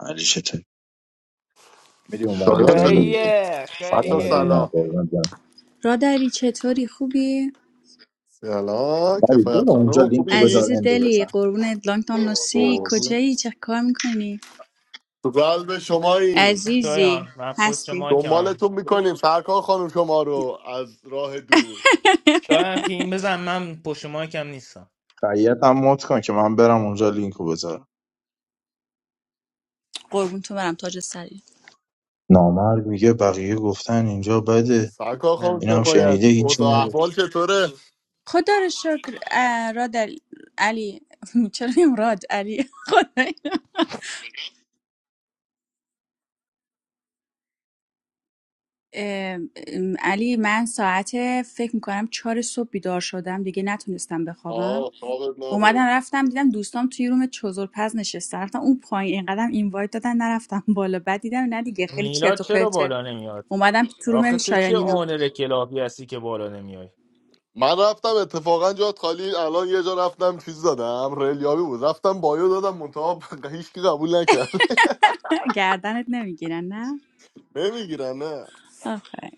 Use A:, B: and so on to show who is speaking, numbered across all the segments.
A: علی چطوری میری اونور
B: شایان
A: بذاری
B: چطوری؟
C: خیه
B: بچه
A: سلام
C: خیه
A: عزیزم
B: سلام
A: قربونت برم
D: رادلی چطوری خوبی؟
B: سلام
A: نوید
B: کفایت
A: برو اونجا
B: خانم
A: لینک رو
B: خوبی؟
A: بذار
D: عزیز
A: اندو
D: دلی
A: بزن
D: قربونت لانگتام نوسی
B: قربون.
D: کجایی چه کار میکنی؟
B: تو قلب شماییم
D: عزیزی
C: شایان من پشت
D: هستی
C: مایکم
B: دنبالتون میکنیم سرکار خانم شما رو از راه دور
C: شایان تیم بزن من پشت مایکم نیستم
A: خیاط هم مد کن که من برم اونجا لینک لینکو بذارم
D: قربون تو برم تاج سری
A: نامرد میگه بقیه گفتن اینجا بده
B: سرکار خانم
C: نه.
A: این هم
B: کفایت
A: شنیده هیچی
B: اوضاع
A: نگفت
B: احوال چطوره؟
D: خدا رو شکر اه، رادل علی چرا میگم راد علی خدایا. اه، ام، علی من ساعت فکر میکنم چهار صبح بیدار شدم دیگه نتونستم بخوابم
B: آه خوابت
D: اومدم
B: نبود
D: رفتم دیدم دوستام توی روم چزرپز نشسته رفتم اون پایین اینقدرم اینوایت دادن نرفتم بالا بعد دیدم نه دیگه خیلی
C: میلاد
D: چرت و
C: چرا
D: پرته
C: بالا نمیاد
D: اومدم تو روم
C: آخه تو چه
D: شایانینا
C: آنر کلابی هستی که بالا نمیای
B: من رفتم اتفاقا جات خالی الان یه جا رفتم چیز دادم ریلیابی بود رفتم بایو دادم منتها هیچکی قبول نکرد
D: گردنت نمیگیرن نه
B: نمیگیرن نه
D: آخه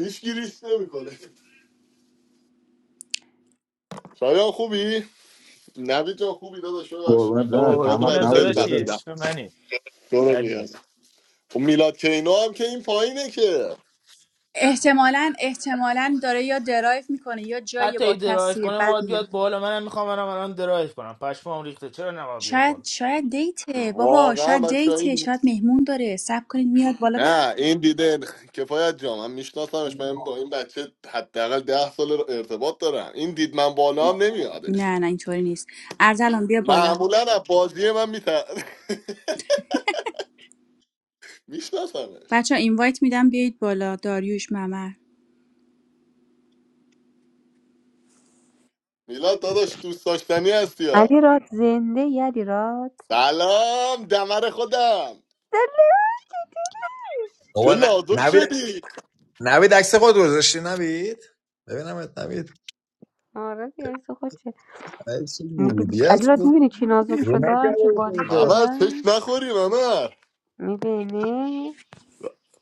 B: هیچ گیریش نمیکنه شایان خوبی؟ نوید جان خوبی داداش ببخشید
A: قربونت
B: میخوام
A: برم
B: کتابت
A: چند
B: رو
A: وقت
B: بعد
C: قربونت
B: خیلی
A: نبودی
B: وقت
C: داداشی
A: داداش
B: دیدم
C: عشق منی
B: دور
C: دلیل.
B: میاد خب میلاد کینو هم که این پایینه که
D: احتمالا احتمالا داره یا درایو میکنه یا جایی
C: حتی
D: با
C: ای درایو
D: کسی
C: کنه
D: بد
C: ما بیاد
D: میاد
C: بالا منم میخوام منم الان درایو کنم پشمام ریخته چرا نه باید بیاد بالا
D: شاید شاید دیته بابا
B: واقعا
D: شاید
B: بچه
D: دیته
B: این
D: شاید مهمون داره سب کنید میاد بالا
B: نه این دیده کفایت جا من میشناسمش من با این بچه حداقل ده سال ارتباط دارم این دید من بالا هم نمیادش
D: نه نه اینطوری نیست ارزلان بیا بالا
B: معمولا از بازی من میتر میشناسمش
D: بچه اینوایت میدم بیایید بالا داریوش ممر
B: میلاد داداش دوست داشتنی هستی ها
E: علیراد زنده ای علیراد
B: سلام دمر خودم چه
F: بابا ن-
B: نازک
F: نوید
B: شدی
F: نوید عکس خود گذاشتی نوید ببینم ات نوید
E: آره دیگه عکس خودشه
F: عکس بودی
E: علیراد
F: هستی
E: میبینی چی نازک
F: رو
E: شدم
F: نکرده
E: چه
F: بود
E: باریک
F: خودتو.
B: ممر چش
E: شدم
B: نخوری ممر
E: میبینی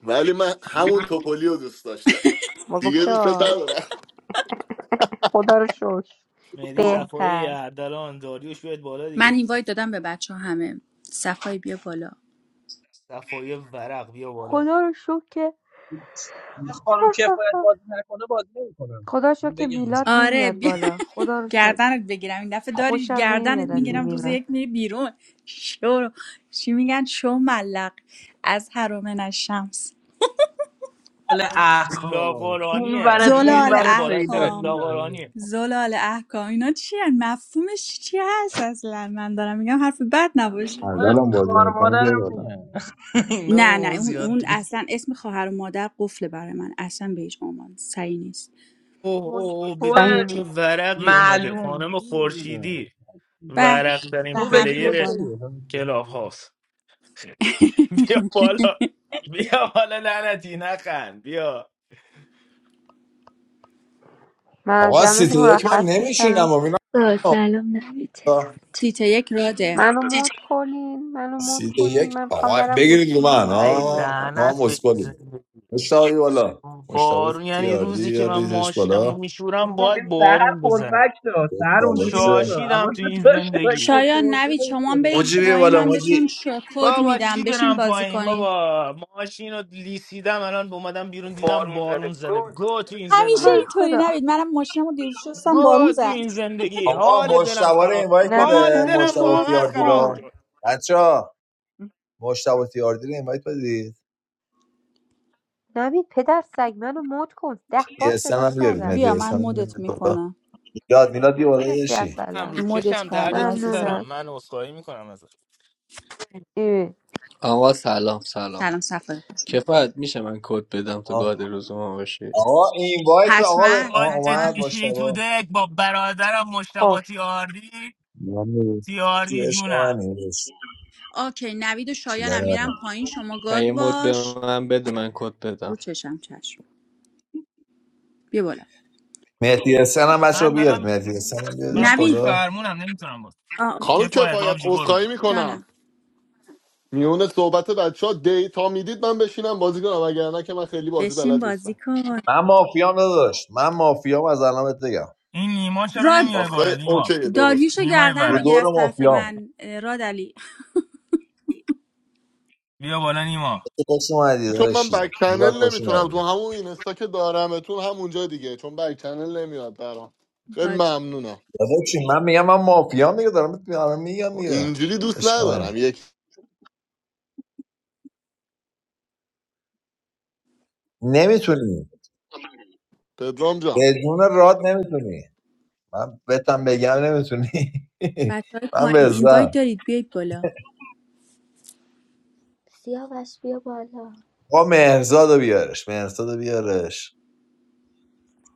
B: ولی من همون توپولی رو دوست داشتم
E: با گفت
B: دیگه دوست
E: شو.
B: ندارم
E: خدا رو شکر
C: مهدی صفایی
E: بهتر
C: اردلان داریوش بیاد بالا
D: من
C: دیگه
D: اینوایت دادم به بچه ها همه صفای بیا بالا
C: صفایی ورق بیا بالا
E: خدا رو شکر که
G: من خانم کفایت بازی نکنه بازی نمیکنم
E: خدا رو شکر
G: من
E: که
G: بگم از
E: میلاد
G: الان
D: آره
E: نمیاد
D: بیا
E: بالا خدا رو شکر
D: گردنت بگیرم این دفعه داریش
E: خوشم نمیاد
D: گردنت
E: از این
D: میگیرم روز
E: میلاد
D: یک میری بیرون شو چی میگن شو ملق از حرم الشمس
G: حال احکام این
C: لاغرانیه
G: ورت
C: این یه
G: اون
D: زلال
C: لول
G: ورت
C: بالاتر
G: پیداست
D: احکام
G: اینا اینا.
C: لاغورانیه
D: زلال احکام اینا چی هن؟ مفهومش چی چی هست اصلا من دارم میگم حرف بد نباشه
G: من
A: اردلان بازی
G: خوار
A: میکنی بیا
G: مادرم
A: بالا
G: میگم اینا به
D: نه نه
G: ما
D: اون
G: زیاد
D: اون
G: نیست
D: اصلا اسم خواهر و مادر قفله برای من اصلا به هیچ عنوان سعی نیست
C: اوه اوه
G: اون
C: اوه
G: تو
C: ببین
E: صحیح
C: چه
E: نیست
C: ورقی اومده
G: معلوم
C: خانم
G: چی می‌دونم.
C: خورشیدی
D: به
C: ورق
D: به
C: ترین
G: تو
D: هر
G: بگی
D: بیا
C: پلیر
D: بالا
G: اوکیه
C: کلاب هاست بیا بالا بیا بالا لعنتی نخند بیا
E: من از
F: آقا سیت
E: جمعتون
F: یک من
E: مرخص میشم
F: نمیشینم و اینا
H: با سلام نوید چطور
D: سیت یک راده
E: منو مد کنین منو مد
F: سیت
E: کنین
F: یک
E: من میخوام
F: آقا
E: برم
F: بگیرید رو
E: گوشیمو
F: من
C: ای
E: بذارم
F: ها
E: بچه
F: ما هم
C: لعنت به
F: اسکلیم مشتاقی بالا مشتاق
C: بارون یعنی
F: تیاردی
C: روزی که من
F: بیاریدش
C: ماشینم رو
F: بالا
C: میشورم
G: نه
C: باید
G: این سهر
C: بارون بزنه
G: پرفکت ها سهر اونجوری نیست ها
C: شاشیدم
G: حواست
C: تو این
G: داشته باشه
C: زندگی
D: شایان
G: کتو متو
D: نوید شما هم
G: نمی‌خوره.
D: برید
F: موجی بیا
D: پایین
F: بالا
D: من
F: موجی
D: بهتون ش- کد
C: بابا
D: میدم
C: چی
D: بشین
C: برم
D: بازی
C: پایین
D: کنید
C: بابا ماشین رو لیسیدم الان اومدم بیرون دیدم
D: بارون زده
C: بارون زده
D: گود
C: گو تو این
D: همیشه
E: های
C: زندگی
D: اینطوری
E: خدا
D: نوید منم ماشینم رو دیروز شستم
C: گو
D: بارون
C: تو
D: زد
C: این زندگی حال
F: آقا
C: دلم
F: مشتبه رو
C: خراب
F: اینوایت
E: نوید
C: حال
F: بده
E: منو
C: دلم
F: مشتبه
E: مد
C: واقعا
F: تیاردی
C: خراب
F: رو
E: کن
C: شد
F: بچه ها تیاردی رو اینوایت بدید
E: نوید پدر سگ منو مد کن ده بار
F: اسم
E: صدات
F: هم بیارید
E: کردم
D: بیا
F: مهدی اسم
D: من
F: هم
D: مدت
F: بیارید بالا.
D: میکنم
F: میلاد میلاد یه بالا
E: مرسی
F: داشتی
E: اصلا
C: امروز
D: مدت
C: چشم درد
D: کردم
C: تو
D: عزیزم
C: سرم
E: ممنونم
C: من عذرخواهی میکنم ازت
E: ای
I: آقا سلام سلام
D: سلام سفر خوش اومد.
I: کفایت میشه من کد بدم تا
F: آه.
I: گاد روز ما باشی
F: آقا این وایت آقا
D: حتما
F: به- آقا
C: خودت
D: حتما
F: اومد
C: میشینی تو
F: مشتبه
C: دک با برادرم
E: خب
C: مشتبه تیاردی
J: یعنی
C: تیاردی
F: عشق
C: جونم
F: من داشت
D: اوکی نوید و شایان
F: چیکار
D: هم
F: من
D: میرم پایین شما
I: تا
D: گاد
I: یه مد به
D: باش
I: من بده من کد
D: رو
I: بدم
D: چشم چشم بیا بالا
F: مهدی حسن هم بچه رو
C: من
F: بیارد
C: دارم
F: مهدی حسن هم
C: من
F: بیاردش
C: پشت
D: نوید
F: بالا
C: فرمونم نمیتونم باز
D: آه،
B: خانم
D: اوکی.
C: کفایت
B: کفایت
C: آبجی قربونه
B: عذرخواهی میکنم
D: جانم
B: میونه صحبت بچه ها دیتا میدید من بشینم بازی کنم وگرنه که من خیلی بازی
D: بشین
B: بلد
D: بازی
B: نیستم
D: کن
F: من مافیام نداشت من مافیام از الان بهت بگم
C: این نیما چرا
D: راد
C: نمیای بالا
B: آخه
C: نیما
B: اوکی درست
D: داریوشو
C: نیمای
D: گردن
F: رو
C: ورد
D: بگیر
F: دور
D: از طرف
F: مافیام
D: من اه، راد علی
C: بیا بالا نیما
F: تو خوش اومدی
B: چون من
F: داشتی
B: بک
F: میلاد
B: چنل
F: خوش
B: نمیتونم تو
F: اومدی
B: همون اینستا که دارمتون همونجا دیگه چون بک چنل نمیاد برام خیلی
D: بچه
B: ممنونم
F: داداش چی؟ من میگم من مافیام دیگه دارم بهت میگم میگم دیگه
B: اینجوری دوست
F: عشق منی
B: ندارم یک
F: نمیتونی
B: پدرام جان
F: بدون راد نمیتونی من بتم بگم نمیتونی
D: های
F: من
D: پایین اینوایت
F: بزن
D: دارید بیایید بالا
H: سیاوش بیا بالا
F: با مهرزاد رو بیارش مهرزاد رو بیارش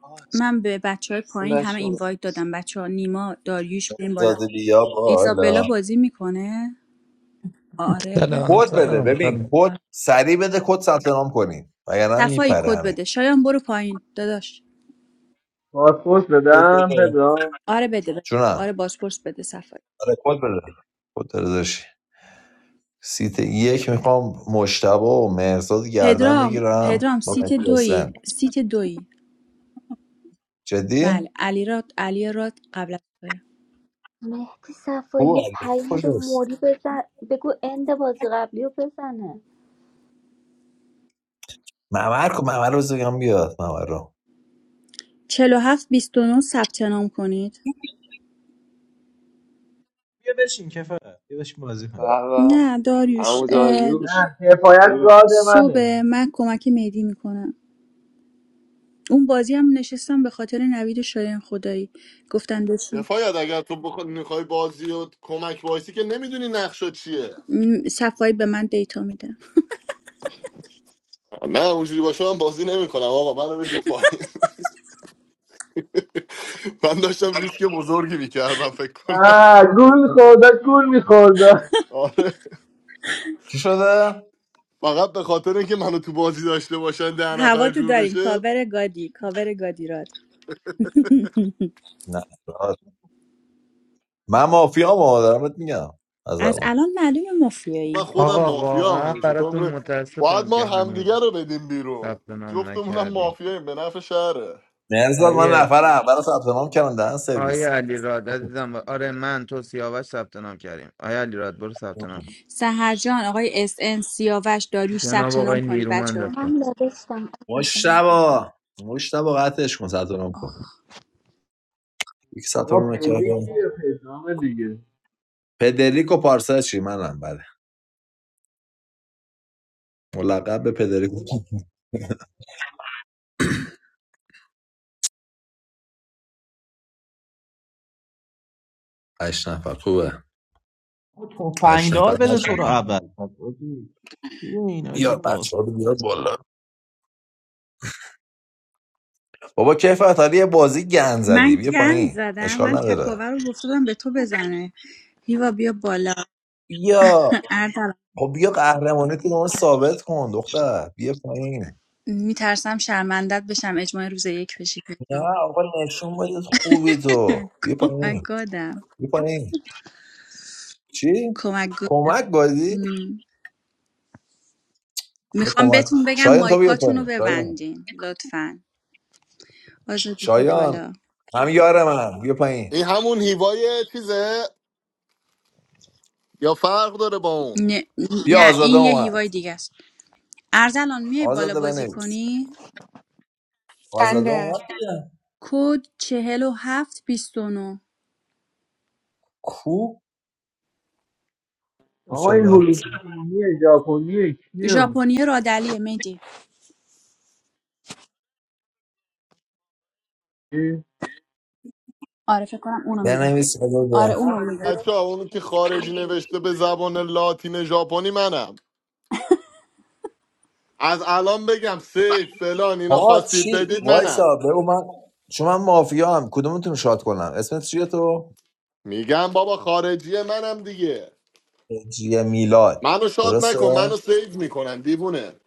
K: آه،
D: من به بچه های پایین همه
K: بچه ها.
D: اینوایت دادم بچه ها نیما داریوش بیاین بالا
F: مهرزاد بیا بالا
D: ایزابلا بازی میکنه آره
L: سلام
F: کد بده
L: سلام
F: ببین
L: سلام
D: آره
F: کد سریع بده کد ثبت نام کنین وگرنه
D: صفایی
F: میپره
D: کد
F: همین
D: بده شایان برو پایین داداش
I: پاسپورت
F: کد
I: بدم
F: بده.
I: بدم
D: آره بده بده
F: جونم
D: آره بازپرس بده صفایی
F: آره کد بده کد بده داشتی سیت یک میخوام مشتبه و مهرزاد گردن
D: پدرام
F: بگیرم
D: پدرام
F: با
D: سیت
F: مهدی
D: دوی
F: حسین
D: سیت دوی
F: جدی؟
D: بله علی راد علی راد قبل از توه
H: مهدی صفایی
F: او
H: یه پیام به
F: کجاست
H: موری بزن بگو اند بازی قبلی رو بزنه
F: ممر کو ممر رو بذار بگم بیاد ممر رو
D: چلو هفت بیست و نه ثبت نام کنید
G: بیا بشین کفایت بیا بشین بازی کنه
K: به به
D: نه داریوش
K: عمو
D: اه،
K: داریوش
I: نه کفایت گاد منه
D: صبح من کمک مهدی میکنم اون بازی هم نشستم به خاطر نوید شایان خدایی گفتن بشین
B: کفایت اگر تو بخ... میخوای بازی و کمک وایسی که نمیدونی نقشه چیه
D: م، صفایی به من دیتا میده
B: نه اونجوری باشه من بازی نمیکنم آقا منو بدید پایین من داشتم ریسک بزرگی میکردم فکر کنم
I: آه گول خورده گول میخورده
B: آره
F: چی شده؟
B: فقط به خاطر اینکه منو تو بازی داشته باشن ده
D: هوا
B: نفر
D: تو
B: جور
D: داریم
B: بشه
D: کاور گادی کاور گادی راد
F: نه من مافیا ما دارم میگم از
D: از
F: الان
D: الان معلوم
B: من
D: مافیایی
B: خودم
L: آقا
B: مافیا هم
L: واقعا
B: همیشه تو
L: براتون
B: عمر- باید
L: متاسفم
B: ما
L: که هنوز
B: همدیگه رو بدیم بیرون
L: ثبت نام
B: جفتمونم
L: نکردیم
B: مافیاییم به نفع شهره
F: مرزاد من
L: آیه
F: نفر اول ثبت نام کردم دهن سرویس
L: آیه علی راد عزیزم آره من تو سیاوش ثبت نام کردیم آیه علی راد برو ثبت نام کن
D: سهر جان آقای اس ان سیاوش داریوش
L: جناب
D: ثبت نام
L: آقای
D: کنید
L: نیرومند
D: بچه ها.
H: من
L: هستم
H: نوشتم عزیزم
F: مشتبا مشتبا قطعش کن ثبت نام کن یک ثبت
I: آقا
F: نام
I: پدی
F: نکرده
I: کیه پدرام دیگه
F: پدریکو پارسا چی منم بله ملقب به پدریکو هشت نفر خوبه
G: او
F: هشت نفر
G: تفنگدار بده
F: هشت
G: تو رو
F: نفر
G: اول این آجی
F: بیا
G: باز
F: بچه رو بیار بالا بابا کیف عطاری یه بازی گن زدی
D: من
F: بیا
D: گن
F: پایین
D: زدم
F: اشکال
D: من
F: نداره
D: تکاور رو گفتم به تو بزنه هیوا بیا بالا
F: بیا
D: اردلان
F: خب بیا قهرمانی تو ثابت کن دختر بیا پایین
D: میترسم شرمندت بشم اجماع روز یک بشی پدرام.
F: نه آقا نشون بده خوبی تو بیا
D: کمک
F: پایین
D: گادم
F: بیا پایین چی؟
D: کمک
F: کمک بازی؟
D: گادم
F: حالا
D: میخوام
F: کمک
D: بهتون بگم
F: شایان تو بیا
D: مایکاتون رو
F: پایین شایان
D: ببندین لطفا آزاده بیا
F: شایان
D: بالا
F: هم یار من بیا پایین
B: این همون هیوای چیزه یا فرق داره با اون
D: نه,
F: بیا
D: نه
F: آزاده
D: این یه
F: اومد
D: هیوای دیگه است ارزلان میای بالا
F: آزاده
D: بازی
F: بنویس
D: کنی
F: آزاده
M: خنده
F: اومد
D: کد چهل و هفت بیست و نو
F: کو؟
I: آقا
F: کوچه
I: این
F: لفت.
I: هلوپ چینیه ژاپنیه کیه اون؟
D: ژاپنی رادلیه میدی
I: کی؟
D: آره فکر کنم اونو میگه
F: بنویس
D: آره
F: آزاده
D: اونو میگه
B: بچه اونو که خارجی نوشته به زبان لاتین ژاپنی منم از الان بگم سیف فلان اینا
F: آقا
B: خواستید
F: چی؟
B: بدید منم
F: وایسا بگو من چون من مافیا هم کدومتون شاد کنم اسمت چیه تو؟
B: میگم بابا خارجی منم دیگه
F: جیه میلاد
B: منو شاد
F: درسته؟
B: نکن منو سیو میکنن دیوونه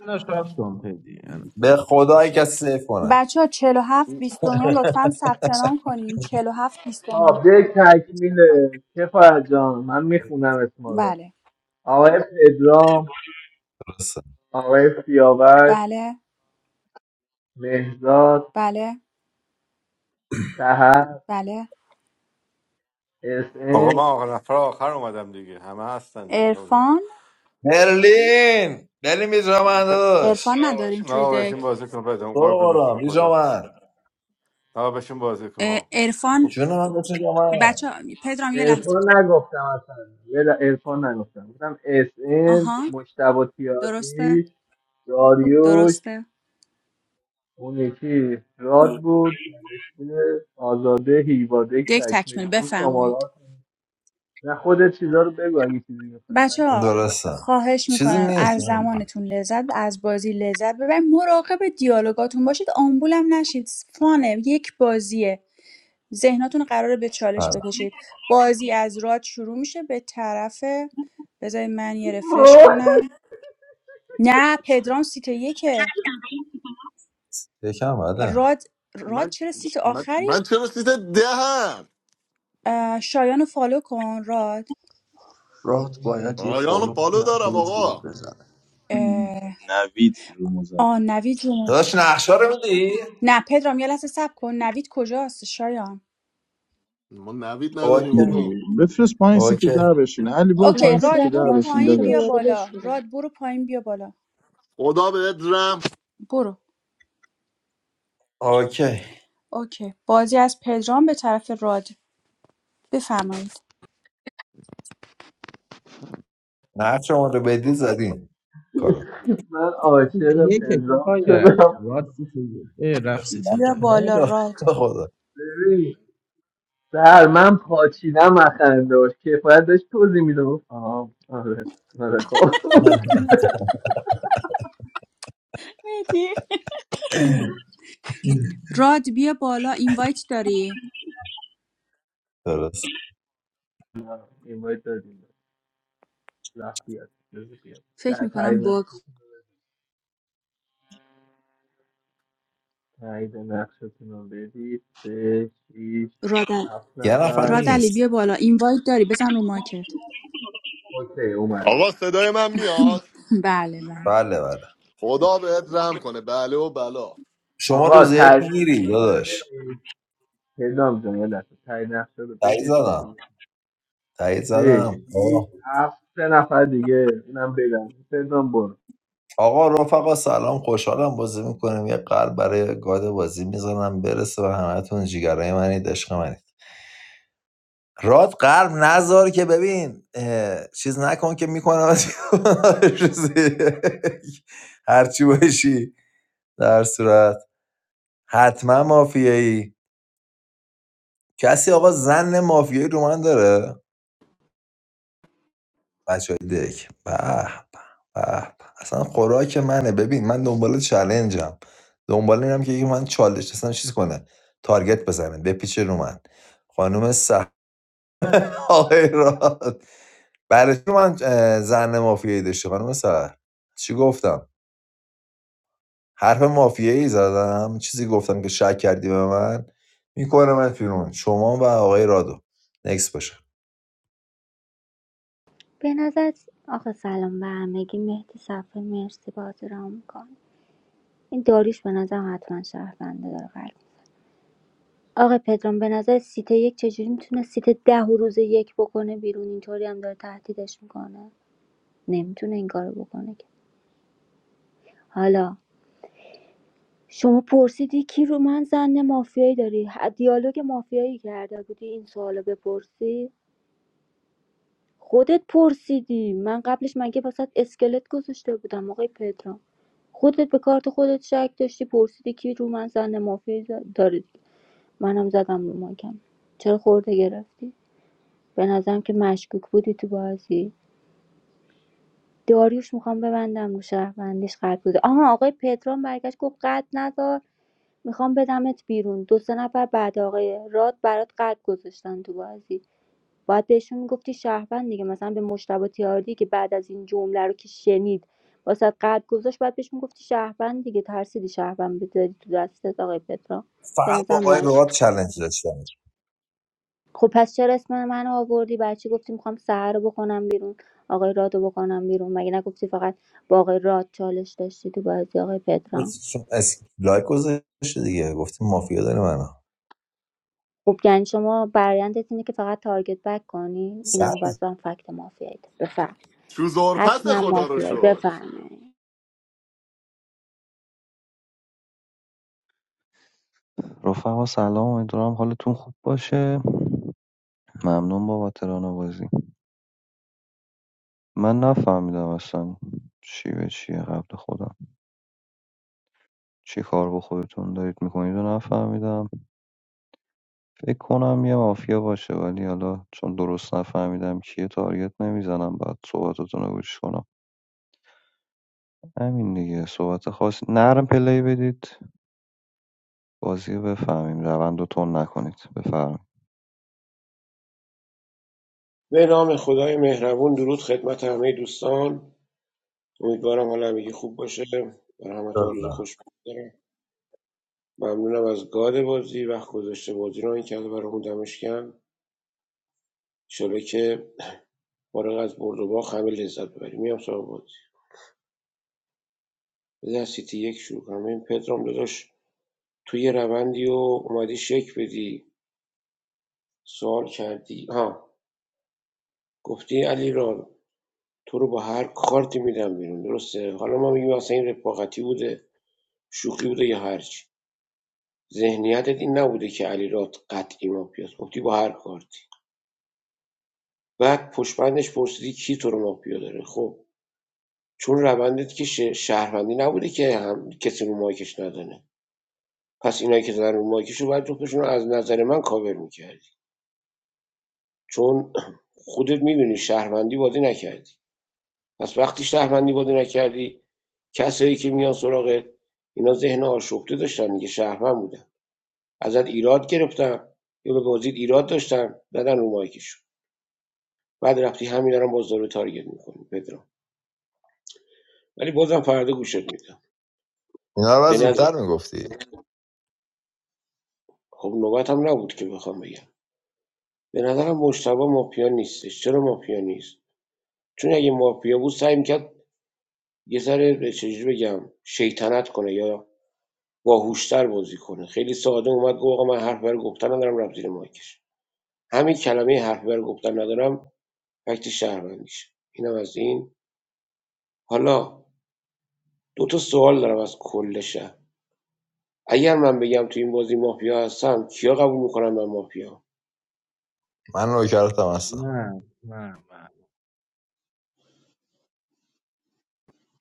G: انا شاد کن دیگه انا
F: به
G: شاد کنم،
F: خدای
G: اوکی
F: کسی سیف کنه
D: بچه ها چهل و هفت بیست و نو لطفا ثبت نام کنین چهل و هفت بیست و نو
I: خب دک تکمیله کفایت جان من میخونم اسما رو
D: بله
I: آقای پدرام آقای سیاوش
D: بله
I: مهزاد
D: بله
I: سهر،
D: بله
I: اس
N: Okay,
I: ان
N: ma'am, I'm afraid I can't do that. I'm sorry.
D: عرفان
F: برلین برلین بی جا من داداش
D: عرفان ندارین توی
N: No, we shouldn't
D: دک
N: do that.
F: برو
N: I'm
F: قرآن بی جا من
N: afraid we shouldn't do that.
D: عرفان
F: جون من بچه جا من
D: بچه پدرام یه لحظه
I: عرفان نگفتم اصلا یه ل- عرفان نگفتم گفتم اس ان
D: آها
I: مشتبه
D: درسته
I: تیاردی داریوش
D: درسته
I: اون یکی راد بود نوشته آزاده هیواده
D: یک تکمیل
I: تکمیله این شماره
D: بفرمایید
I: ها نه خودت چیزا رو بگو اگه چیزی میخوایی من
D: بچه
I: چیزی
D: ها
I: نه
F: درسته
D: خواهش
F: چیزی
D: میکنم
F: نیست
D: از زمانتون لذت از بازی لذت ببرید مراقب دیالوگاتون باشید آمبولم نشید فانه یک بازیه ذهناتون قراره به
F: بله
D: چالش بکشید بازی از راد شروع میشه به طرف بذارید من یه رفرش کنم نه پدرام سیت یکه
F: یکم بله
D: راد راد
B: من
D: چرا سیت
B: من,
D: آخری
B: من چرا سیت دهم
D: اه، شایان رو فالو کن راد
O: راحت باید یه
B: آیانو
O: فالو
B: پالو
O: کنه
B: دارم
O: خروج ورود
B: آقا
O: بزنه
D: اه،
A: نوید رو
D: آ
A: زده
D: نوید جون
F: داداش نقشه رو میدی؟
D: نه پدرام یه لحظه صبر کن نوید کجاست شایان
B: ما نوید
F: اوکی
B: نداریم
A: میدونی
B: آقا
A: بفرست پایین سیت
F: اوکی
A: ده بشین علی برو
D: اوکی
A: پایین
H: نوید
A: سیت
D: راد
H: رفت
A: ده
D: برو
A: بشین
H: ماشینش
D: پایین
H: رو
D: بیا
A: داداش
H: دوباره
D: بالا
H: بشوره
D: راد برو پایین بیا بالا
B: خدا بهت رم
D: برو
F: اوکی
D: اوکی بازی از پدرام به طرف راد بفرمایید
F: نقشه ما رو بدی زدیم کارو
I: من
G: سیت
I: عاشق
G: یکه
I: پدرام
G: کفایه
I: شدم
G: راد سیت یک ای رفت سیت
D: بیا
G: ده
D: بالا
F: نمیدونم
D: راد
F: به خدا
I: ببین سر من پاچیدم از خنده باش کفایت داشت توضیح میدم آه آره آره خب
D: مهدی. راد بیا بالا اینوایت داری
F: درست
I: اینوایت دادیم زخم بیاد جوزه بیاد
D: فکر
I: در تایید
D: میکنم باگ
I: نقشتون
D: خورد.
I: تایید نقشتون رو بدید سه شیش
D: راد
I: هفت
F: یه نفر
I: نفر
D: راد علی
F: نیست
D: بیا بالا اینوایت داری بزن رو ماکت
I: اوکی اومد
B: آقا
I: اومد
B: صدای من میاد
D: بله بله
F: بله بله
B: خدا بهت رم کنه بله و بلا
F: شما
I: آقا
F: روز یک
I: تایید
F: میگیری
I: نقشتون رو
F: داداش
I: بدید پدرام جان یه لحظه تایید نقشه رو
F: تایید
I: بدید ما شروع
F: زدم
I: کنیم.
F: تایید
I: سه
F: زدم
I: شیش هفت سه نفر دیگه اونم بدم پدرام برو
F: آقا رفقا سلام خوشحالم بازی میکنیم یه قلب برای گاد بازی میزنم برسه به همتون جیگرای منید عشق منید راد قلب نذار که ببین اه، چیز نکن که میکنم هرچی باشی در صورت حتما مافیایی کسی آقا زن مافیایی رو من داره بچه های دک به به به. به. اصلا خوراک منه ببین من دنبال چلنجم دنبال اینم که یکی من چالش اصلا چیز کنه تارگت بزنه بپیچه رو من خانم سهر آقای راد برای چی من اه، زن مافیایی داشتی خانم سهر چی گفتم حرف مافیایی زدم چیزی گفتم که شک کردی به من میکنمت بیرون شما و آقای رادو نکس باشه
H: به نظر آخه سلام به همگی مهدی صفایی مرسی بازی را میکنه این داریش به نظر حتما شهرونده داره قلب آقا پدرام به نظر سیت یک چجوری میتونه سیت ده و روز یک بکنه بیرون اینطوری هم داره تهدیدش میکنه نمیتونه این کارو بکنه که حالا شما پرسیدی کی رو من زن مافیایی داری ه- دیالوگ مافیایی کرده بودی این سوالو بپرسی خودت پرسیدی من قبلش مگه واسط اسکلت گذاشته بودم آقای پدرام خودت به کارت خودت شک داشتی پرسیدی کی رو من زن مافیایی ز- داری منم زدم رو ماکم چرا خورده گرفتی به نظرم که مشکوک بودی تو بازی داریوش میخوام ببندم رو شهروندیش قد بوده آها آقای پدرام برگشت گفت قد ندار میخوام بدمت بیرون دو سه نفر بعد آقای راد برات قلب گذاشتن تو بازی باید بهشون میگفتی شهروند دیگه مثلا به مشتبه تیاردی که بعد از این جمله رو که شنید واسه قلب گذاشت باید بهش میگفتی شهروند دیگه ترسیدی شهروند بذاری تو دستت آقای پترا به
F: فقط با
H: نظرم
F: آقای راد
H: مشکوک.
F: چلنج داشتم
H: خب پس چرا اسم من آوردی بچه گفتی میخوام سهر رو بکنم بیرون آقای راد رو بکنم بیرون مگه نگفتی فقط با آقای راد چالش داشتی تو بازی آقای پترا
F: چون اس- لایک گذاشته دیگه گفتی مافیا داره منو
H: خب یعنی شما برایندت اینه که فقط تارگت بک کنی
F: سر
H: اینم بازم فکت مافیایی بفهم
B: چوزور پس
H: حتما
B: خدا رو
H: مافیایی
B: شکر
H: بفرمایید
J: رفقا سلام امیدوارم حالتون خوب باشه ممنون بابا ترانه بازی من نفهمیدم اصلا چی به چیه قبل خودم چی کار با خودتون دارید میکنید و نفهمیدم فکر کنم یه مافیا باشه ولی حالا چون درست نفهمیدم کیه تارگت نمیزنم بعد صحبتتون رو گوش کنم همین دیگه صحبت خاص نرم پلی بدید بازی رو بفهمیم روند رو تون نکنید بفرمایید
P: به نام خدای مهربون درود خدمت همه دوستان امیدوارم حال همگی خوب باشه برای همتون روز
F: دادم
P: خوش بگذره ممنونم از گاد بازی وقت گذاشته بازی رو این کرده برامون دمشکن شده که فارغ از برد و باخت همه لذت ببریم میام سراغ بازی بذار سیتی یک شروع کنم این پدرام داداش توی روندی و اومدی شک بدی سوال کردی ها گفتی علی را تو رو با هر کارتی میدم بیرون درسته حالا ما میگیم اصلا این رفاقتی بوده شوخی بوده یا هرچی ذهنیتت این نبوده که علیرضا قطعی مافیاست گفتی با هر کارتی بعد پشمندش پرسیدی کی تو رو مافیا داره خب چون روندت که شه- شهروندی نبوده که هم کسی رو مایکش ندانه پس اینایی که زدن رو مایکش رو باید جفتشون رو از نظر من کاور میکردی چون خودت میدونی شهروندی بازی نکردی پس وقتی شهروندی بازی نکردی کسایی که میان سراغت اینا ذهن آشفته داشتن دیگه شهروند بودن ازت ایراد گرفتن یا به بازیت ایراد داشتن زدن رو مایکشون بعد رفتی همین دارم باز داره تارگت میکنی پدرام ولی بازم فردا گوشت میدم
F: اینا رو باید
P: به نظر
F: زودتر میگفتی
P: خب نوبتم نبود که بخوام بگم به نظرم مشتبه مافیا نیستش چرا مافیا نیست چون اگه مافیا بود سعی میکرد یه ذره چجوری بگم شیطنت کنه یا باهوشتر بازی کنه خیلی ساده اومد گفت آقا من حرف بر گفتن ندارم رفت زیر مایکش همین کلمه حرف بر گفتن ندارم فکت شهروندیشه اینم از این حالا دو تا سوال دارم از کل شهر اگر من بگم تو این بازی مافیا هستم کیا قبول میکنن من مافیا
F: من نوکرتم هستم
G: من من من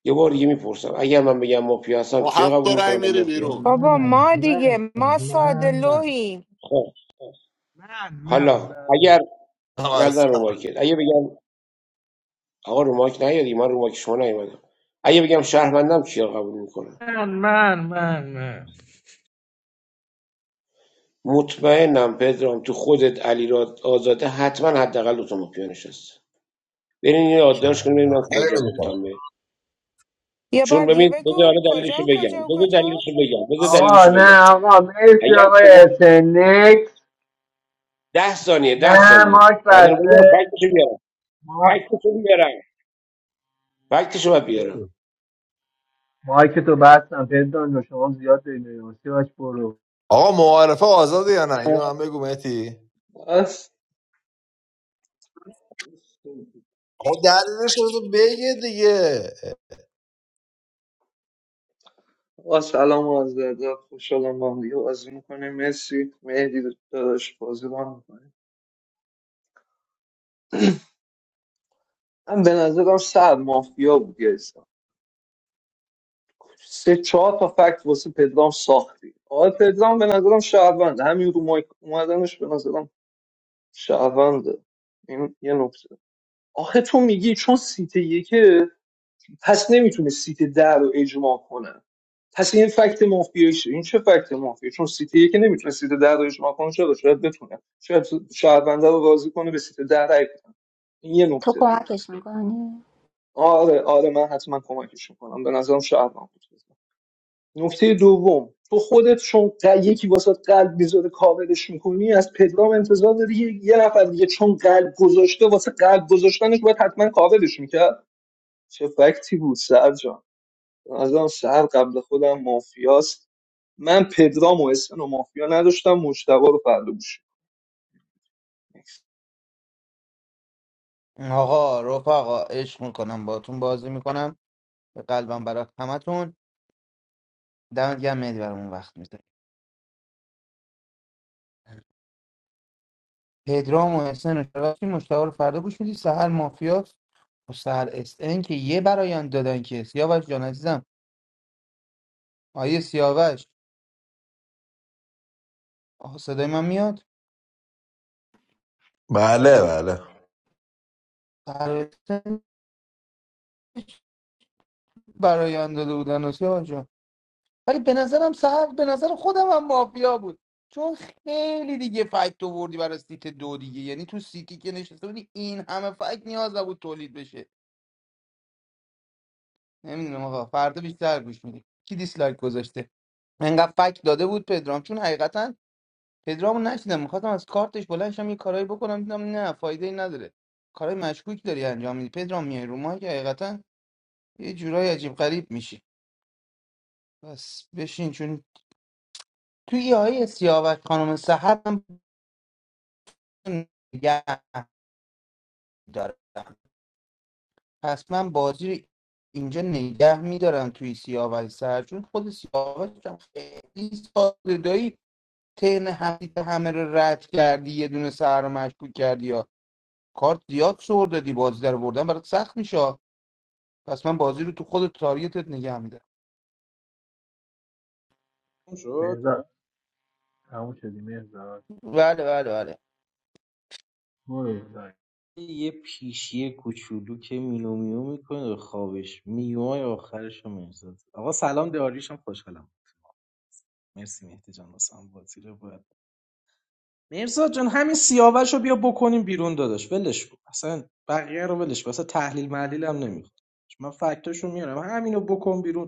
P: یه بار دیگه میپرسم اگر من بگم مافیا هستم
B: با
P: کیا
B: هفت
P: قبول
B: تا
P: میکنن
B: رنگ
P: من
B: میری
P: مافیا
B: بیرون
M: بابا
G: من
M: ما
G: من
M: دیگه ما ساده
G: من
M: لوحیم
P: خب
G: من من من من
P: حالا اگر
F: هم
P: نظر رو
F: هستم.
P: مایکل اگه بگم آقا رو مایک نیادی من رو مایک شما نیومدم اگه بگم شهروندم کیا قبول میکنن
G: من من من من
P: مطمئنم پدرام تو خودت علی آزاده حتما حداقل دو تا مافیا نشسته برین یه یادداشت کنیم ببینم
F: کلا
P: کجا گفتم
F: نمی‌خوام.
P: به
M: یه بار
P: چون
M: دیگه
P: ببین بذار
M: بگو
P: حالا دلیلشو
M: کجا و
P: بگم
M: کجا و
P: بذار
M: کجا
P: دلیلشو بگم بذار
I: آقا
P: دلیلشو
I: نه
P: بگم
I: آقا مرسی
P: اگر
I: آقای
P: شما
I: اسنکس
P: ده ثانیه ده
I: نه
P: ثانیه
I: ماک
P: بعد اینو بگم
I: بسته
P: فکتشو بیارم فکتشو بیارم فکتشو باید بیارم
I: مایک تو بستم پدرام جان شما زیاد داری میباسی باش برو
F: آقا معارفه آزاده یا نه اینو من بگو مهتی
K: بس
F: آقا دلیلش رو تو بگه دیگه
K: با سلام و از دردا خوشحالم با هم دیگه بازی میکنه مرسی مهدی داداش بازی با میکنه من به نظرم سر مافیا بود یه حساب. سه چهار تا فکت واسه پدرام ساختی آقا پدرام به نظرم شهروند همین رو مایک اومدنش به نظرم شهرونده این یه نکته آخه تو میگی چون سیت یکه پس نمیتونه سیت ده رو اجماع کنه پس این فکت مافیایی شه این چه فکت مافیایی چون سیتی که نمیتونه سیت ده رو اجماع کنه چرا شاید بتونه شاید شهرونده رو راضی کنه به سیت ده رای بده. این یه
H: تو
K: نکته
H: کمکش میکنی؟
K: آره آره من حتما کمکش میکنم به نظرم شهروند بود نکته دوم تو خودت چون ق- یکی واسه قلب میذاره کاورش میکنی از پدرام انتظار داری یه یه نفر دیگه چون قلب گذاشته واسه قلب گذاشتنش باید حتما کاورش میکرد چه فکتی بود سرجان از آن شهر قبل خودم مافیاست من پدرام و اسن و مافیا نداشتم مجتبا رو فرلوش
L: آقا رفقا عشق میکنم باتون بازی میکنم به قلبم برات همتون دمت گرم مهدی برامون وقت میذاری پدرام و حسین و شراکی مشتاق رو فردا گوش میدی سهر مافیا و سهر اس ان که یه برایان دادن که سیاوش جان عزیزم آیه سیاوش آها صدای من میاد
F: بله
L: خدا
F: بله
L: فرستن برای براینده بودن و سیاه جان ولی به نظرم سهر به نظر خودم هم مافیا بود چون خیلی دیگه فکت آوردی برای سیت دو دیگه یعنی تو سیتی که نشسته بودی این همه فکت نیاز نبود تولید بشه نمیدونم آقا فردا بیشتر گوش میدی کی دیسلایک گذاشته انقدر فکت داده بود پدرام چون حقیقتا پدرامو نشیدم میخواستم از کارتش بلند شم یه کارایی بکنم دیدم نه فایده ای نداره کارهای مشکوکی داری انجام میدی پدرام میای رو مایک حقیقتا یه جورای عجیب غریب میشی بس بشین چون توی یه های سیاوش خانم سحر هم نگه دارم پس من بازی رو اینجا نگه میدارم توی سیاوش سحر چون خود سیاوش هم خیلی ساده دایی تن حدیث همه رو رد کردی یه دونه سحر رو مشکوک کردی یا کارت زیاد سر دادی بازی در بردن برات سخت میشه پس من بازی رو تو خود تاریتت نگه میدارم
G: تموم شد
I: مهزاد تموم شدی مهزاد
L: بله بله بله
I: برو دایی
G: یه پیشی کوچولو که مینو میو میکنه خوابش میوای آخرش رو میرسد آقا سلام داریشم خوشحالم مرسی مهدی جان واسه هم بازی رو مرزاد جان همین سیاوش رو بیا بکنیم بیرون داداش ولش کن اصلا بقیه رو ولش کن اصلا تحلیل محلیل هم نمیخواد من فکتاشو میارم همین رو بکن بیرون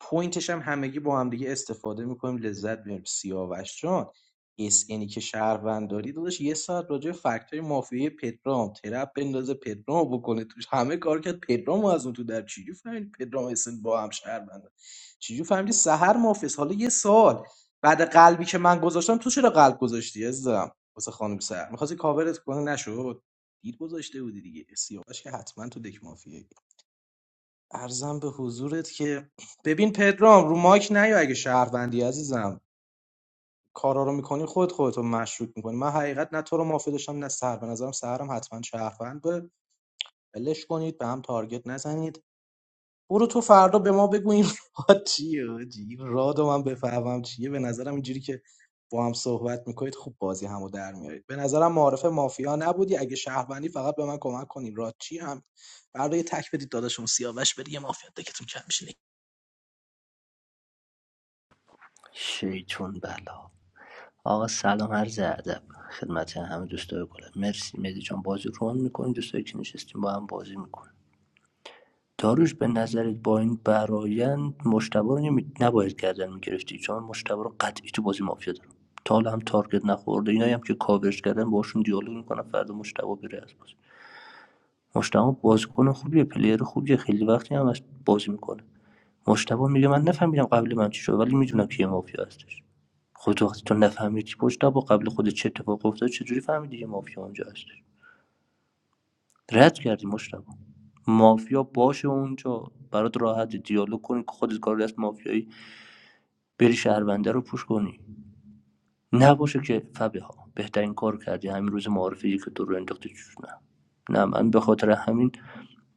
G: پوینتش هم همگی با هم دیگه استفاده میکنیم لذت میبریم سیاوش جان اس اینی که شهروند داری داداش یه ساعت راجع به فکتای مافیای پدرام ترپ بندازه پدرام بکنه توش همه کار کرد پدرام از اون تو در چجوری فهمید پدرام اسن با هم شهروند چجوری فهمیدی سحر مافیس حالا یه سال بعد قلبی که من گذاشتم تو چرا قلب گذاشتی عزیزم واسه خانم سحر میخواستی کاورت کنه نشد دید گذاشته بودی دیگه سیاوش که حتما تو دک مافیه ارزم به حضورت که ببین پدرام رو مایک نیا اگه شهروندی عزیزم کارا رو میکنی خود خودتو مشروط میکنی من حقیقت نه تو رو مافی داشتم نه سر به نظرم سهرم حتما شهروند به ولش کنید به هم تارگت نزنید برو تو فردا به ما بگو این راد چیه حاجی؟ این راد رو من بفهمم چیه به نظرم اینجوری که با هم صحبت میکنید خوب بازی همو در میارید به نظرم معارف مافیا نبودی اگه شهروندی فقط به من کمک کنین راد چی هم برای تک بدید داداشمون سیاوش بری یه مافیا دکتون کم میشه
O: شیطون بلا آقا سلام عرض ادب خدمت همه دوستای گلم مرسی مهدی جان بازی رو هم میکنیم دوستایی که نشستیم با هم بازی میکنیم داروش به نظرت با این برایند مشتبه رو نمی... نباید گردن میگرفتی چون مشتبه رو قطعی تو بازی مافیا دارم تا حالا هم تارگت نخورده اینایی هم که کاورش کردن باشون دیالوگ میکنم فردا مشتبه بره از بازی مشتبه بازیکن خوبیه پلیر خوبیه خیلی وقتی هم از بازی میکنه مشتبه میگه من نفهمیدم قبل من چی شد ولی میدونم کی مافیا هستش خودت وقتی تو نفهمی که مشتبه قبل خود چه اتفاق افتاد چجوری فهمیدی که مافیا اونجا هستش رد کردی مشتبه مافیا باشه اونجا برات راحت دیالوگ کنی که خودت کار دست مافیایی بری شهرونده رو پوش کنی نباشه که فبها ها بهترین کار کردی همین روز معارفه که تو رو انداختی توش نه نه من به خاطر همین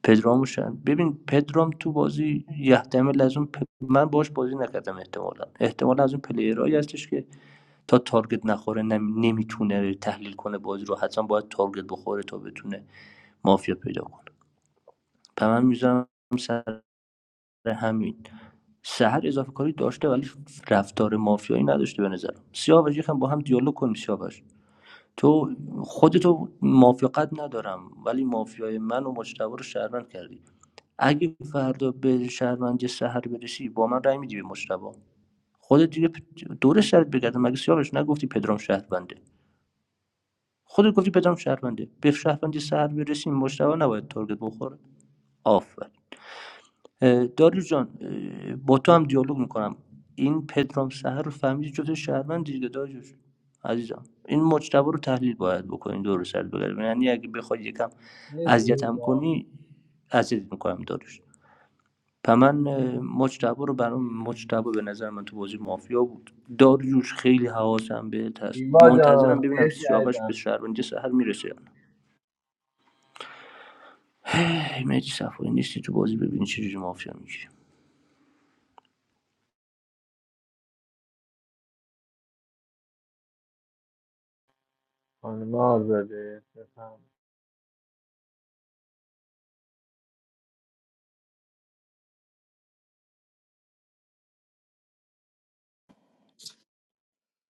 O: پدرامو شن ببین پدرام تو بازی یحتمل از اون پ... من باش بازی نکردم احتمالا احتمالا از اون پلیرهایی هستش که تا تارگت نخوره نم... نمیتونه تحلیل کنه بازی رو حتما باید تارگت بخوره تا بتونه مافیا پیدا کنه پس من میذارم سر همین سهر اضافه کاری داشته ولی رفتار مافیایی نداشته به نظرم سیاوش یکم با هم دیالوگ کنیم سیاوش تو خودتو مافیا قد ندارم ولی مافیای من و مجتبی رو شهروند کردی اگه فردا به شهروندی سحر برسی با من رأی میدی به مجتبی خودت دیگه پ- دور سرت بگردم مگه سیاوش نگفتی پدرام شهرونده خودت گفتی پدرام شهرونده به شهروندی سحر برسیم مجتبی نباید تارگت بخوره آفر دارو جان اه، با تو هم دیالوگ میکنم این پدرام سحر رو فهمیدی جفت شهروند دیگه داجوش عزیزم این مجتبی رو تحلیل باید بکنین دور سرت بگردم یعنی اگه بخوای یکم
I: مرسی
O: اذیتم
I: هیوا
O: کنی اذیت میکنم داروش و من اه، مجتبی رو برام مجتبی به نظر من تو بازی مافیا بود داریوش خیلی حواسم بهت هست
I: هیوا جان
O: منتظرم ببینم
I: مرسی
O: سیاوش به
I: عزیزم
O: شهروندی سهر میرسه یا نه ای مهدی صفایی نیستی تو بازی ببینی چجوری مافیا میگیری
I: خانم آزاده بفهم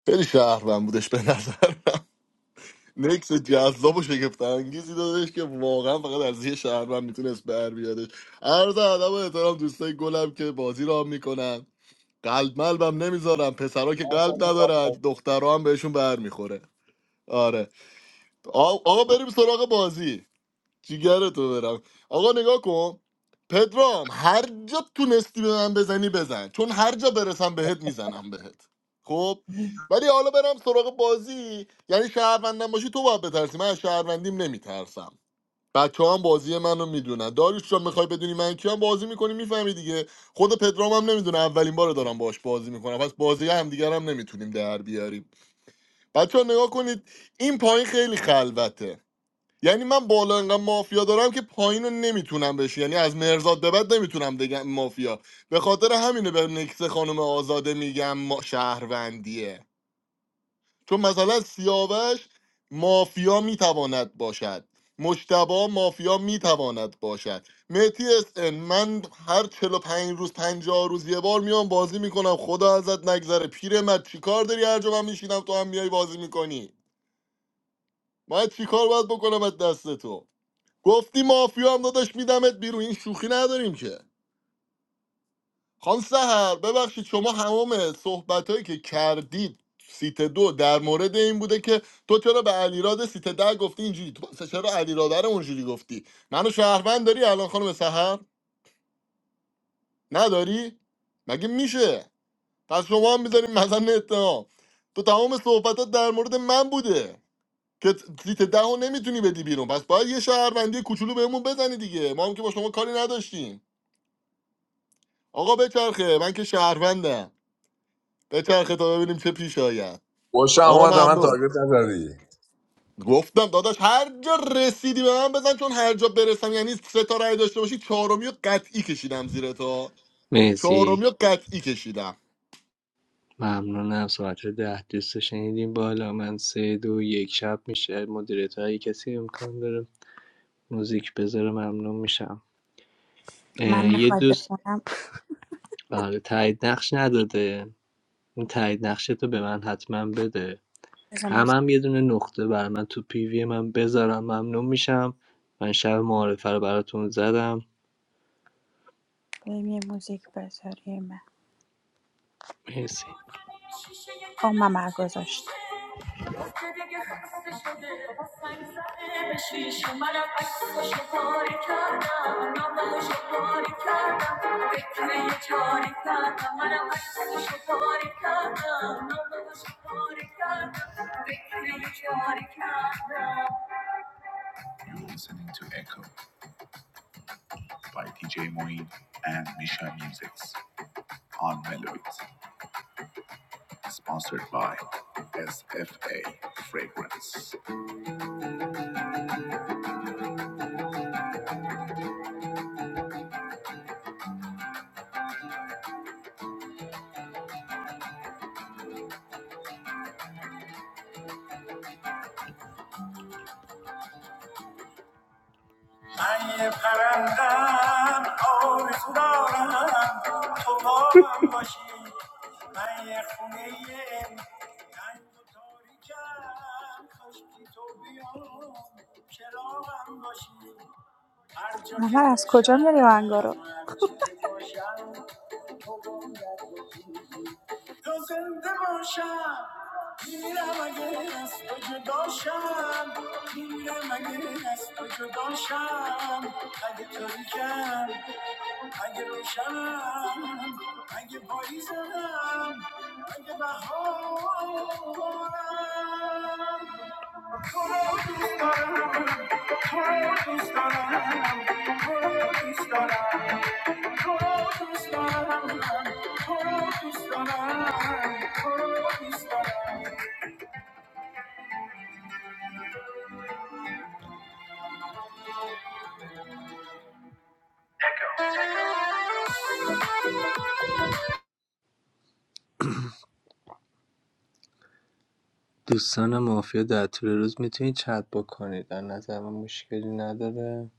B: خیلی شهروند بودش به نظر نکس جذاب و شگفت انگیزی دادش که واقعا فقط از یه شهر من میتونست بر بیادش عرض ادب و احترام دوستای گلم که بازی را میکنن قلب ملبم نمیذارم پسرا که قلب ندارن دخترها هم بهشون بر میخوره آره آ- آقا بریم سراغ بازی جیگر تو برم آقا نگاه کن پدرام هر جا تونستی به من بزنی بزن چون هر جا برسم بهت میزنم بهت خب ولی حالا برم سراغ بازی یعنی شهروندم باشی تو باید بترسی من از شهروندیم نمیترسم بچه هم بازی منو میدونن داریوش جان میخوای بدونی من کیم بازی میکنی میفهمی دیگه خود پدرام هم نمیدونه اولین بار دارم باش بازی میکنم پس بازی هم دیگر هم نمیتونیم در بیاریم بچه ها نگاه کنید این پایین خیلی خلوته یعنی من بالا انقدر مافیا دارم که پایین رو نمیتونم بشه یعنی از مرزاد به بعد نمیتونم بگم مافیا به خاطر همینه به نکس خانم آزاده میگم ما شهروندیه چون مثلا سیاوش مافیا میتواند باشد مشتبا مافیا میتواند باشد مهتی SN من هر چهل و پنج روز پنجاه روز یه بار میام بازی میکنم خدا ازت نگذره پیرمرد چیکار داری هر جا من میشینم تو هم میای بازی میکنی من چیکار باید بکنم از دست تو گفتی مافیا هم داداش میدمت بیرون این شوخی نداریم که خان سهر ببخشید شما همام صحبت که کردید سیت دو در مورد این بوده که تو چرا به علیراد سیت ده گفتی اینجوری تو پس چرا علیراد رو اونجوری گفتی منو شهروند داری الان خانم سهر نداری مگه میشه پس شما هم میذاریم مثلا اتهام تو تمام صحبتات در مورد من بوده که سیت ده رو نمیتونی بدی بیرون پس باید یه شهروندی کوچولو بهمون بزنی دیگه ما هم که با شما کاری نداشتیم آقا بچرخه من که شهروندم بچرخه تا ببینیم چه پیش آید
F: خوش
B: آقا
F: آمد به من
B: ممنون
F: تارگت نزدی
B: گفتم داداش هر جا رسیدی به من بزن چون هر جا برسم یعنی سه تا رای داشته باشی چهارمی و قطعی کشیدم زیر تا
I: مرسی
B: چهارمی و قطعی کشیدم
I: ممنونم ساعت ده دوست رو شنیدیم بالا من سه دو یک شب میشه مدیریت هایی کسی امکان داره موزیک بذاره ممنون میشم
D: من
I: اه، یه
D: میخواد
I: دوست
D: بخونم
I: آره تایید نقش نداده اون تایید نقش تو به من حتما بده
D: بذار
I: همم
D: موزیک
I: هم یه دونه نقطه بر من تو پیوی من بذارم ممنون میشم من شب معارفه رو براتون زدم
D: بریم، یه موزیک بذاریم
I: مرسی
E: شیشه
D: آه
E: دلم
D: من
E: چی
D: گذاشت
E: میشه گفته دیگه خسته شده حسن زده به شیشه منم عکسش پاره کردم نامش پاره کردم فکر یه چاره کردم منم عکسش پاره کردم نامش پاره کردم فکر یه چاره کردم من یه پرندم آرزو دارم تو با من باشی من یه خونه تنگ و تاریکم خشکی تو بیام چراغم باشی هر جا که
D: احمد از کجا میاری
E: باشم
D: آهنگا رو
E: هر چی که باشم تو باید باشی تو زنده باشم میمیرم اگه از تو جداشم میمیرم اگه از تو جداشم اگه تاریکم اگه روشنم اگه پاییزم اگه بهارم
I: دوستان مافیا در طول روز میتونید چت بکنید در نظر من مشکلی نداره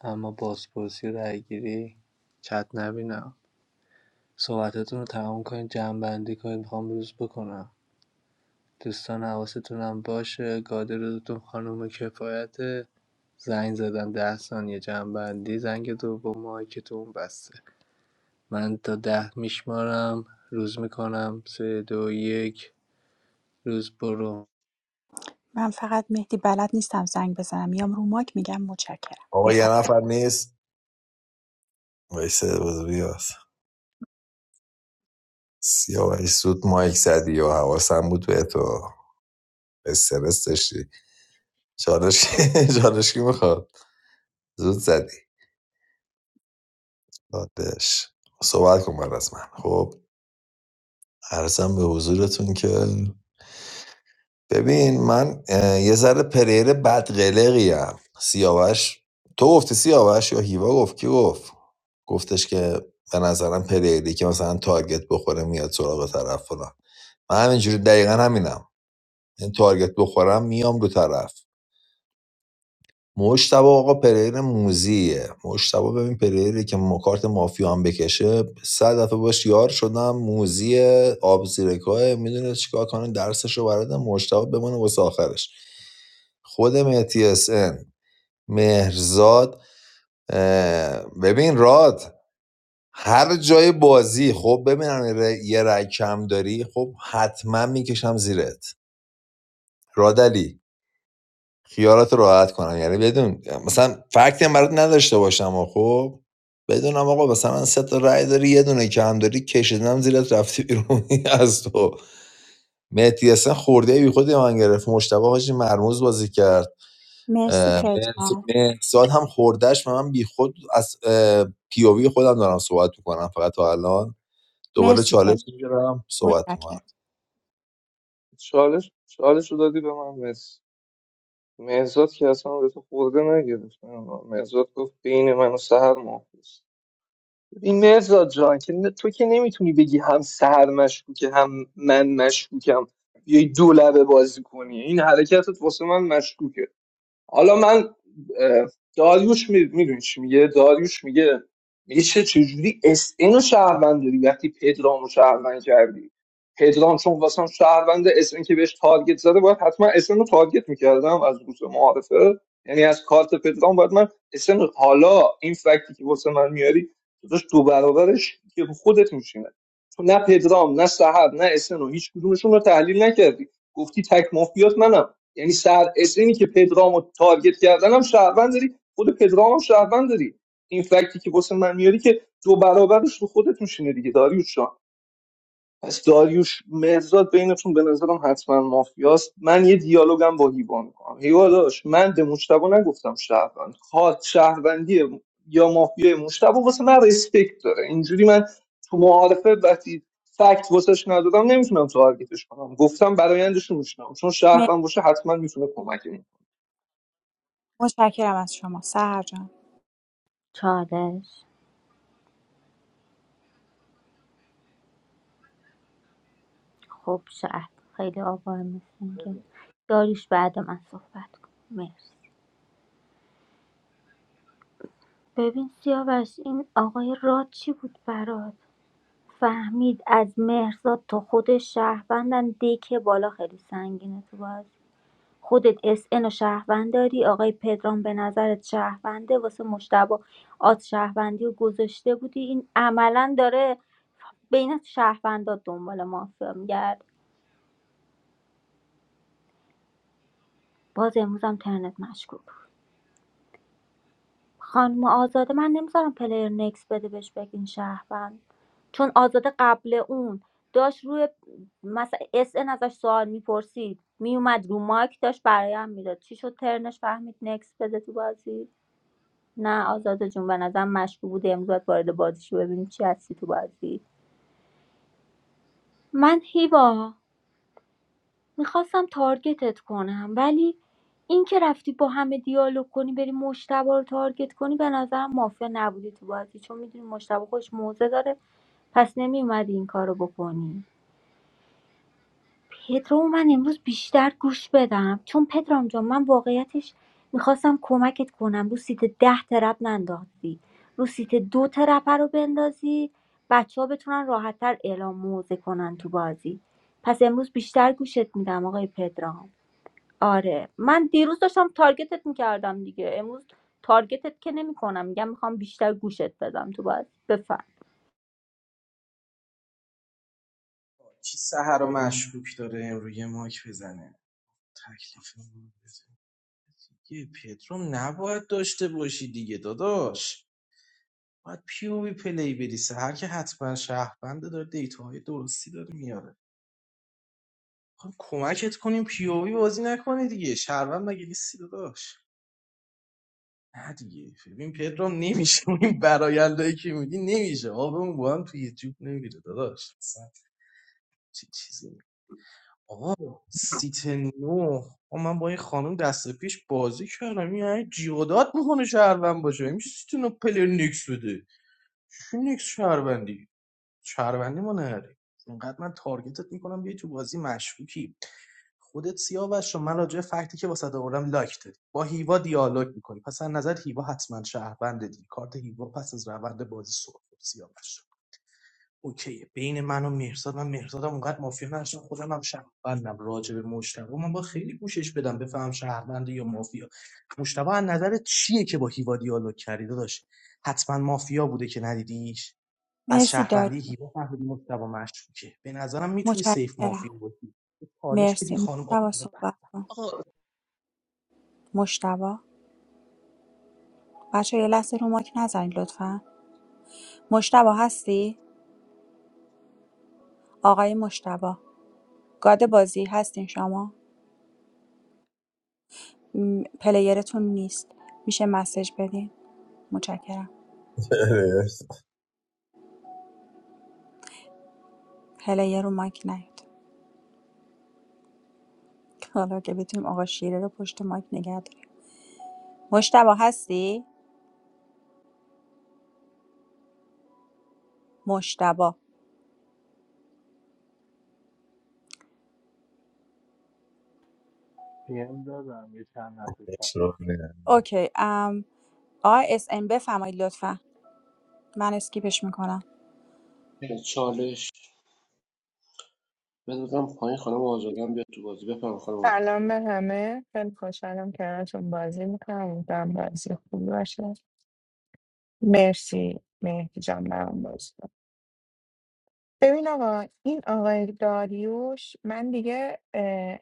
I: اما بازپرسی رای گیری چت نبینم صحبتتون رو تمام کنید جمعبندی کنید میخوام روز بکنم دوستان حواستون هم باشه گاده روزتون خانم کفایت زنگ زدم ده ثانیه جمعبندی زنگ دوم مایکتون بسته من تا ده میشمارم روز میکنم سه دو یک روز برو
D: من فقط مهدی بلد نیستم زنگ بزنم میام رو ماک میگم متشکرم
F: آقا یه
D: بفرم
F: نفر نیست ویسه بزرگی هست سیاوش سود مایک زدی و حواسم بود به تو استرس داشتی چالش کی- چالش کی میخواد زود زدی دادش صحبت کن بعد از من خب عرضم به حضورتون که ببین من اه، یه ذره پلیر بدقلقیم سیاوش تو گفتی سیاوش یا هیوا گفت کی گفت گفتش که به نظرم پلیری که مثلا تارگت بخوره میاد سراغ طرف فلان من همینجوری دقیقا همینم این تارگت بخورم میام دو طرف مجتبی آقا پلیر موزیه مجتبی ببین پلیری که ما- کارت مافیا هم بکشه صد دفعه باش یار شدم موزیه آب زیرکاه میدونه چیکار کنه درسش رو برده مجتبی بمونه واسه آخرش خود مهدی SN، مهرزاد اه، ببین راد هر جای بازی خب ببینم یه رای کم داری خب حتما میکشم زیرت رادلی خیالات رو راحت کنم یعنی بدون مثلا فکتی هم برات نداشته باشم و خب بدونم آقا مثلا من سه تا رأی داری یه دونه کم داری کشیدم زیرت رفتی بیرون از تو مهدی حسن خورده بی خودی من گرفت مشتبه حاجی مرموز بازی کرد
D: مرسی
F: اه،
D: پدرام
F: مهرس- مهرزاد هم خوردهش به من بی خود از پی پیووی خودم دارم صحبت میکنم فقط تا الان دوباره
D: مرسی پدرام
F: چالش میگیرم صحبت میکنم
D: متشکرم
K: چالش چالش رو دادی به من مرس مرزاد که اصلا به تو خورده نگرفت مرزاد گفت بین من و سهر مافیاست این مرزاد جان که ن- تو که نمیتونی بگی هم سهر مشکوکه هم من مشکوکم بیای دو لبه بازی کنی این حرکتت واسه من مشکوکه حالا من اه، داریوش می- میدونی چی میگه داریوش میگه میگه چه چجوری اس اینو رو شهروند داری وقتی پدرام رو شهروند کردی پدرام چون واسم شهروند اس ان که بهش تارگت زده باید حتما اس ان رو تارگت میکردم از روز معارفه یعنی از کارت پدرام باید من اس ان. حالا این فکتی که واسه من میاری تو داشت دو برابرش که خودت میشینه تو نه پدرام نه سحر نه اسن هیچ کدومشون رو تحلیل نکردی گفتی تک مافیات منم یعنی سر اسمی که پدرامو تارگت کردن هم شهروند داری خود پدرام هم شهروند داری این فکتی که واسه من میاری که دو برابرش رو خودت میشینه دیگه داریوش پس داریوش مهرزاد بینتون به نظرم حتما مافیاست من یه دیالوگم با هیوا میکنم هیوا داشت من به مشتبه نگفتم شهروند خواهد شهروندی یا مافیای مشتبه واسه من ریسپکت داره اینجوری من تو معارفه وقتی فکت واسش ندادم نمیتونم تارگتش کنم گفتم برایندش رو میشنم چون
D: مر-
K: شهروند باشه حتما میتونه کمک کنه
D: متشکرم از شما سهر جان
H: چالش خب شاید خیلی آوار میشین که داریش بعد من صحبت کن مرسی ببین سیاوش این آقای راد چی بود برات فهمید از مهرزاد تا خود شهروندن دکه بالا خیلی سنگینه تو بازی خودت اس ان رو شهروند داری آقای پدرام به نظرت شهرونده واسه مشتبه آز شهروندی رو گذاشته بودی این عملا داره بین شهروندا دنبال مافیا میگرد باز امروز هم ترنت مشکوک بود. خانم آزاده من نمیذارم پلیر نکس بده بهش بگین شهروند چون آزاده قبل اون داشت روی مثلا اس ان ازش سوال میپرسید میومد رو مایک داشت برایم میداد چی شد ترنش فهمید نکس بده تو بازی نه آزاده جون به نظرم مشکوک بوده امروز باید وارد بازی شو ببینیم چی هستی تو بازی من هیوا میخواستم تارگتت کنم ولی این که رفتی با همه دیالوگ کنی بری مشتبه رو تارگت کنی به نظرم مافیا نبودی تو بازی چون میدونی مشتبه خوش موزه داره پس نمیومدی این کارو بکنی پدرامو من امروز بیشتر گوش بدم چون پدرام جان من واقعیتش میخواستم کمکت کنم رو سیت ده ترپ نندازی رو سیت دو ترپ رو بندازی بچه ها بتونن راحتتر اعلام موضع کنن تو بازی پس امروز بیشتر گوشت میدم آقای پدرام آره من دیروز داشتم تارگتت میکردم دیگه امروز تارگتت که نمیکنم میگم میخوام بیشتر گوشت بدم تو بازی بفهم
G: کی سحر رو مشکوک داره روی یه ماک بزنه تکلیف ما به زندگی پدرام نباید داشته باشی دیگه داداش باید پیوی پلی بری سحر که حتما شهرونده داره دیتاهای درستی داره میاره خب کمکت کنیم پیوی بازی نکنه دیگه شهروند مگه نیستی داداش نه دیگه ببین پدرام نمیشه این برایندهایی که میدی نمیشه آبمون با هم توی جوب نمیره داداش اصلا چی- چیزی آقا سیت نو آقا من با این خانم دست پیش بازی کردم این یعنی جیغ و داد میکنه شهروند باشه میشه سیت نو پلیر نیکس بده چی نیکس شهروندی شهروندی ما نهاری اینقدر من تارگتت میکنم بیای تو بازی مشکوکی خودت سیاوش رو من راجع به فکتی که واسه آوردم لایک دادی با هیوا دیالوگ میکنی پس از نظر هیوا حتما شهروند دی کارت هیوا پس از روند بازی سر خورد سیاوش اوکی بین من و مهرزاد من مهرزادم اونقدر مافیا نداشتم خودم هم شهروندم راجع به مشتبه من با خیلی گوشش بدم بفهم شهرونده یا مافیا مشتبه از نظر چیه که با هیوا دیالوگ کردی داشت حتما مافیا بوده که ندیدیش از
D: مرسی داری
G: شهروندی هیوا فهمیدی مشتبه مشکوکه به نظرم میتونی سیف
D: متشکرم
G: مافیا باشی چالش بدی
D: مرسی
G: خانم
D: مشتبا
G: آزاد
D: صحبت کن مشتبا بچه یه لحظه رو ماک نزنید لطفا مشتبا هستی آقای مشتبا گاد بازی هستین شما م، پلیرتون نیست میشه مسج بدین متشکرم پلیر رو ماک نیاد حالا که بتونیم آقا شیره رو پشت مایک نگه داریم مشتبه هستی؟ مشتبه.
I: پیم دادم یه چند نفر کرد
F: شغله.
D: اوکی ام آقای اس ان بفرمایید لطفا من اسکیپش میکنم
P: چالش بدادم پایین خانم آزاده هم بیاد تو بازی بفهم خانم آزاده
M: سلام به همه خیلی خوشحالم کنارتون بازی میکنم امیدوارم بازی خوبی باشه مرسی مهدی جان برام بازی کن. ببین آقا این آقای داریوش من دیگه اه،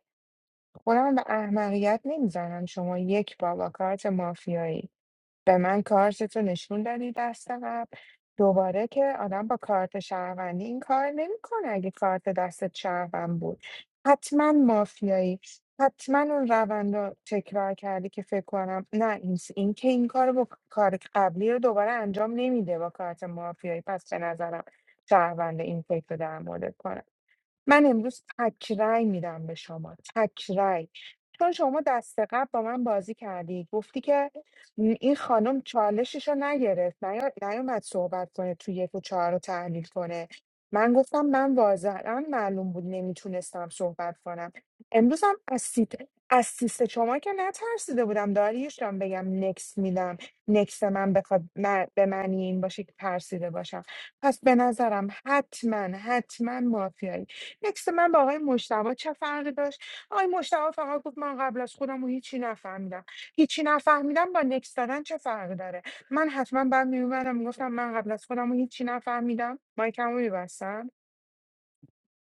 M: خودم به احمقیت نمیزنم شما یک بابا کارت مافیایی به من کارتتو نشون دادی دست قبل دوباره که آدم با کارت شهروندی این کار نمیکنه اگه کارت دستت شهروند بود حتما مافیایی حتما اون روند رو تکرار کردی که فکر کنم نه این این که این کار با کار قبلی رو دوباره انجام نمیده با کارت مافیایی پس به نظرم شهروند این فکر رو در مورد کنم من امروز تک رأی میدم به شما تک رأی. چون شما دست قبل با من بازی کردی گفتی که م، این خانم چالشش رو نگرفت نیا- نیومد صحبت کنه توی یک و چهار رو تحلیل کنه من گفتم من واضحا معلوم بود نمیتونستم صحبت کنم امروز هم از سیت از سیست شما که نترسیده بودم داریوش جان بگم نکس میدم نکس من بخواد من- به معنی این باشه که ترسیده باشم پس به نظرم حتما حتما مافیایی نکس من با آقای مشتبه چه فرقی داشت آقای مشتاق فقط گفت من قبل از خودم و هیچی نفهمیدم هیچی نفهمیدم با نکس دادن چه فرقی داره من حتما بعد میومدم میگفتم من قبل از خودم و هیچی نفهمیدم مایکمو میبستم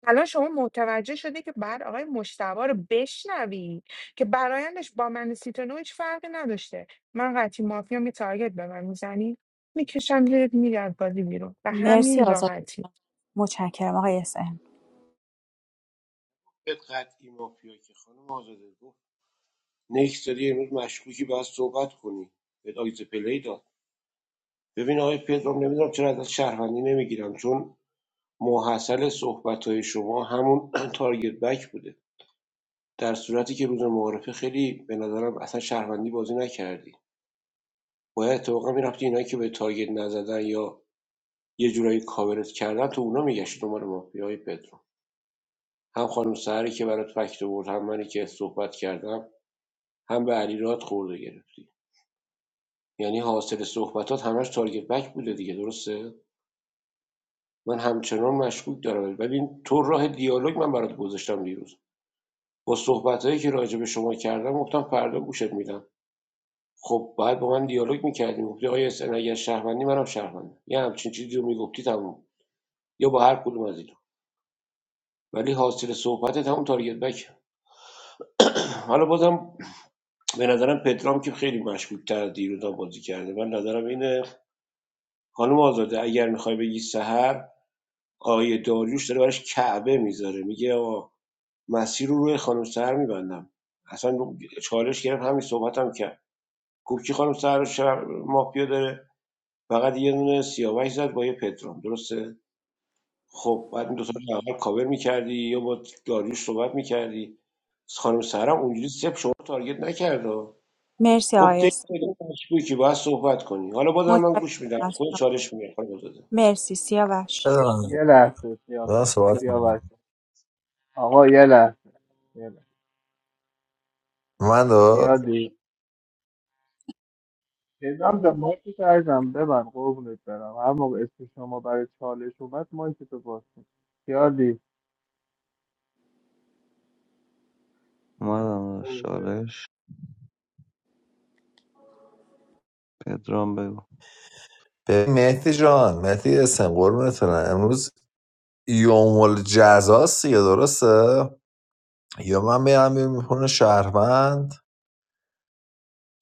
M: الان شما متوجه شده که بعد آقای مشتبه رو بشنوی که برایندش با من سیتونو هیچ فرقی نداشته من قطعی مافیام یه تارگت به من میزنی میکشم زیرت میرم بازی بیرون به
D: مرسی
M: همین
D: آزاد
M: راحتی
D: متشکرم آقای اس ان
P: بهت قطعی مافیا که خانم آزاده گفت نکس داری امروز مشکوکی باید صحبت کنی بهت آیز پلی داد ببین آقای پدرام نمیدونم چرا ازت شهروندی نمیگیرم چون محصل صحبت‌های شما همون تارگت بک بوده در صورتی که روز معارفه خیلی به نظرم اصلا شهروندی بازی نکردی باید اتفاقا میرفتی اینایی که به تارگت نزدن یا یه جورایی کاورت کردن تو اونا میگشت دنبال مافیای پدرو هم خانم سهری که برات فکت آورد هم منی که صحبت کردم هم به علی رات خورده گرفتی یعنی حاصل صحبتات همش تارگت بک بوده دیگه درسته من همچنان مشکوک دارم ببین تو راه دیالوگ من برات گذاشتم دیروز با صحبتایی که راجع به شما کردم گفتم فردا گوشت میدم خب بعد با من دیالوگ میکردی گفتی آیا اس ان اگر شهروندی منم شهروندم یه همچین چیزی رو میگفتی تموم یا با هر کدوم از ولی حاصل صحبتت همون تارگت بک حالا بازم به نظرم پدرام که خیلی مشکوک تر دیروزا بازی کرده من نظرم اینه خانم آزاده اگر میخوای بگی سهر آقای داریوش داره براش کعبه میذاره میگه آقا مسیر رو روی خانم سهر میبندم اصلا چالش گرفت همین صحبتم هم کرد گفت که خانم سهر رو مافیا داره فقط یه دونه سیاوش زد با یه پدرام درسته خب بعد این دوتا رو اول کاور میکردی یا با داریوش صحبت میکردی خانم سهرم اونجوری سپ شما رو تارگت نکرده
D: مرسی
P: گفت
D: آقای اس
P: دیگه مشکوکی که باید صحبت کنی حالا بازم من
D: متشکرم
P: گوش میدم
D: از
P: خود
D: شما.
P: چالش میگه خانم آزاده
D: مرسی سیاوش
F: بدونم.
I: یه لحظه سیاوش
F: صحبت کنم
I: سیاوش آقا یه لحظه یه لحظه
F: من
I: یادی نظام به مایک کردم ببن قربونت برم هر موقع اسم شما برای چالش اومد مایک تو باز کن یادی
J: اومدم داداش، چالش پدرام بگو
F: به مهدی جان مهدی اسم قربونت برم امروز یوم الجزاست دیگه درسته یا من میرم یه میخونه شهروند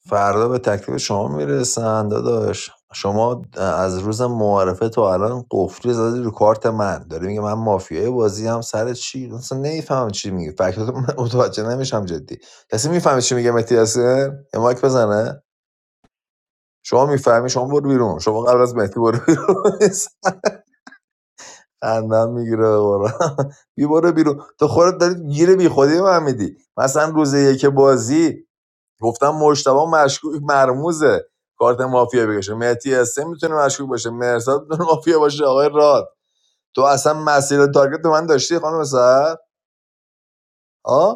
F: فردا به تکلیف شما میرسن داداش شما از روز معارفه تو الان قفلی زدی رو کارت من داری میگه من مافیای بازی هم سر چی اصلا نمیفهمم چی میگی فکر کنم من متوجه نمیشم جدی کسی میفهمه چی میگه مهدی حسین یه مایک بزنه شما میفهمی شما برو بیرون شما قبل از مهدی برو بیرون خندم میگیره قرآن بی برو بیرون تو خودت داری گیره بی خودی به من میدی مثلا روز یک بازی گفتم مشتبه مشکوک مرموزه کارت مافیا بکشه مهدی اسم میتونه مشکوک باشه مرساد میتونه مافیا باشه آقای راد تو اصلا مسیر تارگت به من داشتی خانم سر آ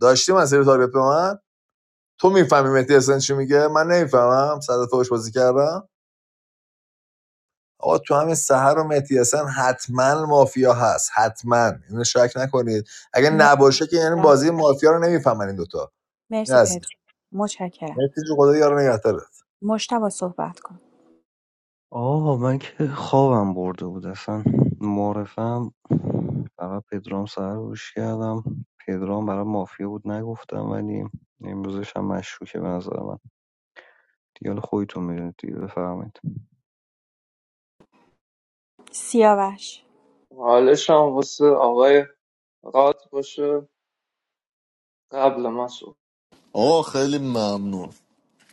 F: داشتی مسیر تارگت به من تو میفهمی مهدی اسن چی میگه من نمیفهمم صد فوش بازی کردم آقا تو همین سهر و مهدی حسن حتما مافیا هست حتما اینو شک نکنید اگه نباشه که یعنی
D: مرسی
F: بازی مافیا رو نمیفهمن این دوتا این
D: مرسی
F: از این
D: پدر متشکرم
F: مهدی جو خدا یارو نگهدارت
D: مشتبه صحبت کن
J: آقا من که خوابم برده بود اصلا معرفم فقط پدرام سهر رو گوش کردم پدرام برای مافیا بود نگفتم ولی امروزش هم مشکوکه به نظر من دیال خودتون میدونید دیگه بفرمایید
D: سیاوش
K: حالش هم واسه آقای راد باشه قبل من
B: آقا خیلی ممنون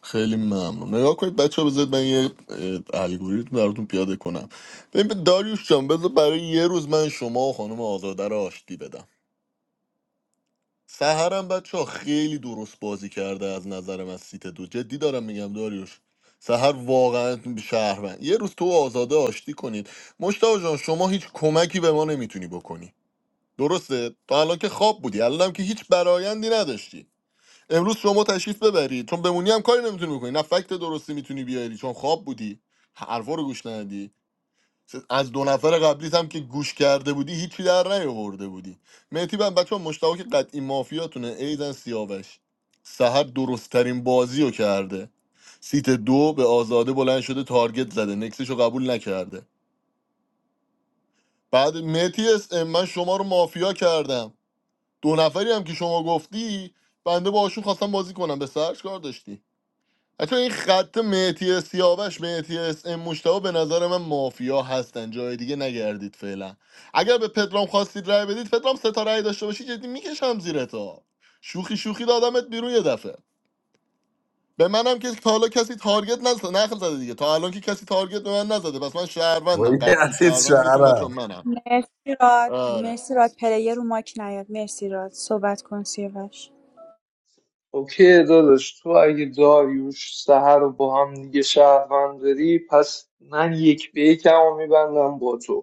B: خیلی ممنون نگاه کنید بچه ها، بذارید من یه اه، الگوریتم براتون پیاده کنم ببین داریوش جان بذار برای یه روز من شما و خانم آزاده رو آشتی بدم سهرم بچه خیلی درست بازی کرده از نظرم از سیت دو جدی دارم میگم داریوش سهر واقعا شهروند یه روز تو و آزاده آشتی کنید مشتاق جان شما هیچ کمکی به ما نمیتونی بکنی درسته تا الان که خواب بودی الانم که هیچ برایندی نداشتی امروز شما تشریف ببرید چون بمونی هم کاری نمیتونی بکنی نه فکت درستی میتونی بیاری چون خواب بودی حرفا رو گوش ندی از دو نفر قبلیت هم که گوش کرده بودی هیچی در نیاورده بودی مهدی بن بچه ها مشتاق که قطعی مافیاتونه ایزن سیاوش سهر درستترین بازی رو کرده سیت دو به آزاده بلند شده تارگت زده نکسش رو قبول نکرده بعد مهدی اس ام، من شما رو مافیا کردم دو نفری هم که شما گفتی بنده باشون خواستم بازی کنم به سرش کار داشتی حتی این خط مهتی سیاوش مهتی اس ام مشتاق به نظر من مافیا هستن جای دیگه نگردید فعلا اگر به پدرام خواستید رأی بدید پدرام سه تا رأی داشته باشی جدی میکشم زیر تا شوخی شوخی دادمت بیرون یه دفعه به منم که تا حالا کسی تارگت نزد نخل زده دیگه تا الان که کسی تارگت به من نزده پس من شهروندم
F: وای
B: قطعی
F: عزیز
B: شهروندتون بچه
F: شهرم
B: منم
D: مرسی راد
B: آره
D: مرسی راد پلیر رو مایک نیاد مرسی راد صحبت کن سیاوش
K: اوکی داداش تو اگه داریوش سهر رو با هم دیگه شهروند داری پس من یک به یکم رو میبندم با تو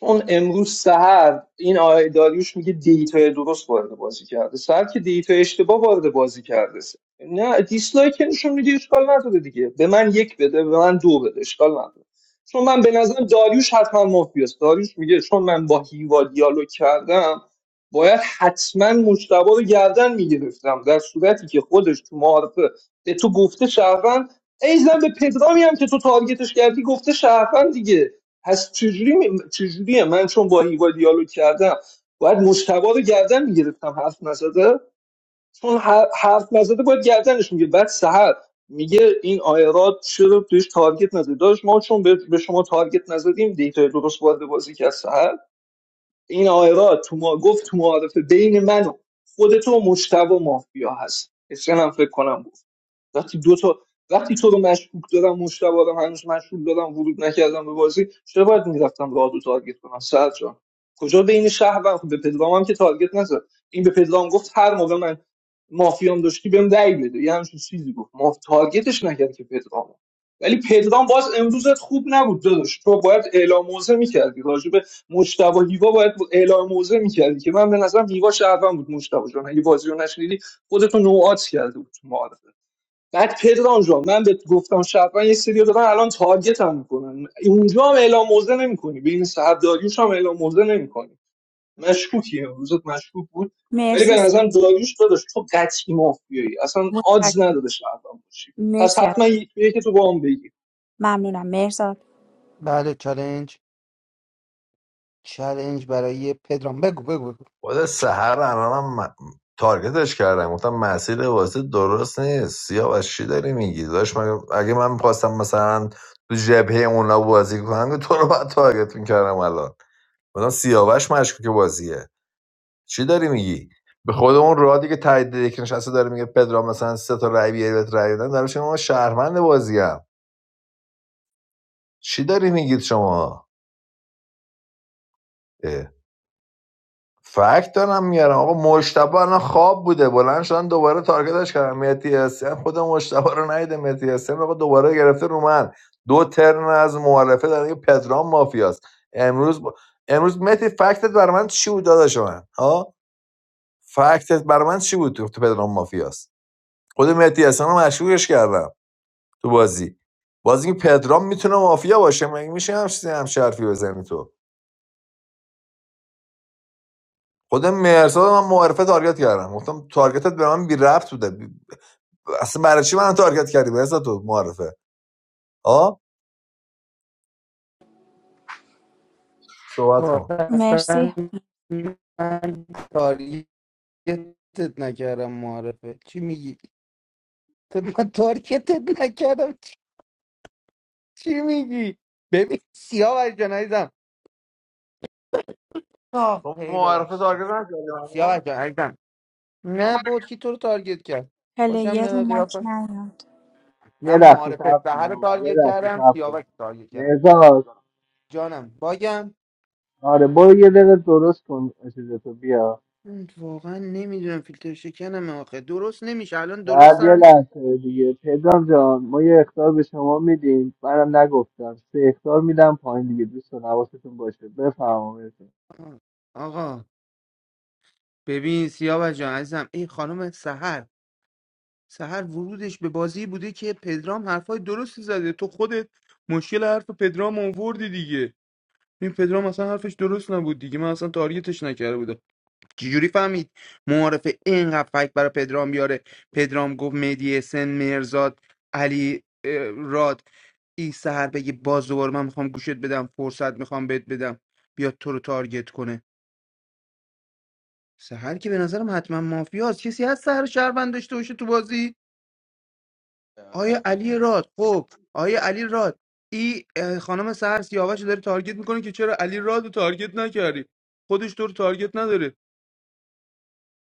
K: چون امروز سهر این آقای داریوش میگه دیتا درست وارد بازی کرده سهر که دیتا اشتباه وارد بازی کرده نه دیسلایک که نشون میده اشکال نداره دیگه به من یک بده به من دو بده اشکال نداره چون من به نظرم داریوش حتما مافیاست داریوش میگه چون من با هیوا دیالوگ کردم باید حتما مجتبا رو گردن میگرفتم در صورتی که خودش تو معارفه به تو گفته شهروند ایزن به پدرامی هم که تو تارگتش کردی گفته شهروند دیگه پس چجوری می- چجوریه من چون با هیوا دیالوگ کردم باید مشتبه رو گردن میگرفتم حرف نزده چون هر- حرف نزده باید گردنش میگه بعد سهر میگه این آیرات چرا توش تارگت نزده داشت ما چون به به شما تارگت نزدیم دیتا درست وارد بازی کرد سهر این آیرات تو ما گفت تو معارفه بین من و خودتو مشتبه مافیا هست اسم هم فکر کنم وقتی دو تا وقتی تو رو مشکوک دارم مشتبه دارم هنوز مشغول دارم ورود نکردم به بازی چرا باید میرفتم راه دو تارگت کنم سر جان کجا بین شهر و خب به پدرام هم که تارگت نزد این به پدرام گفت هر موقع من مافیام داشتی بهم دعی بده یه همچین چیزی گفت ما تارگتش نکرد که پدرام ولی پدرام باز امروزت خوب نبود داداش تو باید اعلام موزه میکردی راجب مجتبی و هیوا باید اعلام موزه می‌کردی که من به نظرم هیوا شهروند بود مجتبی جان اگه بازی رو نشنیدی خودتو نوعات کرده بود تو معارفه. بعد پدرام جان من به گفتم شرفن یه سری دادن الان تارگت هم میکنن اونجا هم اعلام موزه نمیکنی بین صاحب داریوش هم اعلام موزه نمیکنی مشکوکی امروزت مشکوک بود ولی
D: مرسی
K: به
D: س-
K: نظرم داریوش داداش تو قطعی مافیایی اصلا
D: متشکرم.
K: آدز نداره شرفن باشی پس
D: مرسی از-
K: حتما یکی که تو با هم بگی
D: ممنونم مهرزاد
L: بله چالنج چالنج برای پدرام بگو بگو
F: خود سهر الانم م- تارگتش کردم گفتم مسیر واسه درست نیست سیاوش چی داری میگی داشت اگه من میخواستم مثلا تو جبهه اونا بازی کنم که تو رو باید تارگت میکردم الان مثلا سیاوش مشکوک بازیه چی داری میگی به خود اون رادی که تایید یک نشسته داره میگه پدرام مثلا سه تا رای بیاری بهت رای بدن دارم شما من شهروند بازیم. هم چی داری میگید شما اه. فکت دارم میارم آقا مشتبه الان خواب بوده بلند شدن دوباره تارگتش کردم مهدی حسین خود مشتبه رو ندیده مهدی حسین آقا دوباره گرفته رو من دو ترن از معارفه در میگه پدرام مافیاست امروز با... امروز مهدی فکتت برای چی بود داداش من ها فکتت برای چی بود تو تو پدرام مافیاست خود مهدی حسن رو مشهورش کردم تو بازی بازی که پدرام میتونه مافیا باشه مگه میشه هم هم شرفی بزنی تو خود مرساد من معرفه تارگت کردم گفتم تارگتت به من بی رفت بوده بی- اصلا برای چی من تارگت کردی مرساد تو معرفه آه صحبت
L: کار
F: کن
L: اصلا
D: مرسی
L: من تارگتت نکردم معرفه چی میگی؟ تو من تارگتت نکردم چی چی میگی؟ ببین سیاه جان عزیزم آه
F: تو
L: ای
F: معرفه
L: ببخشید
F: تارگت نکردی
L: سیاه
F: منو؟
L: جان عزیزم نه بود کی تو رو تارگت کرد خوشم
D: پلیر رو
L: میاد
D: ماک
L: قیافه
D: نیاد
I: یه
L: من
I: لحظه صبر
L: معارفه سهر
I: کن
L: رو
I: آقا. یه
L: تارگت
I: لحظه
L: کردم
I: صبر کن
L: سیاوش رو تارگت کردم
I: نزار
L: جانم باگم
I: آره برو یه دقیقه درست کن چیزتو بیا
L: من واقعا نمیدونم فیلتر شکنم آخه درست نمیشه الان
I: بعد یه
L: درستم
I: لحظه دیگه پدرام جان ما یه اختار به شما میدیم منم نگفتم سه اختار میدم پایین دیگه دوستان حواستون باشه بفرمایید
L: آقا ببین سیاوش جان عزیزم این خانم سهر سهر ورودش به بازی بوده که پدرام حرفای درستی زده تو خودت مشکل حرف پدرام آوردی دیگه این پدرام اصلا حرفش درست نبود دیگه من اصلا تارگتش نکرده بودم چجوری فهمید معارفه اینقدر فکت برای پدرام بیاره پدرام گفت مهدی حسین مرزاد علی اه، راد این سهر بگی باز دوباره من میخوام گوشت بدم فرصت میخوام بهت بدم بیاد تو رو تارگت کنه سهر که به نظرم حتما مافیاست کسی هست سهر شهروند داشته باشه تو بازی
G: آره
L: آیا علی راد خب آیا علی راد این خانم سهر سیاوش رو داره تارگت میکنه که چرا علی راد رو تارگت نکردی خودش تو رو تارگت نداره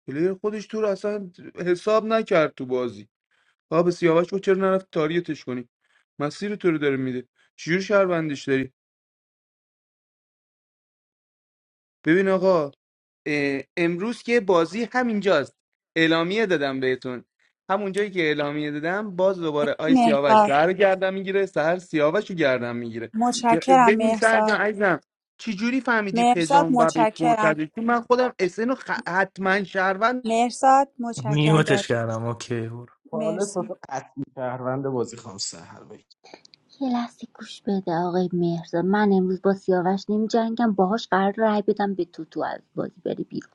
L: پلیر خودش تو رو اصلا حساب نکرد تو بازی آ به سیاوش گفت چرا نرفت تارگتش کنی مسیر تو رو داره میده چجور شهروندش داری ببین آقا اه، امروز که بازی همینجاست اعلامیه دادم بهتون همون جایی که اعلامیه دادم باز
D: مرسی
L: دوباره آی سیاوش
D: مهرزاد
L: سر رو میگیره سر سیاوش رو گردم میگیره
D: متشکرم
L: ببین سر
D: مهرزاد
L: جان عزیزم چجوری فهمیدی
D: مهرزاد
L: پدرام و بهش
D: متشکرم
L: مرتضی چون من خودم اسن رو خ- حتما شهروند
D: مهرزاد متشکرم
C: میوتش
D: داری
C: کردم اوکی برو
G: چالش
D: مرسی
G: واسه قطعی شهروند بازی خانم سهر بگی.
H: یه لحظه گوش بده آقای مهرزاد من امروز با سیاوش نمی جنگم باهاش قرار رای بدم به تو تو از بازی بری بیرون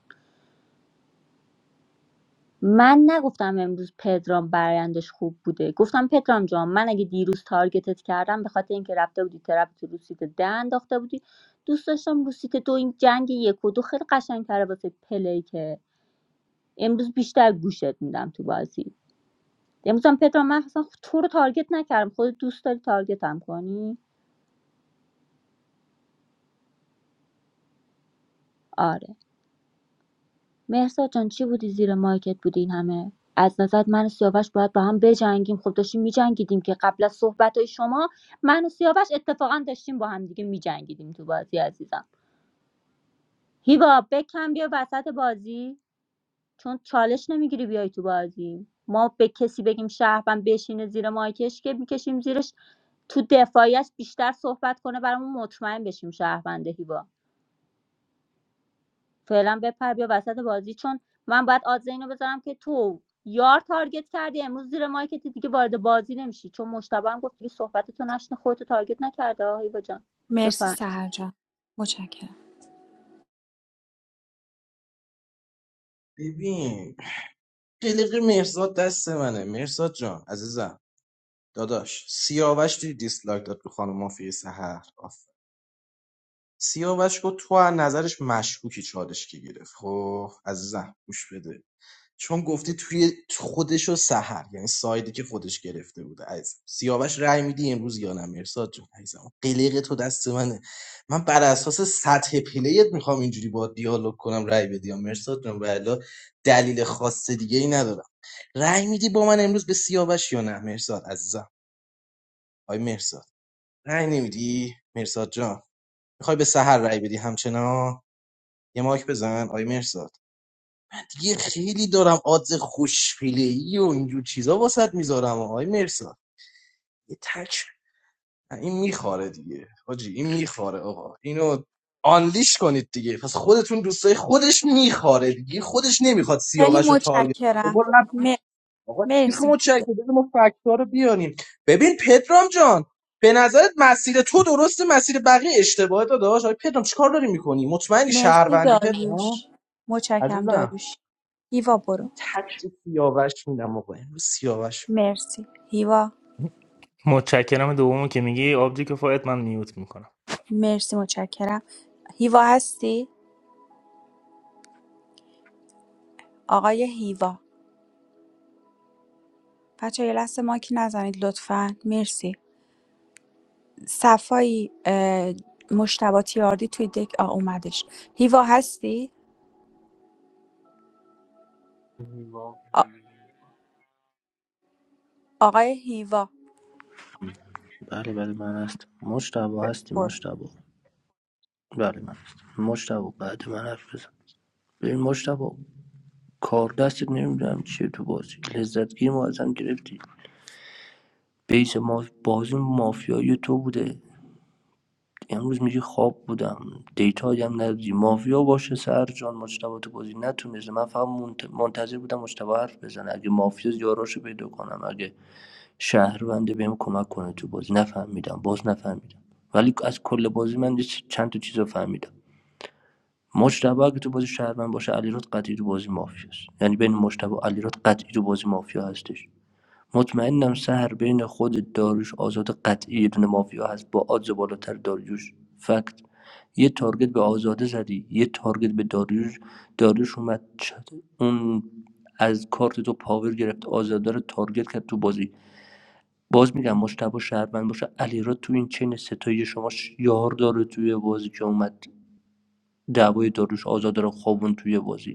H: من نگفتم امروز پدرام برایندش خوب بوده گفتم پدرام جان من اگه دیروز تارگتت کردم به خاطر اینکه رفته بودی ترپ تو رو سیت ده انداخته بودی دوست داشتم رو سیت دو این جنگ یک و دو خیلی قشنگتره واسه پلی که امروز بیشتر گوشت میدم تو بازی امروز هم پدرام من اصلا تو رو تارگت نکردم خودت دوست داری تارگتم کنی آره مهرزاد جان چی بودی زیر مایکت بودی این همه از نظرت من و سیاوش باید با هم بجنگیم خب داشتیم میجنگیدیم که قبل از صحبت شما من و سیاوش اتفاقا داشتیم با هم دیگه میجنگیدیم تو بازی عزیزم هیوا بکن بیا وسط بازی چون چالش نمیگیری بیای تو بازی ما به کسی بگیم شهروند بشینه زیر مایکش که میکشیم زیرش تو دفاعیش بیشتر صحبت کنه برامون مطمئن بشیم شهرونده هیوا فعلا بپر بیا وسط بازی چون من باید آدز اینو بذارم که تو یار تارگت کردی امروز زیر مایکت دیگه وارد بازی نمیشی چون مشتبه هم گفت دیگه صحبت تو نشنه خودتو تارگت نکرده آقای با جان
D: مرسی
H: بفهم
D: سهر جان متشکرم
G: ببین قلق مهرزاد دست منه مهرزاد جان عزیزم داداش سیاوش دیدی دیسلایک داد رو خانم مافیای سحر آفرین. سیاوش گفت تو از نظرش مشکوکی چالش کی گرفت خب عزیزم گوش بده چون گفتی توی خودش و سحر یعنی سایدی که خودش گرفته بوده عزیزم سیاوش رأی میدی امروز یا نه مرساد جان عزیزم قلق تو دست منه من بر اساس سطح پلیت میخوام اینجوری با دیالوگ کنم رأی بدی یا مرساد جان والا دلیل خاص دیگه ای ندارم رأی میدی با من امروز به سیاوش یا نه مرساد عزیزم آی مرساد رأی نمیدی مرزاد جان میخوای به سحر رأی بدی همچنان یه مایک بزن آی مرزاد دیگه خیلی دارم آدز خوشپیلی و اینجور چیزا واسط میذارم آی مرزاد یه تک نه، این میخاره دیگه حاجی این میخاره آقا اینو آنلیش کنید دیگه پس خودتون دوستای خودش میخاره دیگه خودش نمیخواد
D: خیلی
G: سیاوش رو تارگت
D: متشکرم
G: کنه.
D: م-
G: آقا تیخ
D: مرسی
G: متشکر بده ما فکت‌ها رو بیاریم ببین پدرام جان به نظرت مسیر تو درسته مسیر بقیه اشتباهه داداش آقا پدرام چیکار داری میکنی مطمئنی
D: مرسی
G: شهروندی پدرام
D: داریوش متشکرم
G: عزیزم
D: داریوش هیوا برو
G: این تک به سیاوش میدم آقا امروز سیاوش
D: مرسی هیوا
C: متشکرم دومو که میگی آبجی کفایت من میوت میکنم
D: مرسی متشکرم هیوا هستی آقای هیوا بچه‌ها یه لحظه مایک نزنید لطفا مرسی صفایی اه، مجتبی تیاردی توی دک آ اومدش هیوا هستی آ- آقای هیوا
O: بله بله من هست مجتبی هستی
D: برو
O: مجتبی بله من هست مجتبی بعد من حرف بزن ببین مجتبی کار دستت نمیدونم چیه تو بازی لذتگی ما ازم گرفتی بیس ما بازی مافیایی تو بوده امروز میگی خواب بودم دیتایی هم ندادی مافیا باشه سر جان مجتبی تو بازی نتونسته من فقط منت- منتظر بودم مجتبی حرف بزنه اگه مافیا یاراشو پیدا کنم اگه شهرونده بهم کمک کنه تو بازی نفهمیدم باز نفهمیدم ولی از کل بازی من چند تا چیز فهمیدم مجتبی اگه تو بازی شهروند باشه علیرات قطعی تو بازی مافیاست یعنی بین مجتبی و علیرات قطعی تو بازی مافیا هستش مطمئنم سهر بین خودت داریوش آزاده قطعی یه دونه مافیا هست با آدز بالاتر داریوش فکت یه تارگت به آزاده زدی یه تارگت به داریوش داریوش اومد چ- اون از کارت تو پاور گرفت آزاده رو تارگت کرد تو بازی باز میگم مشتبه شهروند باشه علیراد تو این چین ستایی شما ش- یار داره توی بازی که اومد دعوای داریوش آزاده رو خوابون توی بازی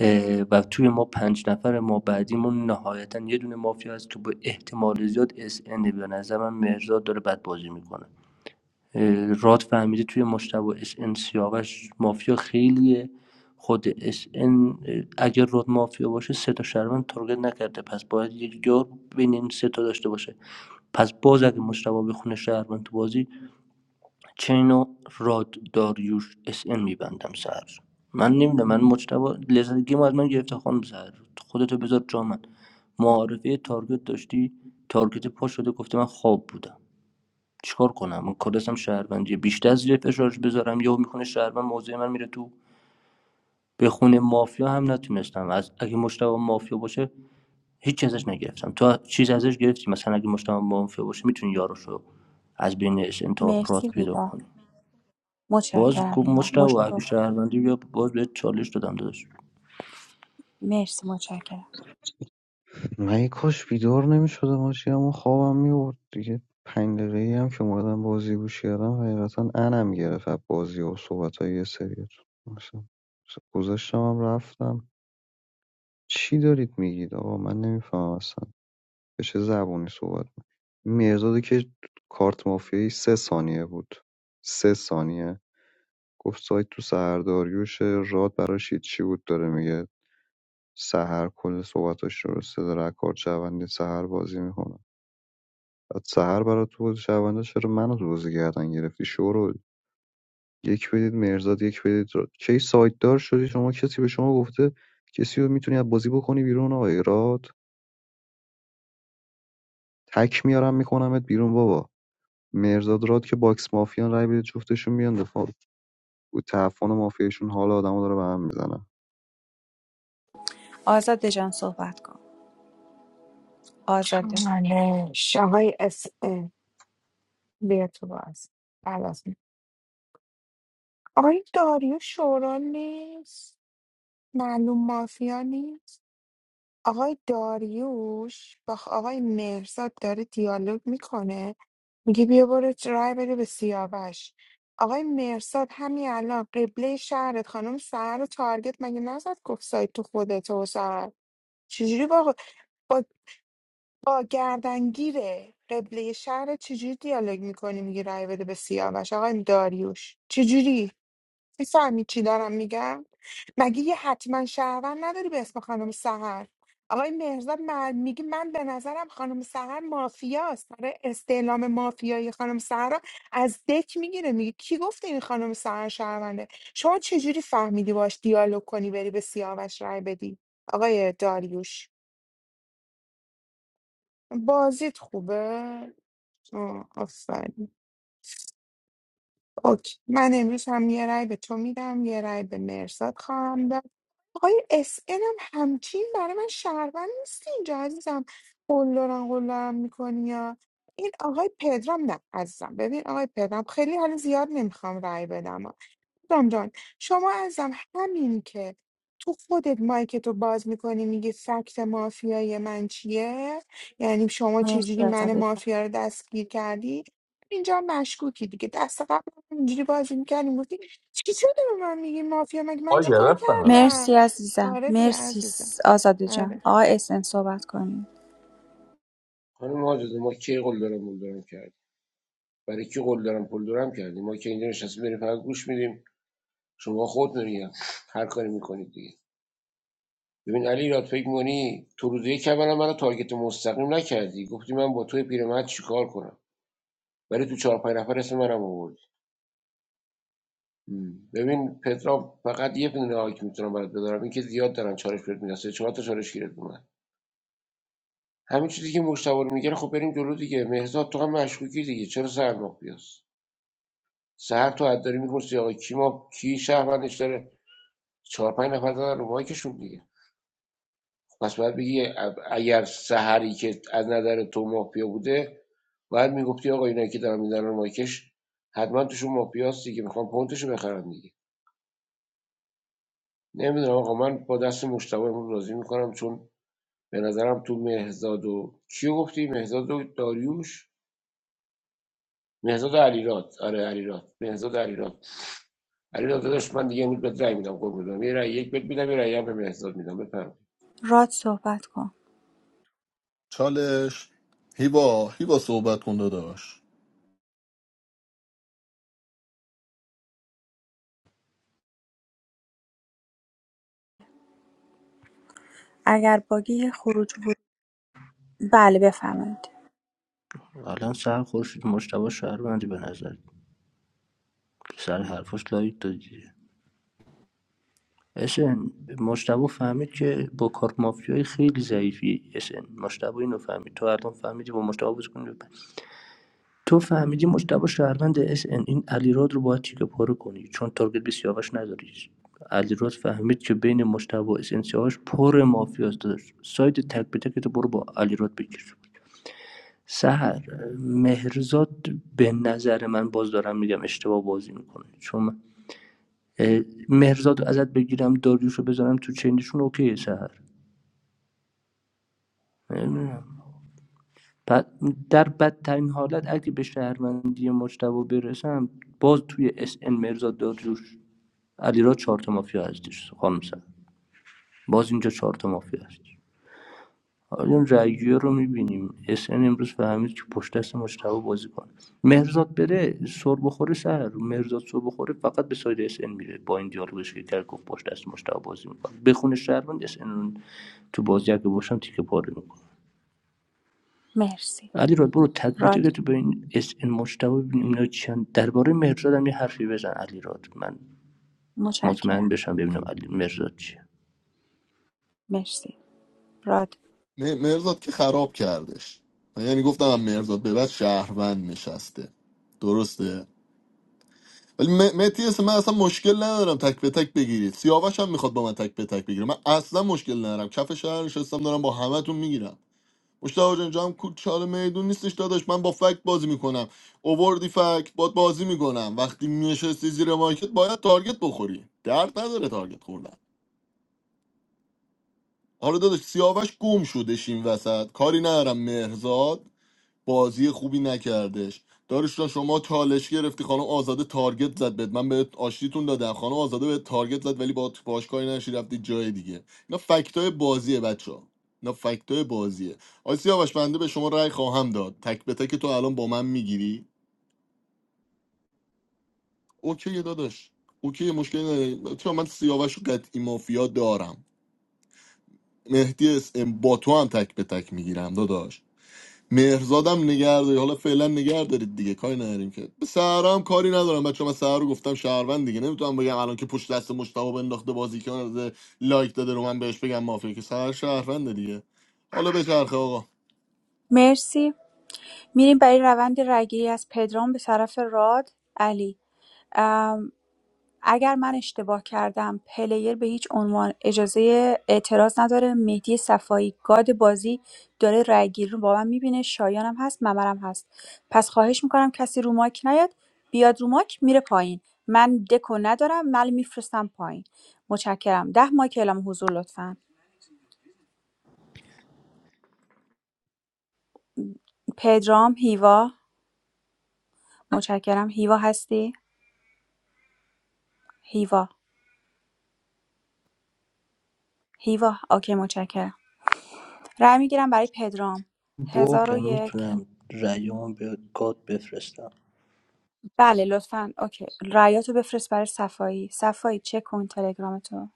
O: اه، و توی ما پنج نفر ما بعدیمون نهایتا یه دونه مافیا هست که به احتمال زیاد اس ان به نظر من مرزاد داره بد بازی میکنه راد فهمیده توی مشتبه اس ان سیاوش مافیا خیلیه خود اس ان اگر راد مافیا باشه سه تا شهروند تارگت نکرده پس باید یک جا بین این سه تا داشته باشه پس باز اگه مشتبه بخونه شهروند تو بازی چینو راد داریوش اس ان میبندم سر من نمیدونم من مجتبا لذت گیم از من گرفته خانم سر خودتو بذار جا من معارفه تارگت داشتی تارگت پا شده گفته من خواب بودم چیکار کنم من کادسم شهروندیه بیشتر زیر فشارش بذارم یا میکنه شهروند موضع من میره تو به خونه مافیا هم نتونستم از اگه مجتبا مافیا باشه هیچ ازش نگرفتم تو چیز ازش گرفتی مثلا اگه مجتبا مافیا باشه میتونی یارشو از بین اس ان تا راد
D: مرسی
O: پیدا
D: هیوا
O: کنی باز
D: متشکرم
O: گفت
D: هیوا
O: مشتبه اگه
D: مجتبی
O: شهروندی بیا باز بهت چالش دادم داشت
D: مرسی متشکرم
J: من یه کاش بیدار نمیشدم آجی اما خوابم میبرد دیگه پنج دقیقه ای هم که اومدم بازی گوش کردم حقیقتا انم گرفت از بازی و صحبت های یه سریتون مثلا گذاشتم هم رفتم چی دارید میگید آقا من نمیفهمم اصلا به چه زبونی صحبت می این که کارت مافیایی سه ثانیه بود سه ثانیه گفت سایت تو سهرداریوشه راد براش چی بود داره میگه سهر کل صحبتاش درسته داره از کارت شهروندی سهر بازی میکنه بعد سهر برا تو بود شهروندا چرا منو تو بازی گردن گرفتی شورو یک بدید مرزاد یک بدید راد کی سایت دار شدی شما کسی به شما گفته کسی رو میتونی از بازی بکنی بیرون آقای راد تک میارم میکنمت بیرون بابا مهرداد راد که باکس مافیان رای بدید جفتشون بیان دفاع تعفن مافیایشون حال آدمو داره به هم میزنه
D: آزاده جان صحبت کن آزاده
M: چالش آقای اس اه، بیا تو باز آقای داریوش شورا نیست معلوم مافیا نیست آقای داریوش با خ- آقای مهرزاد داره دیالوگ میکنه میگه بیا برو چ- رای بده به سیاوش آقای مرساد همین الان قبله شهرت خانم سهر رو تارگت مگه نزد گفت سایت تو خودت و سهر چجوری با, با, با گردنگیره قبله شهرت چجوری دیالوگ میکنی میگی رای بده به سیاوش آقای داریوش چجوری میفهمی چی دارم میگم مگه یه حتما شهروند نداری به اسم خانم سهر آقای مهرزاد من میگه من به نظرم خانم سهر مافیاست داره استعلام مافیایی خانم سهر رو از دک میگیره میگه کی گفته این خانم سهر شهرونده شما چجوری فهمیدی باش دیالوگ کنی بری به سیاوش رای بدی آقای داریوش بازیت خوبه آه، آفرین اوکی من امروز هم یه رای به تو میدم یه رای به مرزاد خواهم داد آقای اس هم همچین برای من شهروند نیست اینجا عزیزم قلدرم قلدرم میکنی یا این آقای پدرام نه عزیزم ببین آقای پدرام خیلی حالا زیاد نمیخوام رأی بدم دام جان شما ازم همین که تو خودت مایکتو باز میکنی میگی فکت مافیای من چیه یعنی شما
D: مرسی
M: چجوری من
D: آزاده جان
M: مافیا رو دستگیر کردی اینجا مشکوکی دیگه دست قبل هم اینجوری بازی میکردیم گفتی چی شده به من میگی مافیا مگه
F: آ
M: من چیکار
F: گرفتم
D: مرسی
M: کردم
D: عزیزم
M: آره دیگه
D: مرسی
M: عزیزم
D: س- آزاده
M: آره.
D: جان آقای اسن صحبت کنید
P: خانم آزاده ما کی قول دارم پول دارم کردیم برای کی قول دارم پول دارم کردیم ما که اینجا نشستیم بریم فقط گوش میدیم شما خود میگم هر کاری میکنید دیگه ببین علی راد فکر می‌کنی تو روز یک اولا منو تارگت مستقیم نکردی گفتی من با توی پیرمرد چیکار کنم ولی تو چهار پنج نفر اسم منم آوردی مم. ببین پترام فقط یه دونه آیک میتونم برات بذارم این که زیاد دارن چالش بهت میدن سه چهار تا چالش گیرت اومد همین چیزی که مشتاق میگه رو میگه. خب بریم جلو دیگه مهرداد تو هم مشکوکی دیگه چرا سر مافیاس سر تو حد داری میپرسی آقا کی ما کی شهروندش داره چهار پنج نفر دارن رو مایکشون دیگه پس باید بگی ا- اگر سحری که از نظر تو مافیا بوده باید میگفتی آقا اینایی که دارن میزنن رو مایکش حتما توشون مافیاس دیگه میخوام پونتشو بخرن دیگه نمیدونم آقا من با دست مشتاق امروز راضی میکنم چون به نظرم تو مهزاد و کیو گفتی مهزاد و داریوش مهزاد و علیرات آره علیرات مهزاد و علیرات علیرات داداش من دیگه امروز بهت رأی میدم قول میدم یه رأی یک بهت میدم یه رأی هم به مهزاد میدم بفرمایید
D: راد صحبت کن
B: چالش هیوا هیوا صحبت کن داداش
D: اگر باگی خروج بود بله بفهمید
O: الان سر خورشید مشتبه شهروندی به نظر سر حرفاش لایک دادی اسن مشتبه فهمید که با کارت مافیایی خیلی ضعیفی اسن مشتبه اینو فهمید تو الان فهمیدی با مشتبه بازی کنی تو فهمیدی مشتبه شهروند اسن این علیراد رو باید تیکه پاره کنی چون تارگت به سیاوش نداری علیراد فهمید که بین مشتبه و اسن سیاوش پر مافیاست داشت ساید تک به تک تو برو با علیراد بگیر سهر مهرزاد به نظر من باز دارم میگم اشتباه بازی میکنه چون من- مهرزاد رو ازت بگیرم داریوش رو بذارم تو چینشون اوکیه سهر نمی‌دونم. بعد در بدترین حالت اگه به شهروندی مجتبا برسم باز توی اس ان مهرزاد داریوش علیرا چهار تا مافیا هستش خانم سهر باز اینجا چهار تا مافیا هست الان رأیگیری رو میبینیم اس ان امروز فهمید که پشت دست مجتبی بازی کنه مهرزاد بره سر بخوره سر مهرزاد سر بخوره فقط به ساید اس ان میره با این دیالوگش که کرد گفت پشت دست مجتبی بازی میکنه بخونه شهروند اس رو تو بازی اگه باشم تیکه پاره میکنه
D: مرسی
O: علی راد برو تک به
D: راد
O: تک تو به این اس ان مجتبی ببینیم اینا چند درباره مهرزاد هم یه حرفی بزن علی راد من مطمئن
D: متشکرم
O: بشم ببینم علی مهرزاد چیه
D: مرسی راد
B: نه، مرزاد که خراب کردش من یعنی گفتم هم مرزاد به بعد شهروند نشسته درسته ولی م- مهدی اسم من اصلا مشکل ندارم تک به تک بگیرید سیاوش هم میخواد با من تک به تک بگیره من اصلا مشکل ندارم کف شهر نشستم دارم با همتون میگیرم مشتاق جان جام کوچال میدون نیستش داداش من با فکت بازی میکنم اووردی فکت باد بازی میکنم وقتی نشستی زیر مارکت باید تارگت بخوری درد نداره تارگت خوردن حالا داداش سیاوش گم شدش این وسط کاری ندارم مهرزاد بازی خوبی نکردش دارش شما چالش گرفتی خانم آزاده تارگت زد بهت من بهت آشتیتون دادم خانم آزاده بهت تارگت زد ولی با باش کاری نشی رفتی جای دیگه اینا فکتای بازیه بچه اینا فکتای بازیه آی سیاوش بنده به شما رأی خواهم داد تک به تک تو الان با من میگیری اوکی داداش اوکی مشکلی نداره. چرا من سیاوش و قطعی مافیا دارم مهدی اس ام با تو هم تک به تک میگیرم داداش مهرزادم نگهداری حالا فعلا نگه دارید دیگه کاری نداریم که به سهرا هم کاری ندارم بچه من سهرا رو گفتم شهروند دیگه نمیتونم بگم الان که پشت دست مشتاق بنداخته بازی کرده لایک داده رو من بهش بگم مافیا که سهر شهرونده دیگه حالا به آقا
D: مرسی میریم برای روند رگیری از پدرام به طرف راد علی ام، اگر من اشتباه کردم پلیر به هیچ عنوان اجازه اعتراض نداره مهدی صفایی گاد بازی داره رگیری رو با من میبینه شایانم هست ممرم هست پس خواهش میکنم کسی رو ماک نیاد بیاد رو ماک میره پایین من دکو ندارم من میفرستم پایین متشکرم ده مایک اعلام حضور لطفا پدرام هیوا متشکرم هیوا هستی؟ هیوا هیوا اوکی متشکرم رأی میگیرم برای پدرام هزار و
O: باگم
D: یک
O: میتونم رأیمو به گاد بفرستم
D: بله لطفا اوکی رأیاتو بفرست برای صفایی صفایی چک کن تلگرامتو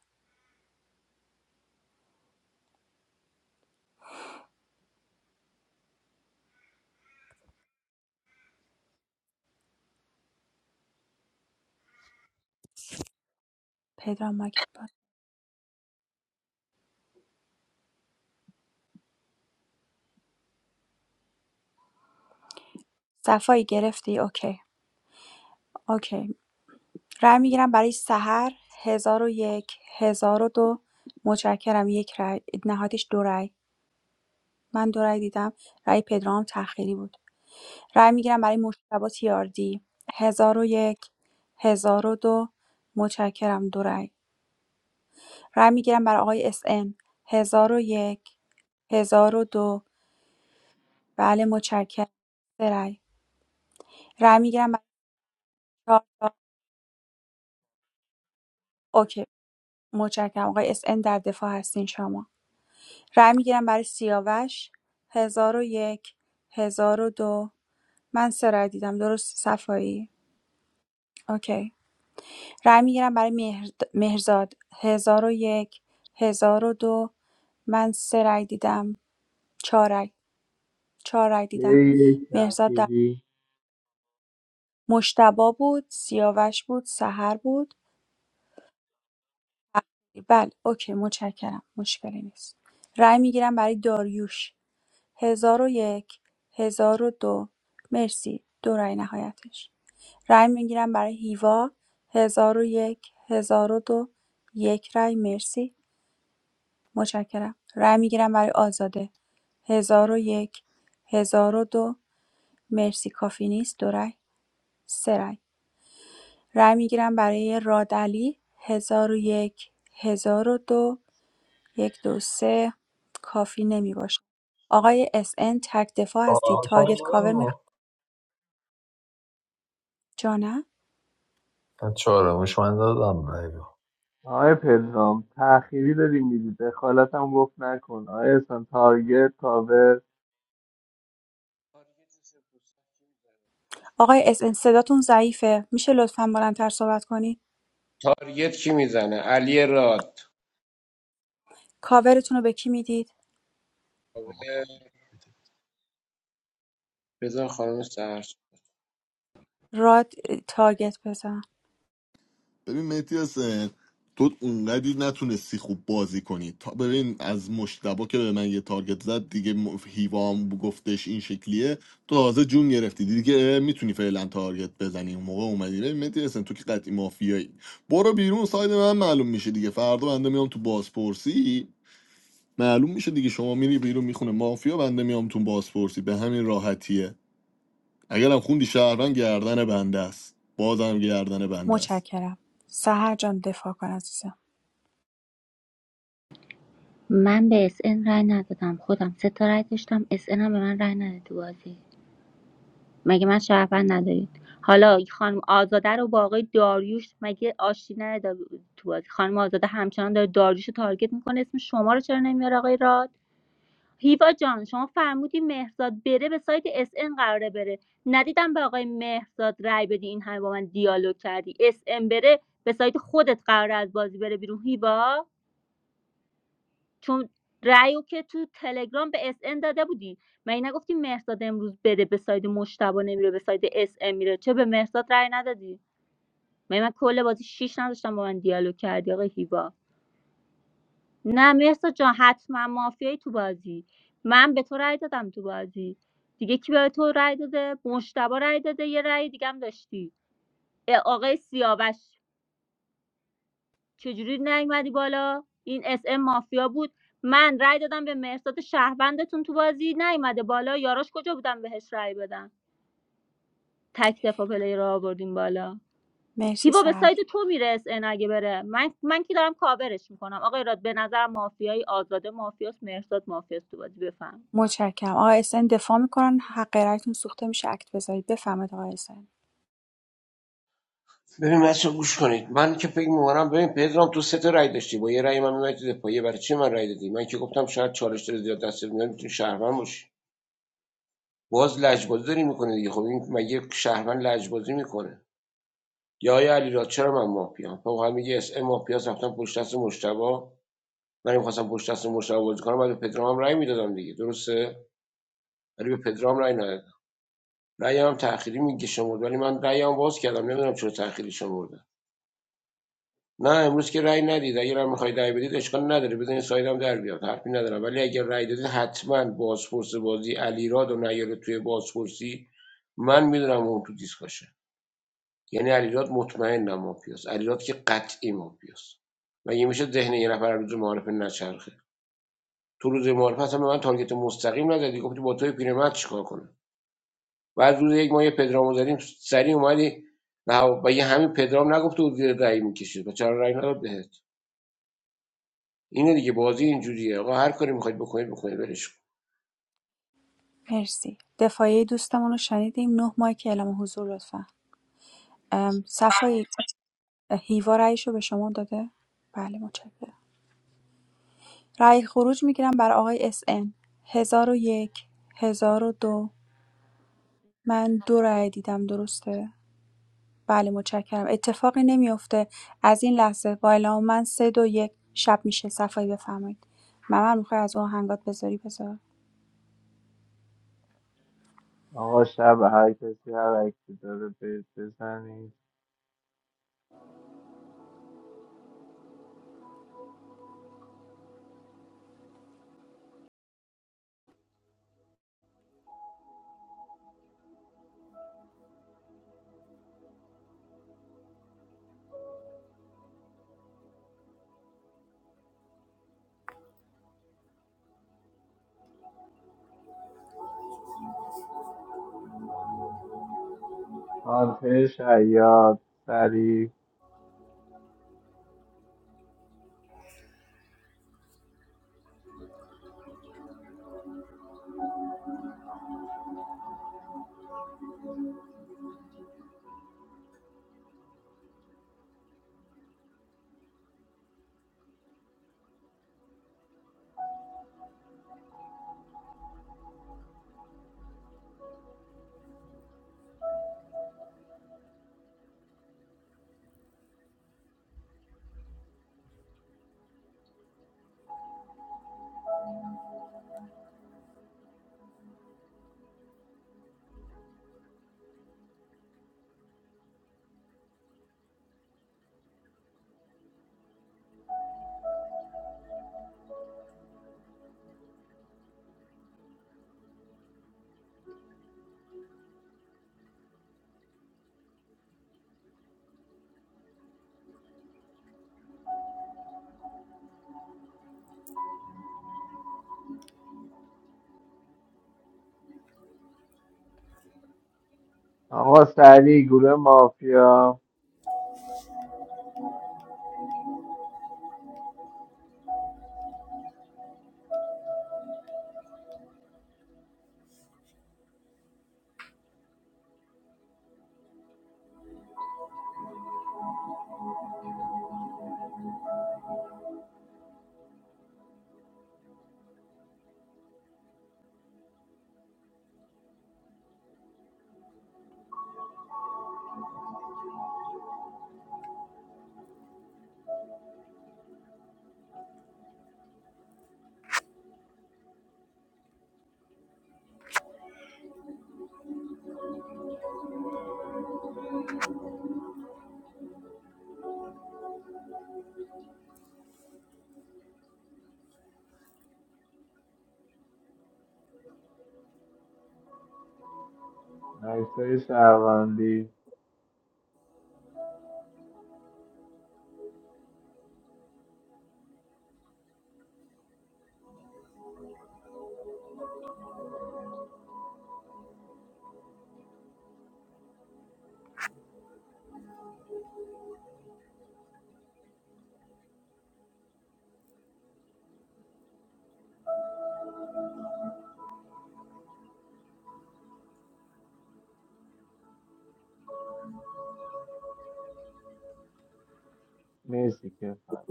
D: پدرام ماکت بود صفایی گرفتی اوکی اوکی رأی میگیرم برای سحر هزار و یک هزار و دو متشکرم یک رأی نهایتش دو رأی من دو رأی دیدم رأی پدرام تأخیری بود رای میگیرم برای مجتبی تیاردی ۱۰۰۱ ۱۰۰۲ متشکرم دو رای. رای میگیرم برای آقای اس‌ام ۱۰۰۱ ۱۰۰۲ بله متشکرم سه رای. رای میگیرم برای ۴ تا اوکی متشکرم آقای اس‌ام در دفاع هستین شما. رای میگیرم برای سیاوش ۱۰۰۱ دو من سه رای دیدم درست صفایی اوکی. رای میگیرم برای مهر مهرزاد ۱۰۰۱ دو من سه رای دیدم چهار رای چهار رای دیدم
I: یه یک
D: مهرداد در
I: تأخیری
D: مجتبی بود سیاوش بود سحر بود بله اوکی متشکرم مشکلی نیست رای میگیرم برای داریوش ۱۰۰۱ ۱۰۰۲ مرسی دو رای نهایتش رای میگیرم برای هیوا ۱۰۰۱ ۱۰۰۲ یک هزار و دو، یک رای مرسی متشکرم رای میگیرم برای آزاده ۱۰۰۱ دو مرسی کافی نیست دو رای سه رای رای می‌گیرم برای رادعلی ۱۰۰۱ ۱۰۰۲ یک هزار و دو یک دو سه کافی نمی‌باشد. آقای SN تک دفاع هستی تارگت کاور می جا نه؟
F: چهارمش من دادم بده
I: آقای پدرام تأخیری داری میدی دخالت هم گفت نکن آقای احسان تارگت کاور
D: آقای SN صداتون ضعیفه میشه لطفاً بلندتر صحبت کنید
P: تارگت کی میزنه علی رات
G: کاور
D: کاورتون رو
G: بده
D: به کی میدید
G: بابا کاور بده
P: بذار خانم سرش
D: راد تارگت بزن
B: ببین مهدی حسین تو اونقدی نتونستی خوب بازی کنی تا ببین از مشتبا که به من یه تارگت زد دیگه م- هیوام گفتش این شکلیه تو تازه جون گرفتی دیگه میتونی فعلا تارگت بزنی اون موقع اومدی ببین مهدی حسین تو که قطعی مافیایی برو بیرون ساید من معلوم میشه دیگه فردا بنده میام تو بازپرسی معلوم میشه دیگه شما میری بیرون میخونه مافیا بنده میام تو بازپرسی به همین راحتیه اگرم خوندی شهروند گردن بنده است بازم گردن بنده است
D: متشکرم سهر جان دفاع کن عزیزم
H: من به اس ان رای ندادم خودم سه تا رای داشتم اس ان هم به من رای نداد تو بازی مگه من شرفن ندارید حالا خانم آزاده رو با آقای داریوش مگه آشتی نداد تو بازی خانم آزاده همچنان داره داریوش رو تارگت میکنه اسم شما رو چرا نمیاره آقای راد هیوا جان شما فرمودی مهرزاد بره به سایت اس ان قراره بره ندیدم به آقای مهرزاد رای بدی این همه با من دیالوگ کردی اس ان بره به سایت خودت قراره از بازی بره بیرون هیوا چون رایو که تو تلگرام به اس ان داده بودی من این نگفتی مهرزاد امروز بره به سایت مشتبه نمیره به سایت اس ان میره چه به مهرزاد رای ندادی من من کل بازی شیش نداشتم با من دیالوگ کردی آقای هیوا نه مرسا جان حتما مافیایی تو بازی من به تو رأی دادم تو بازی دیگه کی به تو رأی داده مشتبا رأی داده یه رأی دیگه هم داشتی اه، آقای سیاوش چجوری نیومدی بالا این اس ام مافیا بود من رأی دادم به مرساد شهروندتون تو بازی نیومده بالا یاراش کجا بودم بهش رأی بدم تک دفاع پلی رو آوردیم بالا
D: مرسی
H: هیوا به
D: سهر
H: سایت
D: جان.
H: تو میره اس ان اگه بره من من که دارم کاورش میکنم آقای راد به نظر مافیایی آزاده مافیاست مرساد مافیاست تو بازی بفهم
D: متشکرم آقای SN دفاع میکنن حق رایتون سوخته میشه اکت بذارید بفهمید آقای SN
P: ببین بچه گوش کنید من که فکر می‌کنم ببین پدرام تو سه تا رای داشتی با یه رای من میمونی تو دفاعیه برای چی من رای دادی من که گفتم شاید چالش داره زیاد دست میاد میتونی شهروند باشی باز لجبازی داری میکنه دیگه خب این مگه شهروند لجبازی میکنه یا آیا علیرضا چرا من مافیام تو واقعا میگه اس ام مافیاس رفتم پشت دست مشتبه من میخواستم پشت دست مشتبه بازی کنم بعد به پدرام رای میدادم دیگه درسته ولی به پدرام رای ندادم رأی هم تأخیری میگه شمرد ولی من رأی باز کردم نمیدونم چرا تأخیری شمردم نه امروز که رای ندید اگر هم میخواید رأی بدید اشکال نداره بزنید سایدم در بیاد حرفی ندارم ولی اگر رای دادید حتما بازپرس بازی علیراد و نیاره توی بازپرسی من میدونم اون تو دیسکاشه یعنی علیراد مطمئن مافیاست علیراد که قطعی مافیاست و یه میشه ذهن یه نفر روز معارفه نچرخه تو روز معارفه اصلا به من تارگت مستقیم نزدی گفتی با توی پیرمرد چیکار کنم بعد روز یک ما یه پدرامو زدیم سری اومدی و, هوا- یه همین پدرام نگفته بود زیر رأی میکشید و چرا رأی نداد بهت اینه دیگه بازی اینجوریه آقا هر کاری میخواید بکنید بکنید برش کن.
D: مرسی دفاعیه دوستمون رو شنیدیم نه مایک اعلام حضور لطفا ام، صفای هیوا رأیش رو به شما داده بله متشکرم رأی خروج میگیرم برای آقای اس ان هزار و یک هزار و دو من دو رأی دیدم درسته بله متشکرم اتفاقی نمیافته از این لحظه با اعلام من سه دو یک شب میشه صفایی بفرمایید ممر میخوای از اون هنگات بذاری بذار
I: آقا شب هر کسی هر عکسی داره به- بزنید هانتر شیاد سریع آقا سریع گروه مافیا عکسای شهروندی مرسی که فرد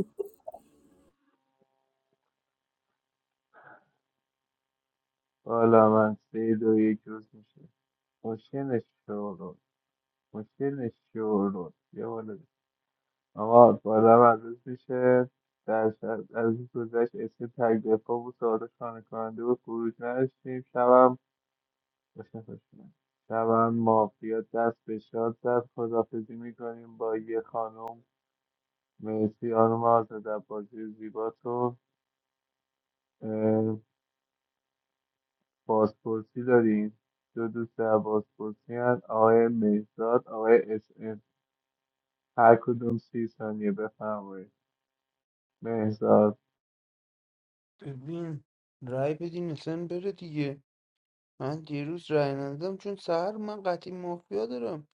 I: بالا من سه دو یک روز میشه مشکل شورون مشکل شورون یه بالا ده. اما بالا من روز میشه در شب- از این گذشت اسم تک دفاع بود سوال خانه کننده و خروج نداشتیم شبم باشه خوش کنم شبم مافیا دست به شاد زد خدافزی میکنیم با یه خانم مرسی آنوم آزاد بازی زیباتون بازپرسی داریم دو دوست در بازپرسی هست آقای مهزاد آقای اس ام. هر کدوم سی ثانیه بفرمایید مهزاد
L: ببین رای بدین اصلا بره دیگه من دیروز رای ندادم چون سهر من قطعی مافیا دارم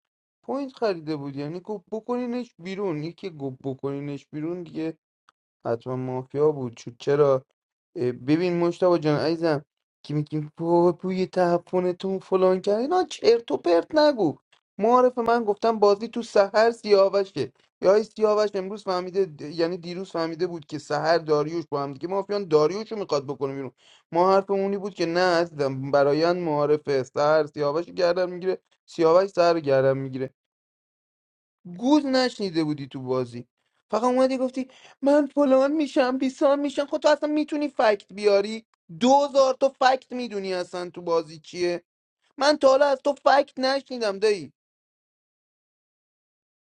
L: پوینت خریده بود یعنی گفت بکنینش بیرون یکی گفت بکنینش بیرون دیگه حتما مافیا بود چون چرا اه، ببین مشتاق جان عزیزم کیم کیم پو پوی تهفنتون فلان کرد اینا چرت و پرت نگو معارف من گفتم بازی تو سحر سیاوشه یا ای سیاوش امروز فهمیده د- یعنی دیروز فهمیده بود که سحر داریوش با هم دیگه مافیان داریوش رو میخواد بکنه بیرون ما حرفمونی بود که نه عزیزم برایان معارف سحر سیاوش رو گردن میگیره سیاوش سحر رو گردن میگیره گوز نشنیده بودی تو بازی فقط اومدی گفتی من فلان میشم بیسان میشم خب تو اصلا میتونی فکت بیاری دوزار تو فکت میدونی اصلا تو بازی چیه من تا حالا از تو فکت نشنیدم دایی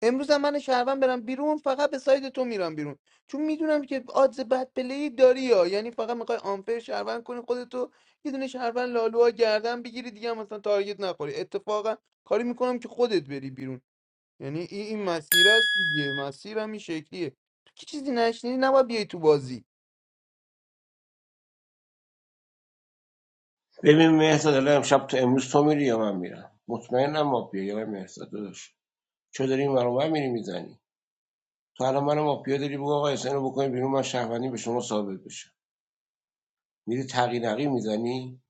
L: امروز هم من شهروند برم بیرون فقط به ساید تو میرم بیرون چون میدونم که آدز بد پلی داری یا یعنی فقط میخوای آنفر شهروند کنی خودتو یه دونه شهروند لالوها گردن بگیری دیگه هم مثلا تارگت نخوری اتفاقا کاری میکنم که خودت بری بیرون یعنی این این مسیر است دیگه مسیر هم این شکلیه تو که چیزی نشنیدی نباید بیای تو بازی
P: ببین مهرداد الان شب تو امروز تو میری یا من میرم مطمئنم ما بیا یا مهرداد داداش چه داری این ور میری میزنی تو الان منو مافیا داری بگو آقا احسان رو بکنیم بیرون من شهروندی به شما ثابت بشم میری تقی میزنی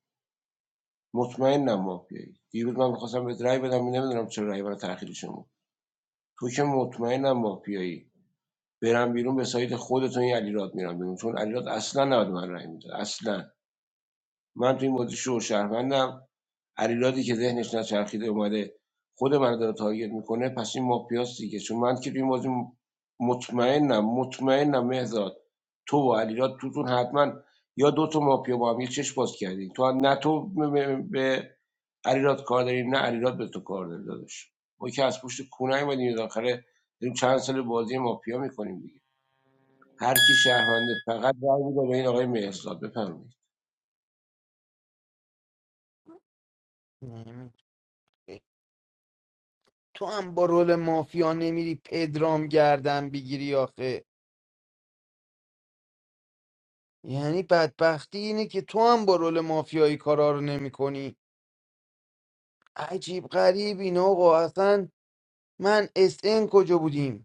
P: مطمئنم مافیایی دیروز من می‌خواستم بهت رأی بدم نمیدونم چرا رأی برای تأخیر شما تو که مطمئنم مافیایی برم بیرون به سایت خودتون این علیراد میرم بیرون چون علیراد اصلا نباید به من رأی میداد اصلا من تو این بازی شو شهروندم علیرادی که ذهنش نچرخیده اومده خود من رو داره تارگت میکنه پس این مافیاست دیگه چون من که تو این بازی م- مطمئنم مطمئنم مهزاد تو و علیراد توتون حتما یا دو تا مافیا با هم یه چشم باز کردین تو نه تو م- م- به علیراد کار داریم نه علیراد به تو کار داره داداش ما که از پشت کونه ایمدیم داخله داریم چند سال بازی مافیا میکنیم دیگه هر کی شهرمنده فقط رای میده به این آقای مهزاد بفرمایید
L: نمی- تو هم با رول مافیا نمیری پدرام گردن بگیری آخه یعنی بدبختی اینه که تو هم با رول مافیایی کارا رو نمی کنی عجیب غریب این آقا اصلا من اس ان کجا بودیم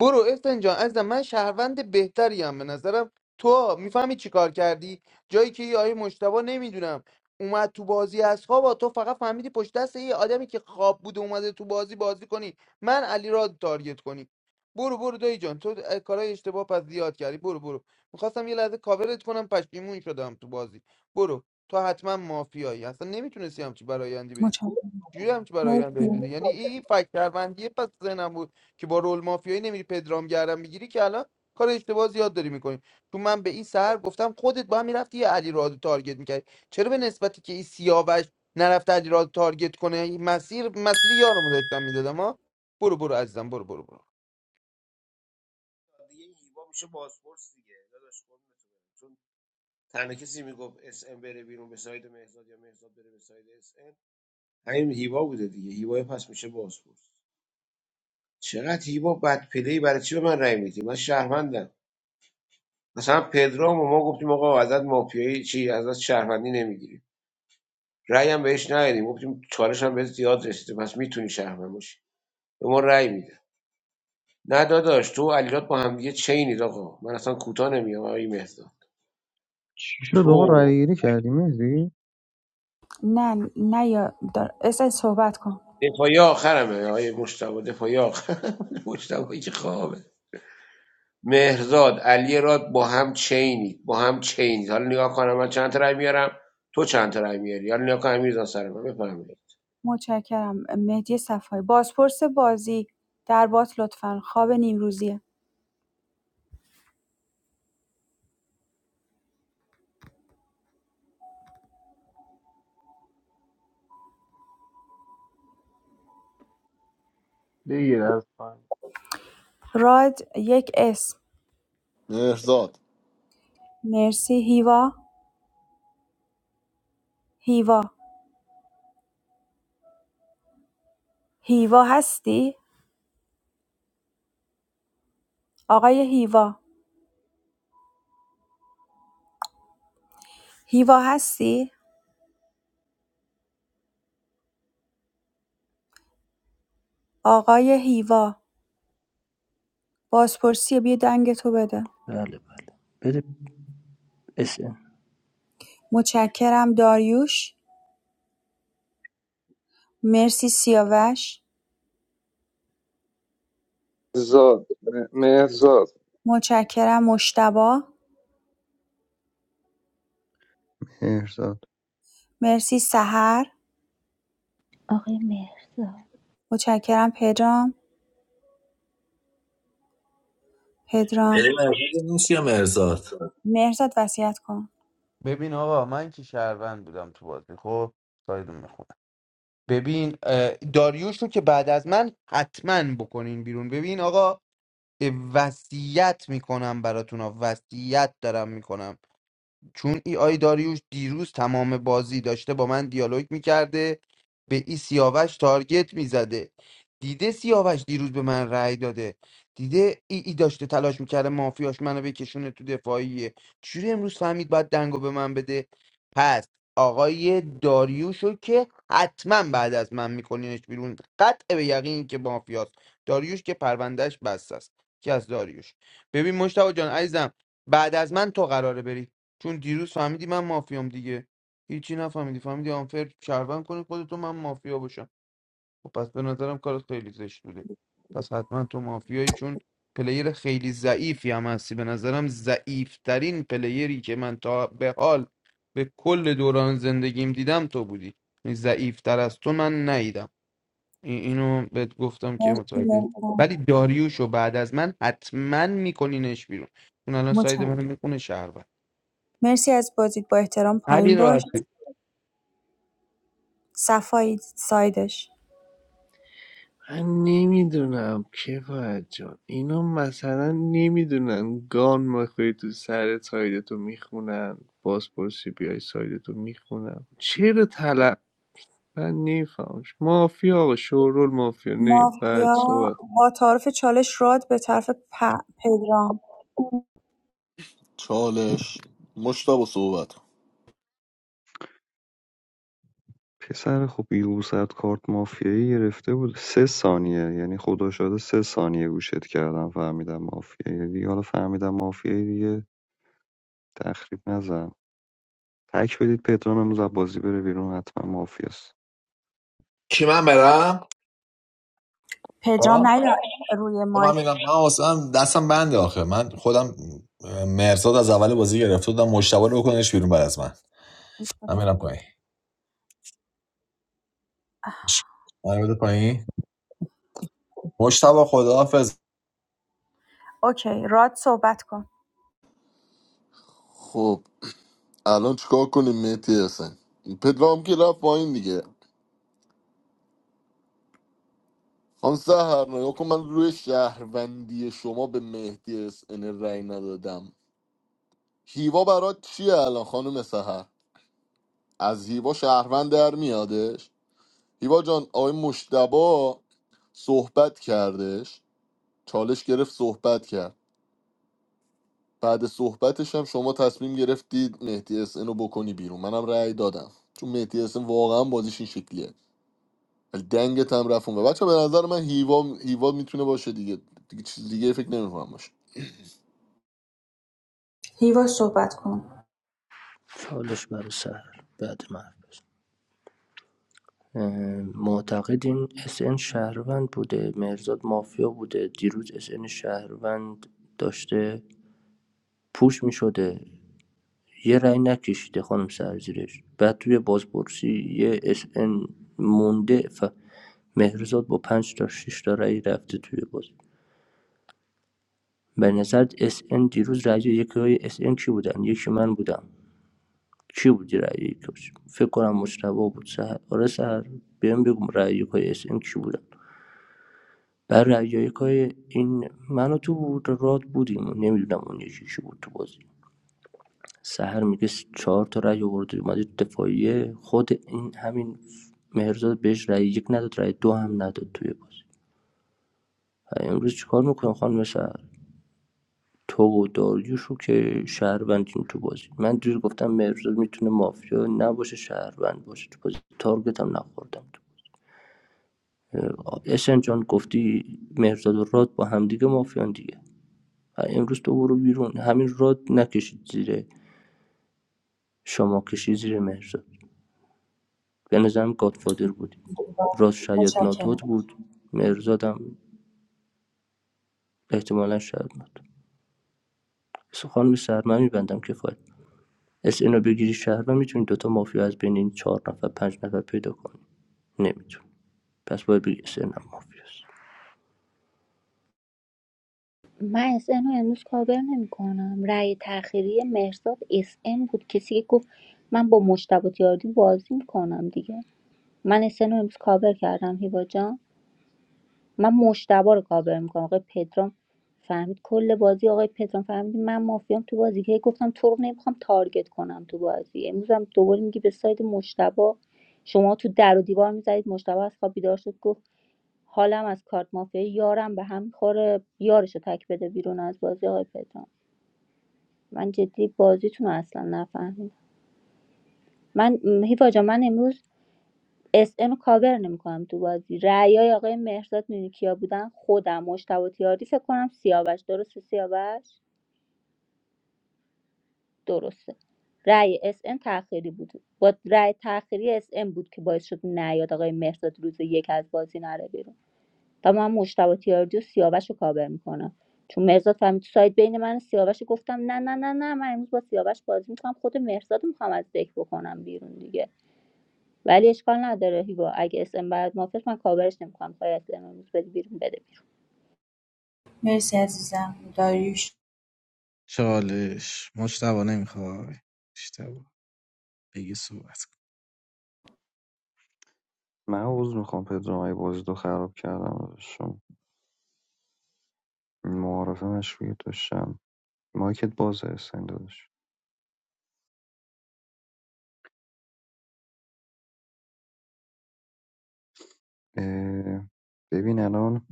L: برو افتن جان عزیزم من شهروند بهتریم به نظرم تو میفهمی چی کار کردی جایی که یه آیه مشتبه نمیدونم اومد تو بازی از خواب تو فقط فهمیدی پشت دست یه آدمی که خواب بوده اومده تو بازی بازی کنی من علی را تارگت کنی برو برو دایی جان تو اه، کارهای اشتباه پس زیاد کردی برو برو میخواستم یه لحظه کاورت کنم پشیمون شدم تو بازی برو تو حتما مافیایی اصلا نمیتونستی همچی برایندی بدی
D: متشکرم
L: جوری هم که برای آینده
D: مرسی.
L: دیدی یعنی این فکر شهروندی پس ذهنم بود که با رول مافیایی نمیری پدرام گردم میگیری که الان کار اشتباه زیاد داری میکنی چون من به این سهر گفتم خودت با هم میرفتی یه علی رادو تارگت میکردی چرا به نسبتی که این سیاوش نرفته علی رادو تارگت کنه این مسیر مسیر یارمو داشتم میدادم ها برو برو عزیزم برو برو برو
P: اس ام بره بیرون به ساید مهزاد یا مهزاد بره به ساید SN همین هیوا بوده دیگه هیوا پس میشه بازپرس چقدر هیوا بد پلی برای چی به من رأی میدی من شهروندم مثلا پدرام و ما گفتیم آقا ازت مافیایی چی ازت شهروندی نمیگیریم رأی هم بهش ندادیم گفتیم چالش هم بهت زیاد رسیده پس میتونی شهروند باشی به ما رأی میده نه داداش تو و علیرات با هم دیگه چینید آقا من اصلا کوتاه نمیام آقای مهداد
J: چی شد آقا
P: تو
J: رای گیری کردی مهدی
D: نه نه یا دار... اس ان صحبت کن
P: دفاعی آخرمه آقای مشتبه دفاعی آخر مشتبه که خوابه مهرزاد علی راد با هم چینید با هم چینید حالا نگاه کنم من چند تا رای میارم تو چند تا رای میاری حالا نگاه کنم امیرزان سر من بفهمید
D: متشکرم مهدی صفایی بازپرس بازی در بات لطفا خواب نیمروزیه
I: بگیر از پایین
D: راد یک اسم
B: مهرزاد
D: مرسی هیوا هیوا هیوا هستی آقای هیوا هیوا هستی آقای هیوا بازپرسی بیا دنگ تو بده
O: بله بله بده SN
D: متشکرم داریوش مرسی سیاوش
K: زاد م- مهرزاد
D: متشکرم مشتبا
J: مهرداد
D: مرسی سحر
H: آقای مهرزاد
D: متشکرم پدرام پدرام
F: مرساد نیست یا مرساد
D: مرزاد وصیت کن
L: ببین آقا من که شهروند بودم تو بازی خب سایدون میخونم ببین اه، داریوش رو که بعد از من حتما بکنین بیرون ببین آقا وصیت میکنم براتون ها وصیت دارم میکنم چون ای آی داریوش دیروز تمام بازی داشته با من دیالوگ میکرده به ای سیاوش تارگت میزده دیده سیاوش دیروز به من رأی داده دیده ای, ای داشته تلاش میکرده مافیاش منو بکشونه تو دفاعیه چجوری امروز فهمید باید دنگو به من بده پس آقای داریوشو که حتما بعد از من میکنینش بیرون قطع به یقین که مافیاست داریوش که پروندهش بست است که از داریوش ببین مشتاق جان عزیزم بعد از من تو قراره بری چون دیروز فهمیدی من مافیام دیگه هیچی نفهمیدی فهمیدی آنفر شهروند کنی خودتو من مافیا باشم و پس به نظرم کارت خیلی زشت بوده پس حتما تو مافیایی چون پلیر خیلی ضعیفی هم هستی به نظرم ضعیفترین پلیری که من تا به حال به کل دوران زندگیم دیدم تو بودی یعنی ضعیفتر از تو من ندیدم این- اینو بهت گفتم که
D: مرسی
L: متوجه
D: مهران.
L: ولی داریوشو بعد از من حتما میکنینش بیرون اون الان ساید
D: متشکرم.
L: منو میخونه شهروند
D: مرسی از بازیت با احترام پایین باش
L: علی
D: صفایی سایدش
I: من نمیدونم کفایت جان اینا مثلا نمیدونن گان میخوری تو سر سایدتو میخونن بازپرسی بیای سایدتو میخونن چرا طلب من نمیفهمش مافیا آقا شورول مافیا نه بعد
D: مافیا
I: صحبت
D: با تعارف چالش راد به طرف پ- پدرام
B: چالش مشتاق صحبت کن.
J: پسر خب یوزد کارت مافیایی گرفته بود سه ثانیه یعنی خدا شده سه ثانیه گوشت کردم فهمیدم مافیایی دیگه حالا فهمیدم مافیایی دیگه تخریب نزن تک بدید پدرام امروز از بازی بره بیرون حتما مافیاست
F: کی من برم
D: پدرام نه روی
F: خب من
D: مایک
F: میگم من واسه من دستم بنده آخه من خودم اه، مرزاد از اول بازی گرفته بودم مشتبه رو بکنش بیرون بعد از من من میرم پایین من بده پایین مشتبه خداحافظ
D: اوکی راد صحبت کن
B: خب الان چیکار کنیم مهدی حسین پدرام که رفت پایین دیگه خان سهر نگاه کن من روی شهروندی شما به مهدی حسین رأی ندادم هیوا برات چیه الان خانم سهر از هیوا شهروند در میادش هیوا جان آقای مشتبا صحبت کردش چالش گرفت صحبت کرد بعد صحبتش هم شما تصمیم گرفتید مهدی اس ان رو بکنی بیرون منم رأی دادم چون مهدی اس ان واقعا بازیش این شکلیه ولی دنگت هم رفت و بچه به نظر من هیوا هیوا میتونه باشه دیگه دیگه چیز دیگه فکر نمیکنم باشه
D: هیوا صحبت کن
O: چالش برای سهر بعد من حرف بزنم. اه، معتقدین اس ان شهروند بوده مرزاد مافیا بوده دیروز SN شهروند داشته پوش می شده یه رأی نکشیده خانم سر زیرش بعد توی بازپرسی یه SN مونده ف... مهرزاد با پنج تا شش تا رأی رفته توی باز به نظر SN دیروز رأی یکی های SN کی بودن یکی من بودم کی بودی رأی یکاش فکر کنم مجتبی بود سهر آره سهر بیام بگم رأی یکای اس ام کی بودن بر رأی یکای این منو تو بود راد بودیم نمیدونم اون یکی کی بود تو بازی سهر میگه چهار تا رأی آورد اومده تو دفاعیه خود این همین مهرزاد بهش رأی یک نداد رأی دو هم نداد توی بازی و امروز چیکار میکنم خانم سهر تو و داریوش رو که شهروندیم تو بازی من دیر گفتم مهرزاد میتونه مافیا نباشه شهروند باشه تو بازی تارگت هم نخوردم اسن جان گفتی مهرزاد و راد با همدیگه مافیان دیگه امروز تو برو بیرون همین راد نکشید زیر شما کشید زیر مهرزاد. به نظرم گادفادر بودی راد شاید
D: متشکرم
O: ناتوت بود مهردادم احتمالا شاید ناتوت بس خانم سر من میبندم کفایت اس اینو بگیری شهر و میتونی دوتا مافیا از بین این چهار نفر پنج نفر پیدا کنی نمیتونی. پس باید بگی اس اینم مافیاست
H: من اس ان رو امروز کاور نمیکنم رأی تأخیری مهرزاد اس ان بود کسی که گفت من با مشتبه تیاردی بازی میکنم دیگه من اس ان رو امروز کاور کردم هیوا جان من مشتبه رو کاور میکنم آقای پدرام فهمید کل بازی آقای پدرام فهمید من مافیام تو بازی که گفتم تو رو نمیخوام تارگت کنم تو بازی امروز هم دوباره میگی به ساید مشتبه شما تو در و دیوار میزدید مشتبه از خواب بیدار شد گفت حالم از کارت مافیای یارم به هم میخوره یارشو تک بده بیرون از بازی آقای پدرام من جدی بازیتون رو اصلا نفهمیدم من م، هیوا جان، من امروز اس ام کاور نمیکنم تو بازی رأیای آقای مهرداد میدونی کیا بودن خودم مشتبه تیاری فکر کنم سیاوش درسته سیاوش درسته رأی اس ام تأخیری بود با رأی تأخیری اس ام بود که باعث شد نیاد آقای مهرداد روز یک از بازی نره بیرون و من مجتبی تیاردی و سیاوش رو کاور میکنم چون مرزاد فهمید تو سایت بین من و سیاوش گفتم نه نه نه نه من امروز با سیاوش بازی میکنم خود مرزاد میخوام از دک بکنم بیرون دیگه ولی اشکال نداره هیوا اگه اس ام بعد موافق من کاورش نمیکنم پای اس ام امروز بده بیرون بده بیرون
D: مرسی عزیزم داریوش
G: چالش مجتبا نمیخوای مجتبا بگی صحبت کن
J: من عوض میخوام پدرام اگه بازی رو خراب کردم شما معارفه مشروعیت داشتم مایکت بازه حسین داداش اه، ببین الان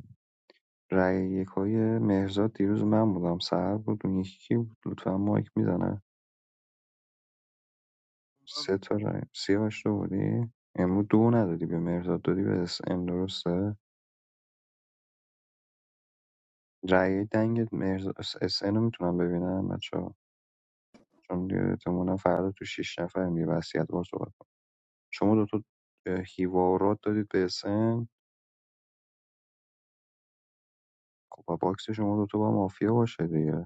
J: رأی یکای مهرزاد دیروز من بودم سهر بود اون یکی کی بود لطفا مایک میزنه سه تا رأی سیاوش تو بودی امروز دو ندادی به مهرزاد دادی به اس ان درسته رأی دنگت مهرزاد اس ان رو میتونم ببینم بچه چون دیگه احتمالاً فردا تو شیش نفر یه وصیت بار صحبت کنم شما دوتا اه، هیوا و دادید به اس ان خب با باکس شما دوتا با مافیا باشه دیگه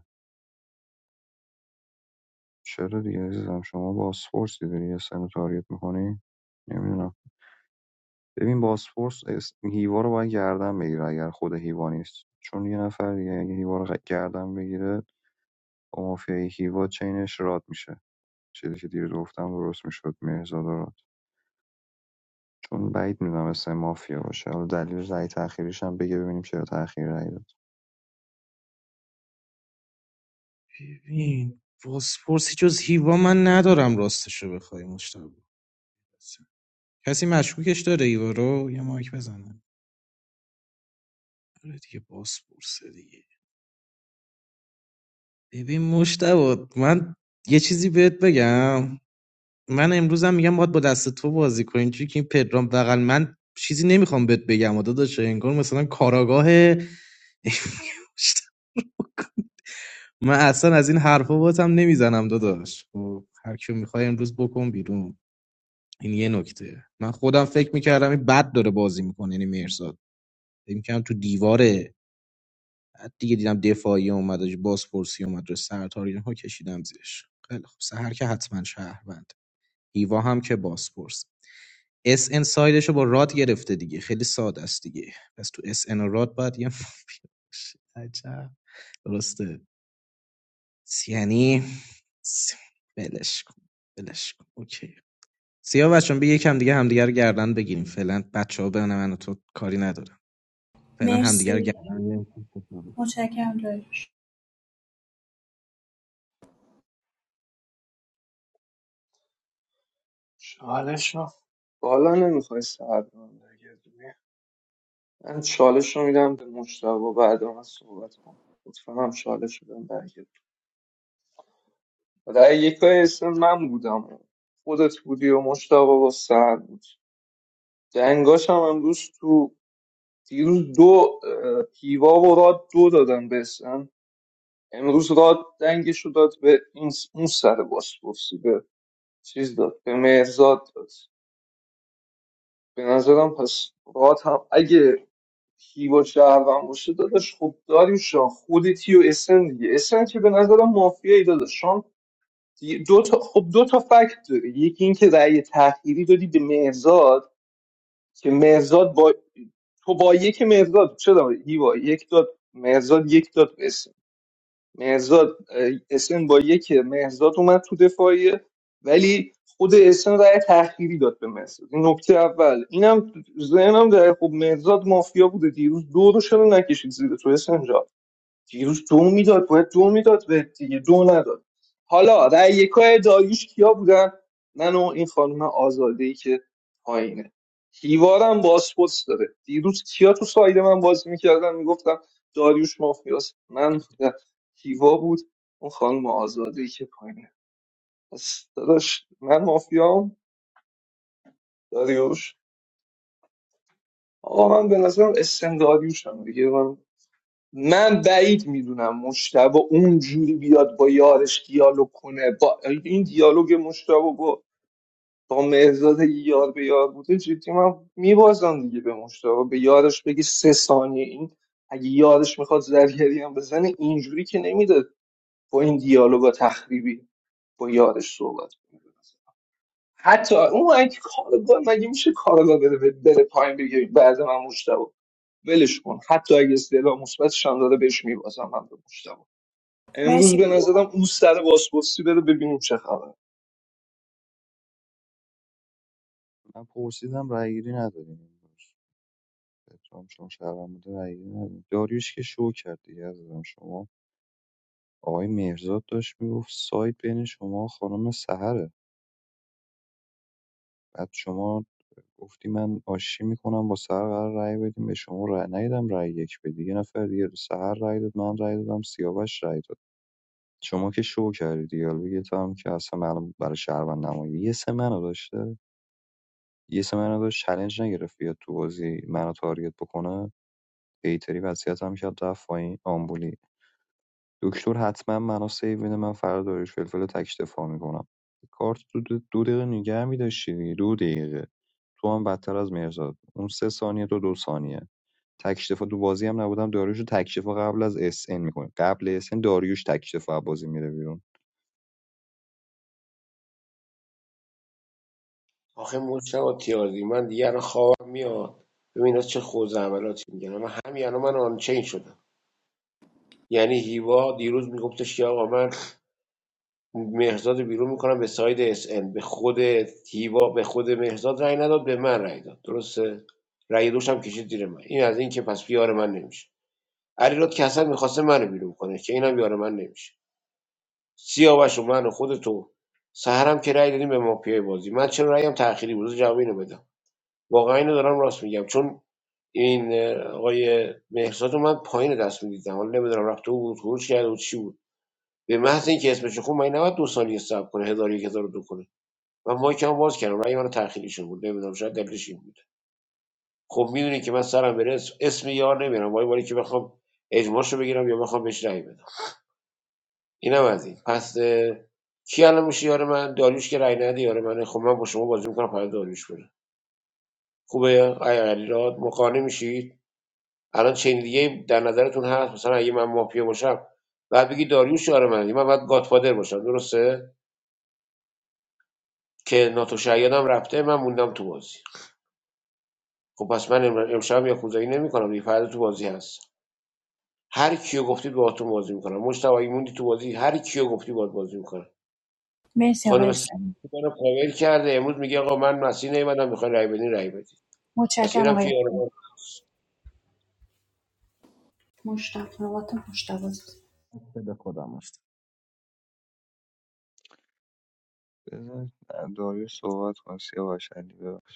J: چرا دیگه عزیزم شما باسپورسی داری یه سر تاریت میکنی نمیدونم ببین باسپورس اس- هیوا رو باید گردن بگیره اگر خود هیوا نیست چون یه نفر دیگه اگه هیوا رو غ- گردن بگیره با مافیای هیوا چینش راد میشه چیزی که دیروز گفتم درست میشد مهرزاد و راد چون بعید میدونم اسم مافیا باشه حالا دلیل رأی تأخیریش هم بگه ببینیم چرا تأخیر رأی داد
G: ببین بازپرسی جز هیوا من ندارم راستشو بخوای مجتبا کسی مشکوکش داره هیوا رو یه مایک بزنه آره دیگه بازپرسه دیگه ببین مشتبه من یه چیزی بهت بگم من امروزم میگم باید با دست تو بازی کنیم چون که این پدرام بغل من چیزی نمیخوام بهت بگم و داداش انگار مثلا کاراگاه من اصلا از این حرفا باتم نمیزنم داداش خب، هر کیو میخوای امروز بکن بیرون این یه نکته من خودم فکر میکردم این بد داره بازی میکنه یعنی مرزاد فکر میکردم تو دیواره بعد دیگه دیدم دفاعی اومد و بازپرسی اومد و سرتار اینها کشیدم زیرش خیلی خب سهر که حتما شهروند هیوا هم که بازپرس اس ان سایدش رو با راد گرفته دیگه خیلی ساده است دیگه پس تو اس ان و راد باید یه مافیا باشه. عجب درسته یعنی س- ولش کن ولش کن اوکی سیاه بچه‌ها بیا یکم دیگه همدیگه رو گردن بگیریم فعلا بچه‌ها بین من و تو کاری ندارم فعلا همدیگه رو
D: مرسی
G: گردن بگیریم.
D: متشکرم داریوش
K: چالش رو بالا نمیخوای ساعت بگیری من چالش رو میدم به مشتبه بعد من صحبت کنم لطفا هم چالش رو بهم برگردون. رأی یکای اسم من بودم خودت بودی و مشتاق و سعد بود جنگاش هم امروز تو دیروز دو اه، هیوا و راد دو دادن به اسم امروز راد دنگش رو داد به این اون سر بازپرسی به چیز داد به مهرزاد داد به نظرم پس راد هم اگه هیوا شهروند باشه داداش خب داریم شان خودتی و اسن دیگه اسن که به نظرم مافیایی داداش دو تا خب دو تا فکت داره یکی اینکه رأی تأخیری دادی به مهرزاد که مهرزاد با تو با یک مهرزاد چرا هیوا یک داد مهرزاد یک داد به اسم مهرزاد اه، اسم با یک مهرزاد اومد تو دفاعیه ولی خود اسم رأی تأخیری داد به مهرزاد این نکته اول اینم ذهنم در خب مهرزاد مافیا بوده دیروز دو رو چرا نکشید زیر تو اسم جان؟ دیروز دو میداد باید دو میداد به دیگه دو نداد حالا رأی یکای داریوش کیا بودن من و این خانم آزاده ای که پایینه هیوارم باسپورس داره دیروز کیا تو ساید من بازی میکردن میگفتم داریوش مافیاس من بودم. هیوا بود اون خانم آزاده ای که پایینه پس داداش من مافیام داریوش آقا من به نظرم اسم داریوشم دیگه من من بعید میدونم مشتبه اونجوری بیاد با یارش دیالوگ کنه با این دیالوگ مشتبه با با مهرزاد یار به یار بوده جدی من میبازم دیگه به مشتبه به یارش بگی سه ثانیه این اگه یارش میخواد زرگری هم بزنه اینجوری که نمیده با این دیالوگا تخریبی با یارش صحبت کنه حتی اون اگه کارگاه مگه میشه کارگاه بره بره پایین بگه بعد من مشتبه ولش کن حتی اگه استعلام مثبتش هم داره بهش میبازم من به مشتبه. امروز
D: مرسی
K: به نظرم
D: هیوا.
K: اون سر بازپرسی بره ببینیم چه خبره
J: من پرسیدم رأی گیری نداریم امروز. پترام چون شهرم بوده رأی گیری نداریم داریوش که شو کرد دیگه عزیزم شما آقای مهرزاد داشت میگفت سایت بین شما و خانم سهره بعد شما گفتی من آشی میکنم با سهر قرار رأی بدیم به شما رأی ندیدم رأی یک بدی یه نفر دیگه سهر رأی داد من رأی دادم سیاوش رأی داد شما که شو کردی دیالوگت هم که اصلا معلوم برای شهروند نمایی یه سه منو داشته یه سه منو داشت چلنج نگرفت بیاد تو بازی منو تارگت بکنه هیتری وضعیت هم کرد رفت پایین آمبولی دکتر حتما منو سیو میده من فردا داریوش فلفل رو تک دفاع میکنم کارت دو, دو دقیقه نگه میداشتی دیگه دو دقیقه تو هم بدتر از مرزاد اون سه ثانیه تو دو ثانیه تک دفاع تو بازی هم نبودم داریوش رو تک دفاع قبل از اس ان میکنه قبل اس ان داریوش تک دفاع بازی میره بیرون
P: آخه مشتبه تیازی من دیگه الان خوابم میاد ببین اینا چه خوز عملاتی میگن من همین الان من آنچین شدم یعنی هیوا دیروز میگفتش که آقا من مهرزاد رو بیرون میکنم به ساید اس ان، به خود هیوا به خود مهرزاد رای نداد به من رای داد درسته رای دوشم کشید زیر من این از این که پس بیار من نمیشه علیراد که اصلا میخواسته منو بیرون کنه که اینم یار من نمیشه سیاوش و من و خود تو سهرم که رأی دادیم به مافیای بازی من چرا رأیم تأخیری بود بذار جواب اینو بدم واقعا اینو دارم راست میگم چون این آقای مهرزاد من پایین دست میدیدم حالا نمیدونم رفت تو بود خروج کرد و چی بود به محض اینکه اسمش خون من نباید دو سالی صبر کنه هزار و یک هزار و دو کنه من مایکم باز کردم رأی من تأخیری شده بود نمیدونم شاید دلیلش این بود خب میدونی که من سرم بره اسم, یار نمیرم وای وای که بخوام اجماعشو بگیرم یا بخوام بهش رأی بدم اینم از این پس اه، کی الان میشه یار من داریوش که رای نده یار منه خب من با شما بازی میکنم فقط داریوش بره خوبه آیا علیراد مقانع میشید الان چین دیگه در نظرتون هست مثلا اگه من مافیا باشم بعد بگی داریوش یار منه. یعنی من باید گاتفادر باشم درسته که ناتو شیادم رفته من موندم تو بازی خب پس من امر- امشب یا خوزایی نمیکنم دیگه فردا تو بازی هست هر کیو گفتی باهاتون بازی میکنم مشتاق اگه موندی تو بازی هر کیو گفتی باهات بازی میکنم
D: مرسی آقای
P: خانم سعید
D: اسم
P: منو کاور کرده امروز میگه آقا من مسیح نیومدم میخوای رای بدین رای بدین پس
D: متشکرم
P: اینم
D: آقای
P: که
D: اسم.
P: یارو
D: مشتبه نوبت مشتبه است.
G: خدا خودم هست.
J: بذار داریوش صحبت کن سیاوش علی ببخش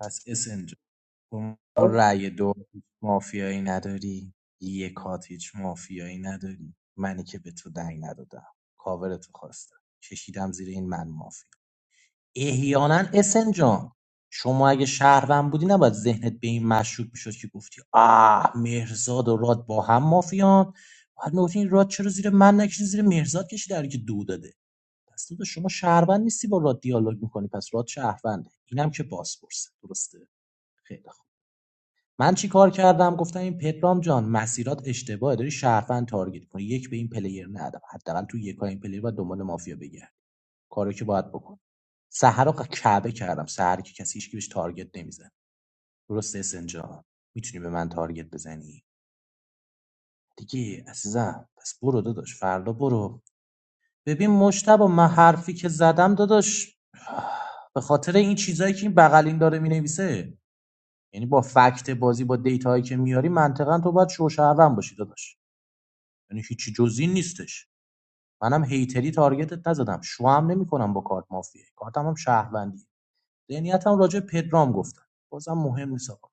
G: پس اس شما
K: آه،
G: رأی دو هیچ مافیایی نداری یک هات هیچ مافیایی نداری منی که به تو دنگ ندادم کاورتو خواستم کشیدم زیر این من مافیا احیانا اسن جان شما اگه شهروند بودی نباید ذهنت به این مشکوک میشد که گفتی آه مهرزاد و راد با هم مافیان بعد میگفتی این راد چرا زیر من نکشید زیر مهرزاد کشید در حالی که دو داده پس تو شما شهروند نیستی با راد دیالوگ میکنی. مشتبه من حرفی که- به خاطر این چیزایی که این بغلین داره مینویسه یعنی با فکت بازی با دیتاهایی که میاری منطقا تو باید شوشهروند باشی داداش یعنی هیچی جزی نیستش منم هیتری تارگتت نزدم شوام نمیکنم با کارت مافیایی کارتم هم شهروندی ذهنیتم راجع به پدرام گفتم بازم مهم نیست آقا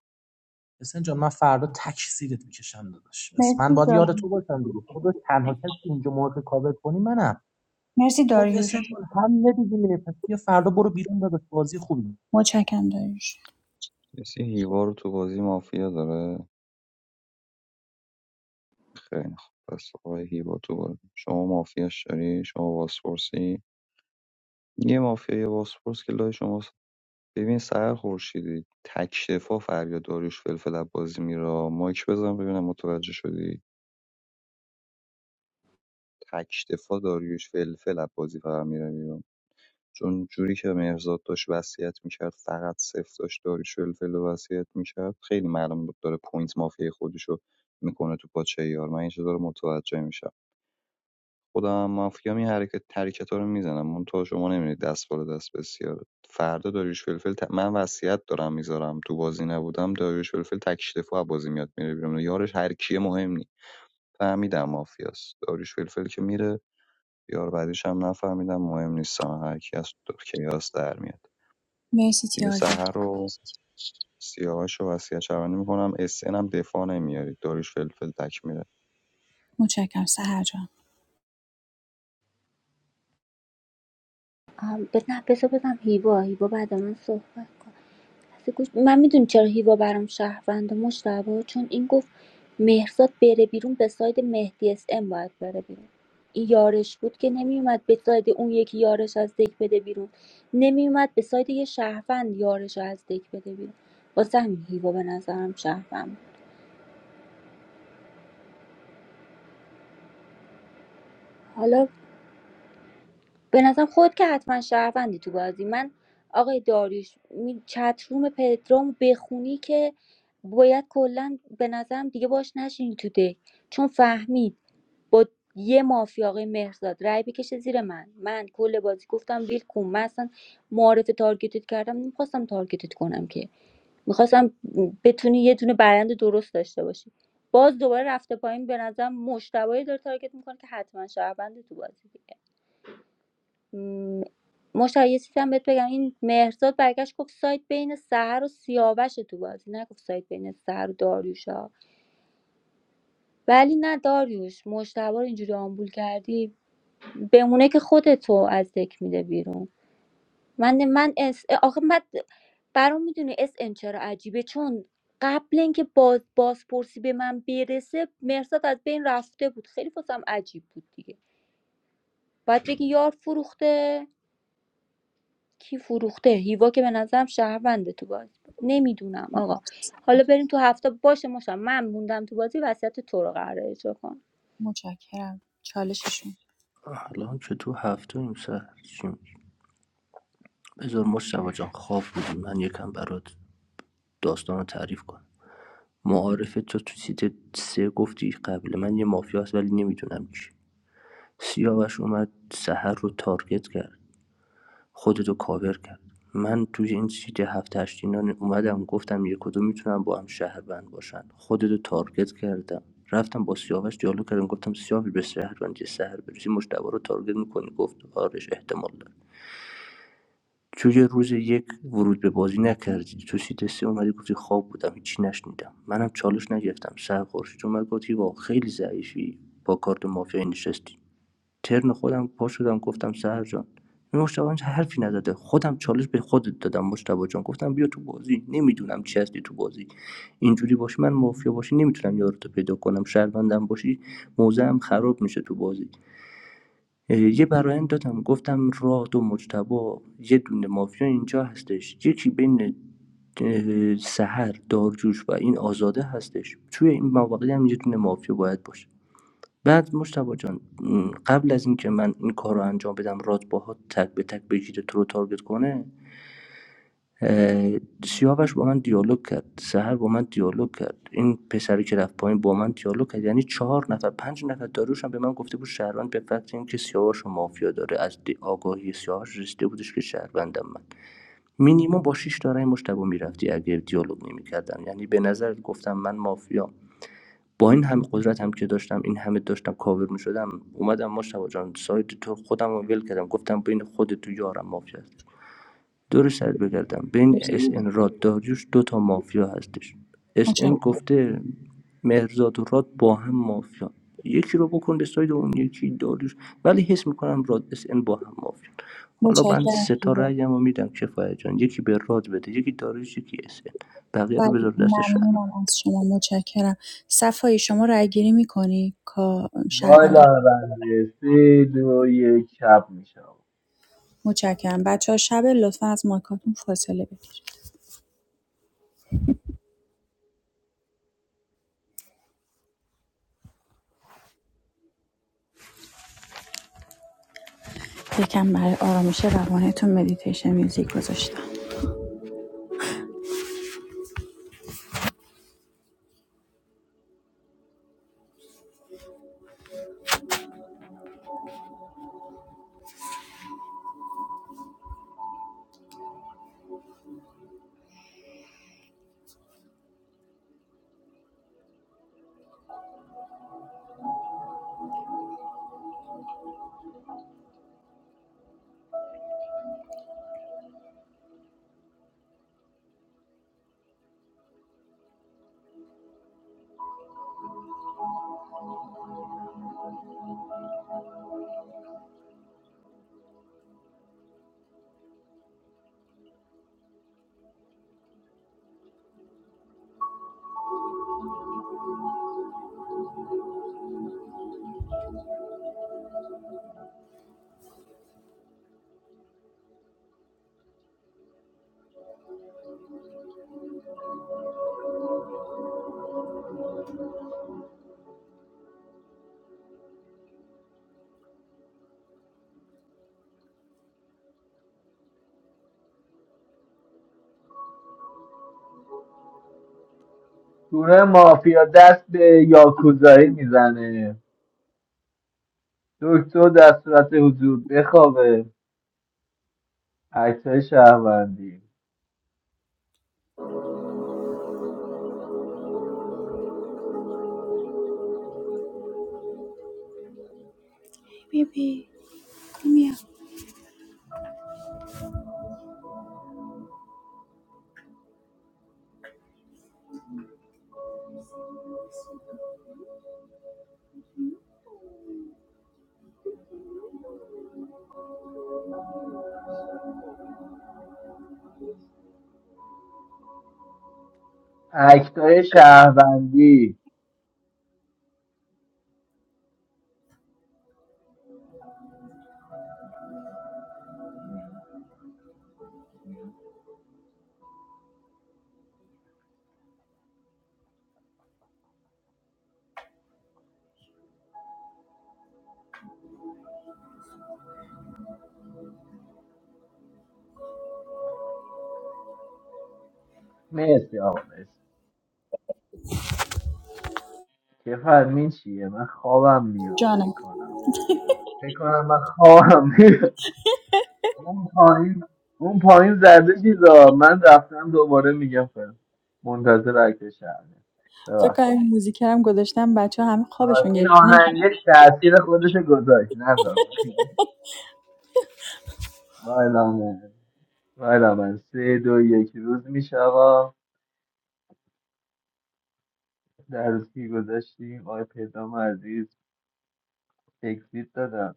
G: حسین جان من فردا تک سیرت میکشم داداش پس
D: مرسی
G: من باید یاد تو
D: داریوش
G: باشم دیگه خودت تنها کسی که اینجا موقع کاور کنی منم
D: مرسی
G: خب
D: داریوش
G: اسن هم دیگه میره پس بیا فردا برو بیرون داداش بازی خوبی
D: متشکرم داریوش
J: کسی هیوا رو تو بازی مافیا داره خیلی خوب پس آقای هیوا تو بازی شما مافیاش داری شما بازپرسی یه مافیا یه بازپرس که لای شما ببین سهر خورشیدی تک دفاع فریاد داریوش فلفل عباسی میره مایک بزن ببینم متوجه شدی تک دفاع داریوش فلفل عباسی فقط میره بیرون چون جوری که مهرزاد داشت وصیت میکرد فقط صفر داشت داریوش فلفل رو وصیت میکرد خیلی معلوم بود داره پوینت مافیای خودشو میکنه تو پاچه یار من این چیزا رو متوجه میشم خودم مافیا این حرکت حرکت ها رو میزنم منتها شما نمیرید دست بالا دست بسیار فردا داریوش فلفل ت... من وصیت دارم میذارم تو بازی نبودم داریوش فلفل تک دفاع از بازی میاد میره بیرون یارش هر کیه مهم نیست. فهمیدم مافیاست داریوش فلفل که میره یار بعدیش هم نفهمیدم مهم نیستم هر کی از دو- کیاس در میاد
D: مرسی
J: دیگه
D: تیاردی
J: سحر رو سیاهاش رو وصیت شبانی میکنم اس ان هم دفاع نمیارید داریوش فلفل تک میره
D: متشکرم سهر جان
H: آم، بد- نه بذار هیوا هیوا بعد من صحبت گوش من میدونی چرا هیوا برام شهرونده مشتبه چون این گفت مهرزاد بره بیرون به ساید مهدی اس ام باید بره بیرون این یارش بود که نمیومد به ساید اون یکی یارش از دک بده بیرون نمیومد به ساید یه شهروند یارش رو از دک بده بیرون واسه همین هیوا به نظرم شهروند بود. حالا به نظرم خود که حتما شهروندی تو بازی من آقای داریش می- چتروم پدرام بخونی که باید کلا به نظرم دیگه باش نشینی تو دک چون فهمی با یه مافیا آقای مهرزاد رای بکشه زیر من من کل بازی گفتم ویل کن من اصلا معارف تارگتت کردم نمیخواستم تارگتت کنم که میخواستم بتونی یه دونه برند درست داشته باشی باز دوباره رفته پایین به نظرم مشتبایی داره تارگت میکنه که حتما شهرونده تو بازی دیگه م، مشتبه یه چیزی هم بهت بگم این مهرزاد برگشت گفت سایت بین سهر و سیاوش تو بازی نگفت سایت بین سهر و داریوش ها ولی نه داریوش مشتبه رو اینجوری آمبول کردی بمونه که خودتو از دک میده بیرون من من اس آخه من برام میدونی اس ان چرا عجیبه چون قبل اینکه باز بازپرسی به من برسه مرزاد از بین رفته بود خیلی واسم عجیب بود دیگه باید بگی یار فروخته کی فروخته هیوا که به نظرم شهرونده تو بازی نمیدونم آقا حالا بریم تو هفته باشه ماشم من موندم تو بازی وصیت تو رو قراره اجرا کنم
D: متشکرم چالششون
O: الان که تو هفته این سر چی می‌گی؟ بذار مشتبه جان خواب بودیم من یکم برات داستان رو تعریف کن معارفه تو تو سیت سه گفتی قبل من یه مافیا هست ولی نمیدونم کی سیاوش اومد سحر رو تارگت کرد خودتو کاور کرد من توی این سیت هفت هشت اینا اومدم گفتم یک کدوم میتونم با هم شهر بند باشن خودتو تارگت کردم رفتم با سیاوش دیالوگ کردم گفتم سیاوش به شهر بند سهر برسی مشتبه رو تارگت میکنی گفت آرش احتمال داره چون یه روز یک ورود به بازی نکردی تو سیت سه اومدی گفتی خواب بودم هیچی نشنیدم منم چالش نگرفتم سر خورشید اومد گفتی واقعا خیلی ضعیفی با کارت مافیا نشستی ترن خودم پا شدم گفتم سهر جان این مشتبه هیچ حرفی نزده خودم چالش به خودت دادم مشتبه جان گفتم بیا تو بازی نمیدونم چی هستی تو بازی اینجوری باشی من مافیا باشی نمیتونم یارتو پیدا کنم شهروندم باشی موضعم خراب میشه تو بازی اه، یه برایند دادم گفتم راد و مجتبا یه دونه مافیا اینجا هستش یکی بین اه، سحر دارجوش و این آزاده هستش توی این مواقعی هم یه دونه مافیا باید باشه بعد مجتبا جان قبل از اینکه من این کار رو انجام بدم راد باهات تک به تک بگیره تو رو تارگت کنه اه، سیاوش با من دیالوگ کرد سهر با من دیالوگ کرد این پسری که رفت پایین با من دیالوگ کرد یعنی چهار نفر پنج نفر داروش هم به من گفته بود شهروند به فکر اینکه سیاوش و مافیا داره از آگاهی سیاوش رسیده بودش که شهروندم من مینیمم با شیش داره مشتبه میرفتی اگه دیالوگ نمیکردم یعنی به نظر گفتم من مافیا با این همه قدرت هم که داشتم این همه داشتم کاور میشدم اومدم مشتبه جان سایت تو خودم رو ول کردم گفتم بین خود تو یارم مافیا دور سرت بگردم بین
D: مرسی.
O: اس ان راد داریوش دو تا مافیا هستش اس ان
D: متشکرم
O: گفته مهرزاد و راد با هم مافیا یکی رو بکن به ساید اون یکی داریوش ولی حس میکنم راد اس ان با هم مافیا حالا من
D: متشکرم
O: سه تا
D: هیوا
O: رأیم رو میدم کفایت جان یکی به راد بده یکی داریوش یکی اس ان بقیه رو
D: بله
O: بذار دست شهر
D: ممنونم از شما متشکرم صفایی شما رأی گیری میکنی شهروندی
I: بالا بندی سه دو یک شب میشه
D: متشکرم بچه ها شب لطفا از مایکاتون فاصله بگیر یکم برای آرامش روانتون مدیتیشن میوزیک گذاشتم
I: گروه مافیا دست به یاکوزایی میزنه دکتر در صورت حضور بخوابه اکتای شهروندی
D: بی بی بی بی بیا.
I: اکتای شهروندی مرسی آقا مرسی بفرمایید
D: جانم
I: فکر کنم من خواهم اون پایین اون چیزا من رفتم من-
D: فکر
I: ببخشید.
D: کنم این موزیکر هم گذاشتم بچه ها همه خوابشون
I: این
D: گرفت
I: آهنگ
D: نمی‌خوام.
I: یک تاثیر خودش گذاشت نه بالا من. و یک روز میشه در روزی که گذشتیم آقای پدرام عزیز تکسید دادم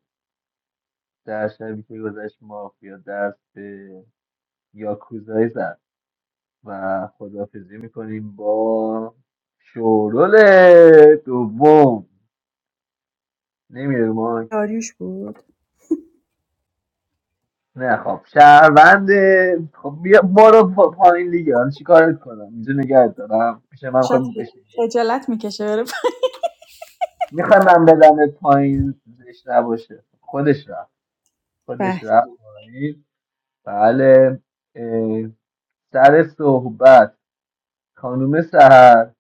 I: در شبی که گذشت مافیا دست به یاکوزایی زد و خدافزی میکنیم با شورول دوم نمیره ما
D: داریوش بود
I: نه خب شهرونده خب بیا برو پا- پایین دیگه حالا چیکارت کنم اینجا نگه دارم پیش من
D: شاید
I: میخوام بشین
D: خجالت میکشه بره
I: میخوام من بدم پایین زشت نباشه خودش رفت خودش
D: به
I: رفت بله اه، سر صحبت خانوم سهر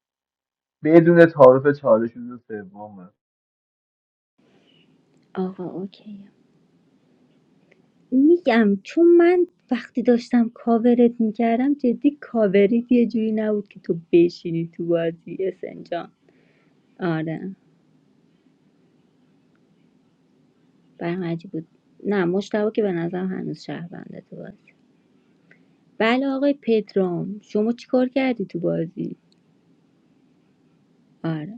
I: بدون تعارف چالش روز سومه
H: آقا اوکی میگم چون من وقتی داشتم کاورت میکردم جدی کاوری یه جوری نبود که تو بشینی تو بازی اسن جان آره برام عجیب بود نه مشتبه که به نظرم هنوز شهرونده تو بازی بله آقای پدرام شما چیکار کردی تو بازی آره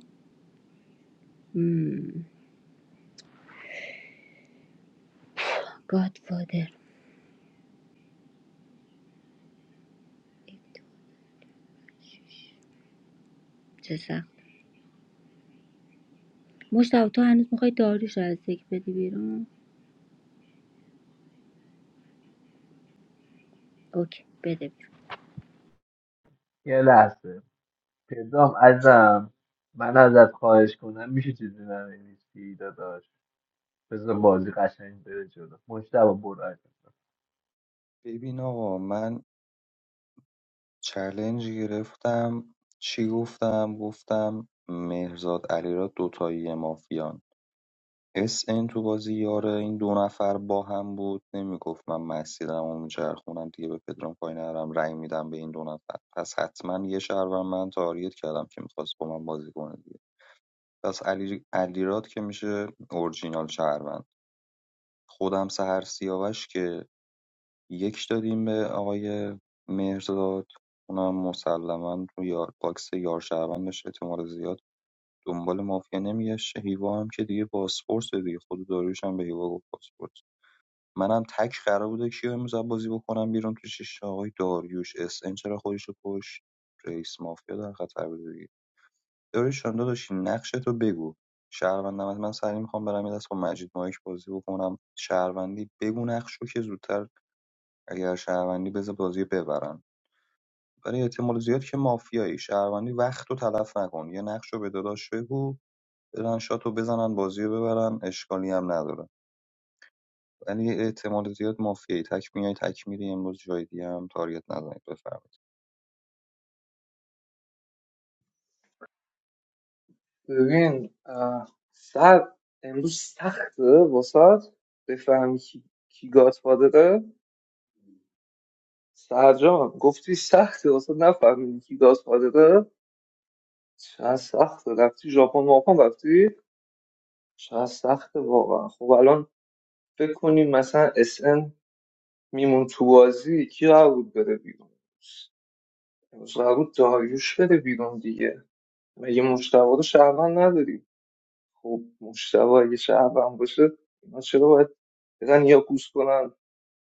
H: گاد فادر چه سخت مشتبه تو هنوز میخوای داریوش رو از یک بدی بیرون اوکی بده بیرون
I: یه لحظه پدرام ازم من ازت خواهش کنم میشه چیزی ننویسی داداش بذار بازی قشنگ بره جلو مشتبه برو ازم
J: ببین آقا من چلنج گرفتم چی گفتم گفتم مهرزاد علیراد دوتایی مافیان اس ان تو بازی یاره این دو نفر با هم بود نمیگفت من مسیرم و میچرخونم دیگه به پدرام پای نرم رأی میدم به این دو نفر پس حتما یه شهروند من تاریت کردم که میخواست با من بازی کنه دیگه پس علی علیراد که میشه اورجینال شهروند خودم سهر سیاوش که یک دادیم به آقای مهرداد اونم مسلما روی یار باکس یار شهروندش احتمال زیاد دنبال مافیا نمیگشت هیوا هم که دیگه پاسپورت دیگه خود داریوش هم به هیوا گفت پاسپورت منم تک قرار بوده کیو امروز بازی بکنم بیرون تو شش تا آقای داریوش اس ان چرا خودش رو کش رئیس مافیا در خطر بوده دیگه داریوش جان داداش نقشه تو بگو شهروندم من سری میخوام برم یه دست با مجید مایک بازی بکنم شهروندی بگو نقش رو که زودتر اگر شهروندی بذار بازی رو ببرن ولی احتمال زیاد که مافیایی شهروندی وقت رو تلف نکن یه نقش رو به داداش بگو برن شات رو بزنن بازی رو ببرن اشکالی هم نداره ولی احتمال زیاد مافیایی تک میای تک میری امروز جای دیگه هم تاریت نزنید بفرمایید
K: ببین اه، سر امروز سخته واسات بفهمی کی, کی گادفادره سرجان گفتی سخته واسه نفهمیدی کی گادفادره چه سخته رفتی ژاپن ماپان رفتی چه سخته واقعا خب الان فکر کنیم مثلا اس ان میمون تو بازی کی قرار بود بره بیرون امروز قرار بود داریوش بره بیرون دیگه مگه مشتبه رو شهروند نداری خب مشتبه اگه شهروند باشه اینا چرا باید بزن یا پوست کنن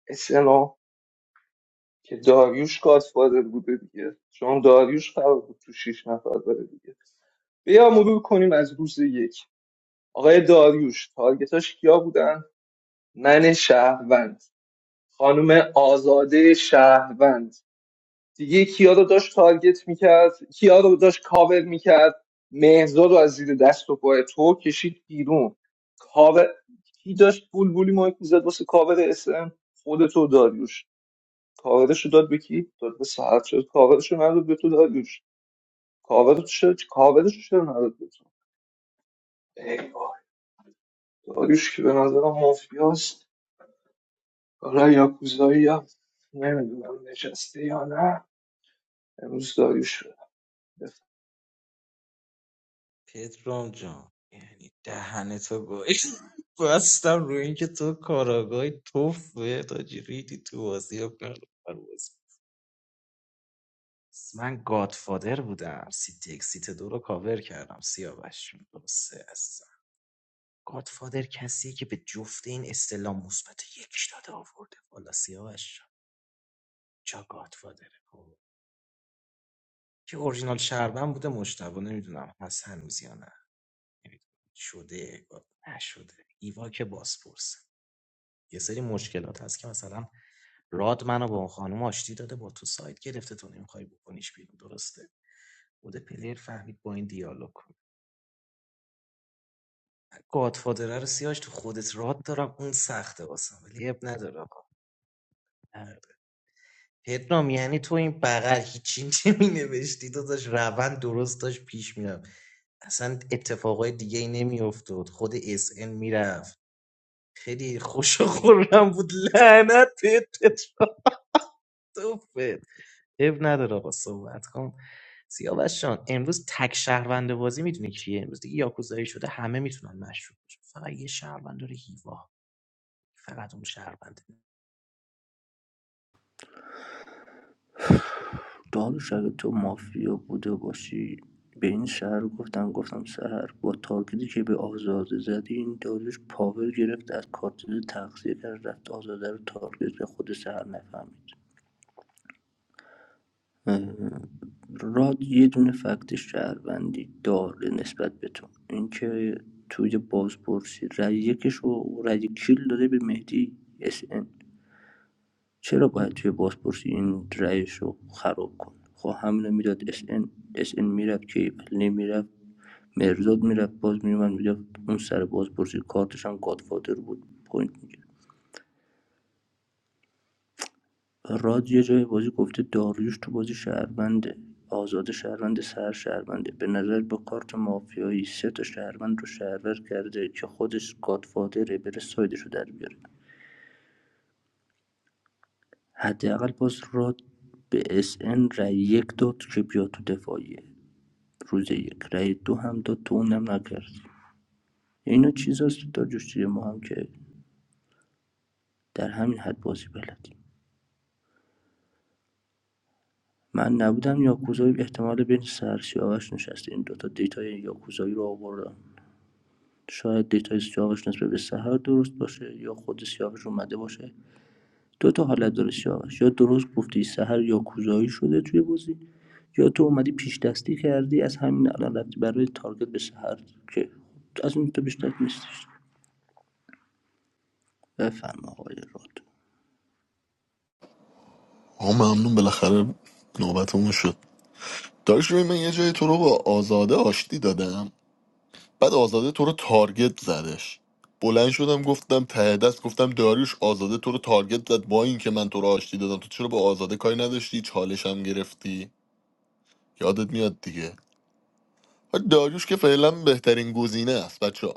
K: اسنا که داریوش گادفادر بوده دیگه چون داریوش قرار بود تو شیش نفر بره دیگه بیا مرور کنیم از روز یک آقای داریوش تارگتاش کیا بودن من شهروند خانم آزاده شهروند دیگه کیا رو داشت تارگت میکرد کیا رو داشت کاور میکرد مهزاد رو از زیر دست و پای تو کشید بیرون کاور کی داشت بول بولی مایک میزد واسه کاور اسم خودتو و داریوش کاورش رو داد به کی داد به ساعت شد کاورش رو نداد به تو داریوش کاورش شد کاورش رو چرا نداد به تو ای وای، داریوش که به نظرم مافیاست حالا یا کوزایی یا نمیدونم نشسته یا نه امروز داریوش رو
G: پدرام جان یعنی دهنتو گاهی بستم روی اینکه تو کاراگاهی توفه تاجی ریدی تو بازی و پر- پر بازی. خیلی خوش و خورم بود لعنت پتت بد سیاوش جان تک مشروب واه.
O: تا حالا شاید تو مافیا بوده باشی به این سهر گفتم گفتم سهر با تارگتی که به آزاده زدی این داروش پاور گرفت از کارت تغذیه کرد رفت آزاده رو تارگت به خود سهر نفهمید راد یه دونه فکت شهروندی داره نسبت به تو اینکه توی بازپرسی رای یکش و رای کیل داده به مهدی اس ان چرا باید توی بازپرسی این رأیش رو خراب کنه خب همینو میداد اس ان اس ان میرفت کیبلی میرفت مرزاد میرفت باز میومد میگفت اون سر بازپرسی کارتش هم گادفادر بود پوینت میگیره راد یه جای بازی گفته داریوش تو بازی شهرونده آزاد شهروند سر شهرونده به نظر به کارت مافیایی سه تا شهروند رو شهرور کرده که خودش گادفادره بره سایدش رو در بیاره حداقل باز راد به اس ان رای یک داد که بیاد تو دفاعیه روز یک رأی دو هم داد تو اونم نکرد اینا چیزاست که تا جوشجوی ما هم که در همین حد بازی بلدیم من نبودم یاکوزایی احتمال بین سر سیاوش نشسته این دوتا دیتای یاکوزایی رو آوردم شاید دیتای سیاوش نسبت به سحر درست باشه یا خود سیاوش اومده باشه دو تا حالت داره سیاوش یا درست گفتی سحر یاکوزایی شده توی بازی یا تو اومدی پیش دستی کردی از همین الان رفتی برای تارگت به سحر که از اون تو بیشتر نیستش بفرما آقای راد
B: آه ممنون بالاخره نوبتمون شد داشت روی من یه جای تو رو با آزاده آشتی دادم بعد آزاده تو رو تارگت زدش بلند شدم گفتم ته دست گفتم داریوش آزاده تو رو تارگت زد با اینکه من تو رو آشتی دادم تو چرا با آزاده کاری نداشتی چالشم گرفتی یادت میاد دیگه داریوش که فعلا بهترین گزینه است بچه ها.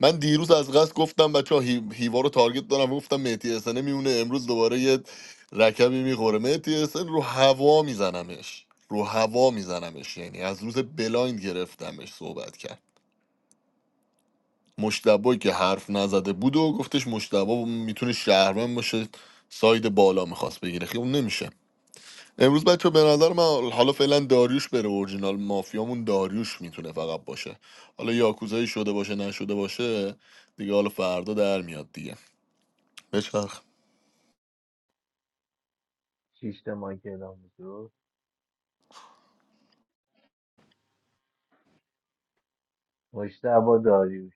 B: من دیروز از قصد گفتم بچه ها هی... هیوا رو تارگت دارم و گفتم مهتی اسنه میونه امروز دوباره یه رکبی میخوره مهتی اسن رو هوا میزنمش رو هوا میزنمش یعنی از روز بلایند گرفتمش صحبت کرد مشتبه که حرف نزده بود و گفتش مشتبه میتونه شهرمن باشه ساید بالا میخواست بگیره خیلی اون نمیشه امروز بچه به نظر من حالا فعلا داریوش بره اورجینال مافیامون داریوش میتونه فقط باشه حالا یاکوزایی شده باشه نشده باشه دیگه حالا فردا در میاد دیگه بچرخ
I: شیشتا مایک اعلام تو مشتبه داریوش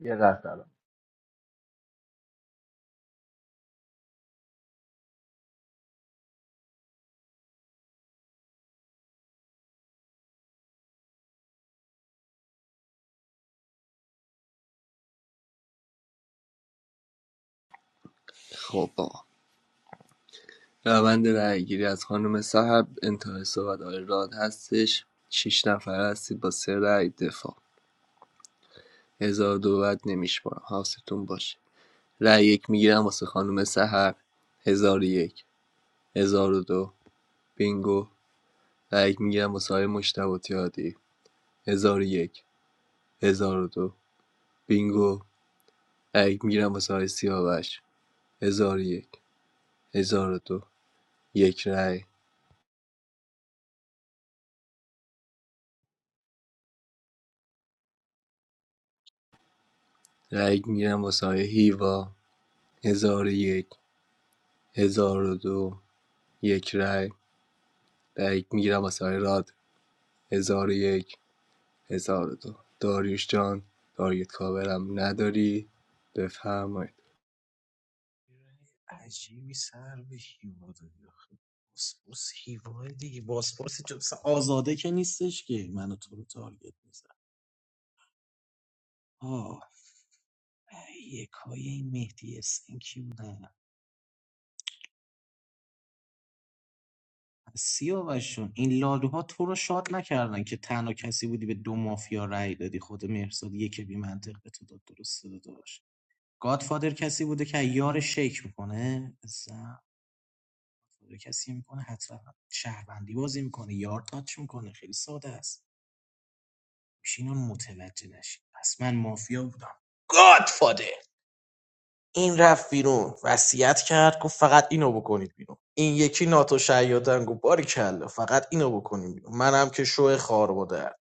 I: یه لحظه الان. خب آقا روند رأیگیری از خانم صاحب انتهای صحبت آقای راد هستش شیش نفر هستید با سه رأی دفاع هزار دو بد نمیشمارم حواستون باشه رای یک میگیرم واسه خانم سحر هزار یک هزار دو بینگو رای یک میگیرم واسه های مشتبه هزار یک هزار دو بینگو رای یک میگیرم واسه های سیاوش هزار یک هزار دو یک رای رای یک میگیرم واسه های هیوا هزار یک هزار دو یک رای رای یک میگیرم واسه های راد هزار یک هزار دو داریوش جان تارگت کاورم نداری بفرمایید
G: درصد یک بی منطق به تو داد درست داده باشه گادفادر کسی بوده که یار شیک میکنه زن کسی میکنه حتما شهروندی بازی میکنه یار تاچ میکنه خیلی ساده است اینا متوجه نشید پس من مافیا بودم گاد فاده این رفت بیرون وصیت کرد گفت فقط اینو بکنید بیرون این یکی ناتو شیادن گفت باری فقط اینو بکنیم بیرون منم که شو خار بوده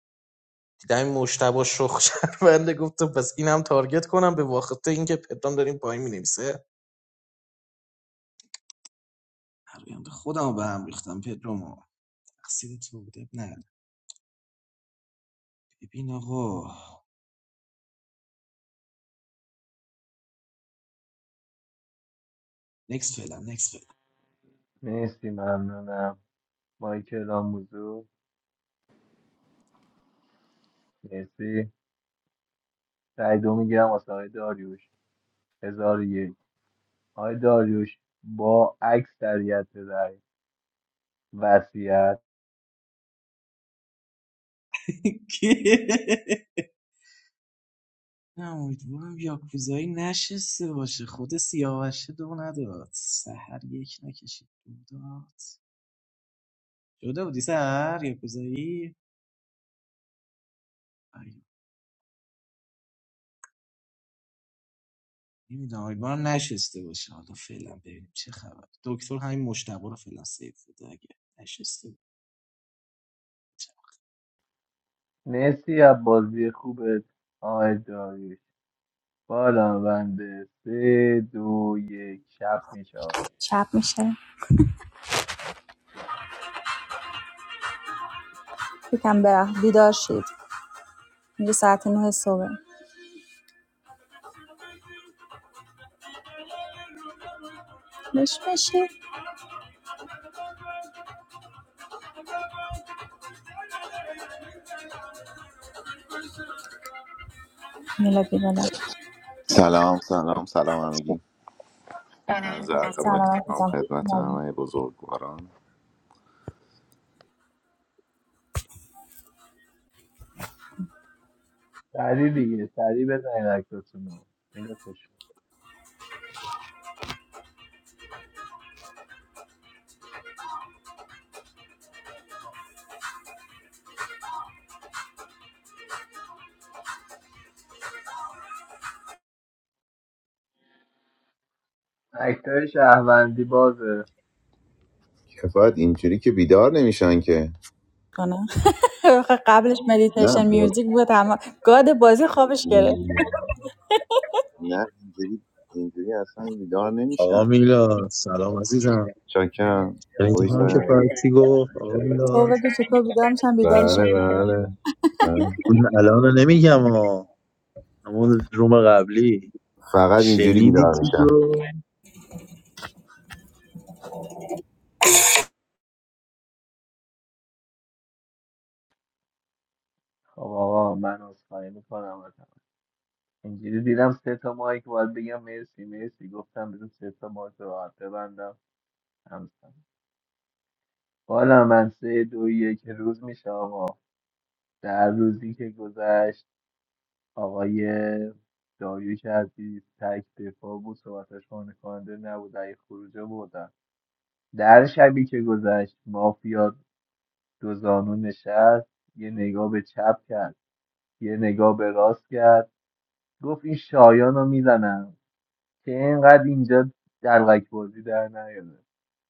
G: دیدم این مشتبه شخ شرمنده گفتم پس اینم تارگت کنم به واسطه اینکه پدرام داریم پایین مینویسه برآیند خودم به هم ریختم پدرامو تقصیر تو بوده نه؟ نداره. ببین آقا نکس فعلا next
I: مرسی ممنونم مایکل آموزو مرسی رای دو میگیرم واسه آقای داریوش هزار و یک آقای داریوش با اکثریت رای وصیت مرسی از بازی خوبت آقای داریوش بالا بنده سه دو یک شب میشه آقا
D: شب میشه یکم برخ بیدار شید میگه ساعت نه صبح نش میشه میلا بیدار
Q: سلام سلام سلام همگی سلام ضرق با
D: سلامت
Q: احترام
D: بزم
Q: خدمت همه بزرگواران
I: سریع دیگه سریع بزنید اکتاتون رو میره خوش اکتای شهروندی بازه
Q: کفایت اینجوری که بیدار نمیشن که
D: کنه آخه قبلش
Q: نه
D: مدیتیشن
Q: با...
D: میوزیک بود همه گاد بازی خوابش گرفت
Q: نه اینجوری اینجوری اصلا بیدار
A: آقا
Q: نمیشن
A: میلاد سلام عزیزم
Q: چاکم
A: یعنی
Q: خوش
A: هم که
Q: آمدید.
A: فرسی گفت آقا
D: تو
A: میلاد
D: بگو چطور بیدار میشن
Q: بله
D: بیدارشون کنم
Q: بله بله
A: اون الان رو نمیگم ها همون روم قبلی
Q: فقط اینجوری
A: شنیدی
Q: بیدار
A: چی
Q: میشن
A: گفت
I: خب آقا من عذرخواهی میکنم ازم. اینجوری دیدم سه تا مایک باید بگم مرسی مرسی گفتم بزن سه تا مایک راحت ببندم همسن بالا من سه دو یک روز میشه آقا در روزی که گذشت آقای داریوش عزیز تک دفاع بود صحبتش خانه کننده نبود ای خروجه بردن در شبی که گذشت مافیا دو زانو نشست یه نگاه به چپ کرد یه نگاه به راست کرد گفت این شایان رو میزنم که اینقدر اینجا دلغک بازی در نیاره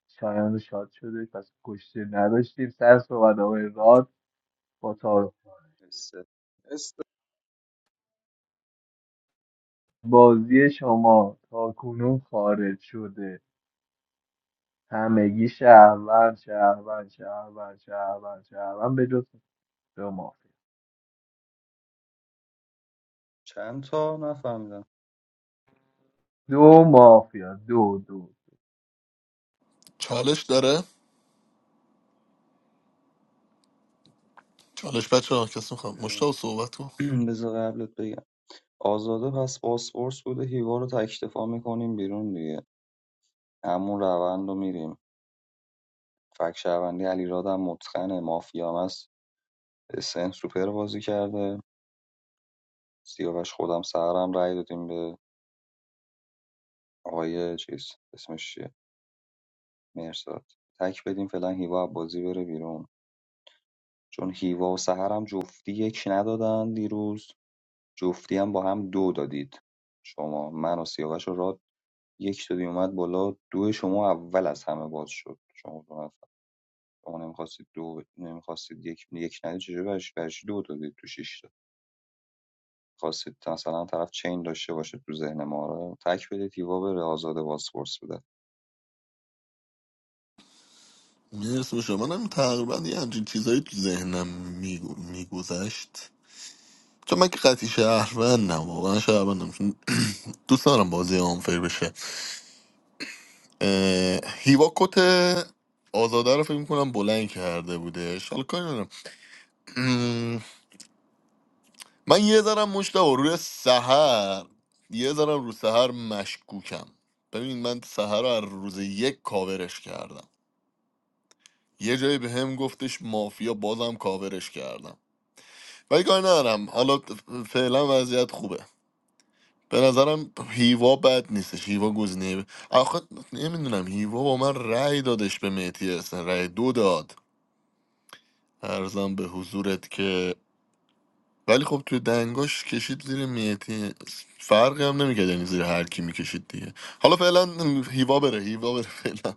I: شایان شاد شده پس کشته نداشتیم سر صحبت آقای راد با تا
J: سه.
K: استاد.
I: بازی شما تا کنون خارج شده همگی شهروند شهروند شهروند شهروند شهروند به جز دو مافیا
J: چند تا نفهمیدم
I: دو مافیا دو دو
B: چالش داره چالش بچه ها کسی میخوام مشتاق صحبت کن
J: بدونم. بذار قبلت بگم آزاده پس پاسپورت بوده هیوا رو تکتفا میکنیم بیرون دیگه همون روند رو میریم فک شهروندی علیرادم متقنه مافیام SN سوپر بازی کرده سیاوش خودم سهرم رأی دادیم به آقای چیز اسمش چیه مرزاد تک بدیم فعلا هیوا از بازی بره بیرون چون هیوا و سهرم جفتی یک ندادن دیروز جفتی هم با هم دو دادید شما من و سیاوش و راد یک دادی اومد بالا دو شما اول از همه باز شد شما دو نفر شما نمیخواستید دو نمیخواستید یک یک ندید چجوری برش برش دو دادید تو شیش خواستید مثلا طرف چین داشته باشه تو ذهن ما رو تک بدید هیوا بره آزاد باسپورس بده
B: مرسی به شما من تقریبا یه همچین چیزایی تو ذهنم میگذشت چون من که قطعی شهروندم واقعا شهروندم چون دوست دارم بازی آنفر بشه اه، هیوا کت آزاده رو فکر میکنم بلند کرده بودش حالا کاری ندارم. مم، من یه ذرم مشتاق روی سهر یه ذرم رو سهر مشکوکم ببین من سهر رو از روز یک کاورش کردم یه جایی به هم گفتش مافیا بازم کاورش کردم ولی کار ندارم حالا فعلا وضعیت خوبه به نظرم هیوا بد نیستش هیوا گزینه آخه نمیدونم هیوا با من رأی دادش به مهدی حسن رأی دو داد ارزم به حضورت که ولی خب تو دنگاش کشید زیر میتی فرقی هم نمیکرد یعنی زیر هر کی میکشید دیگه حالا فعلا هیوا بره هیوا بره فعلا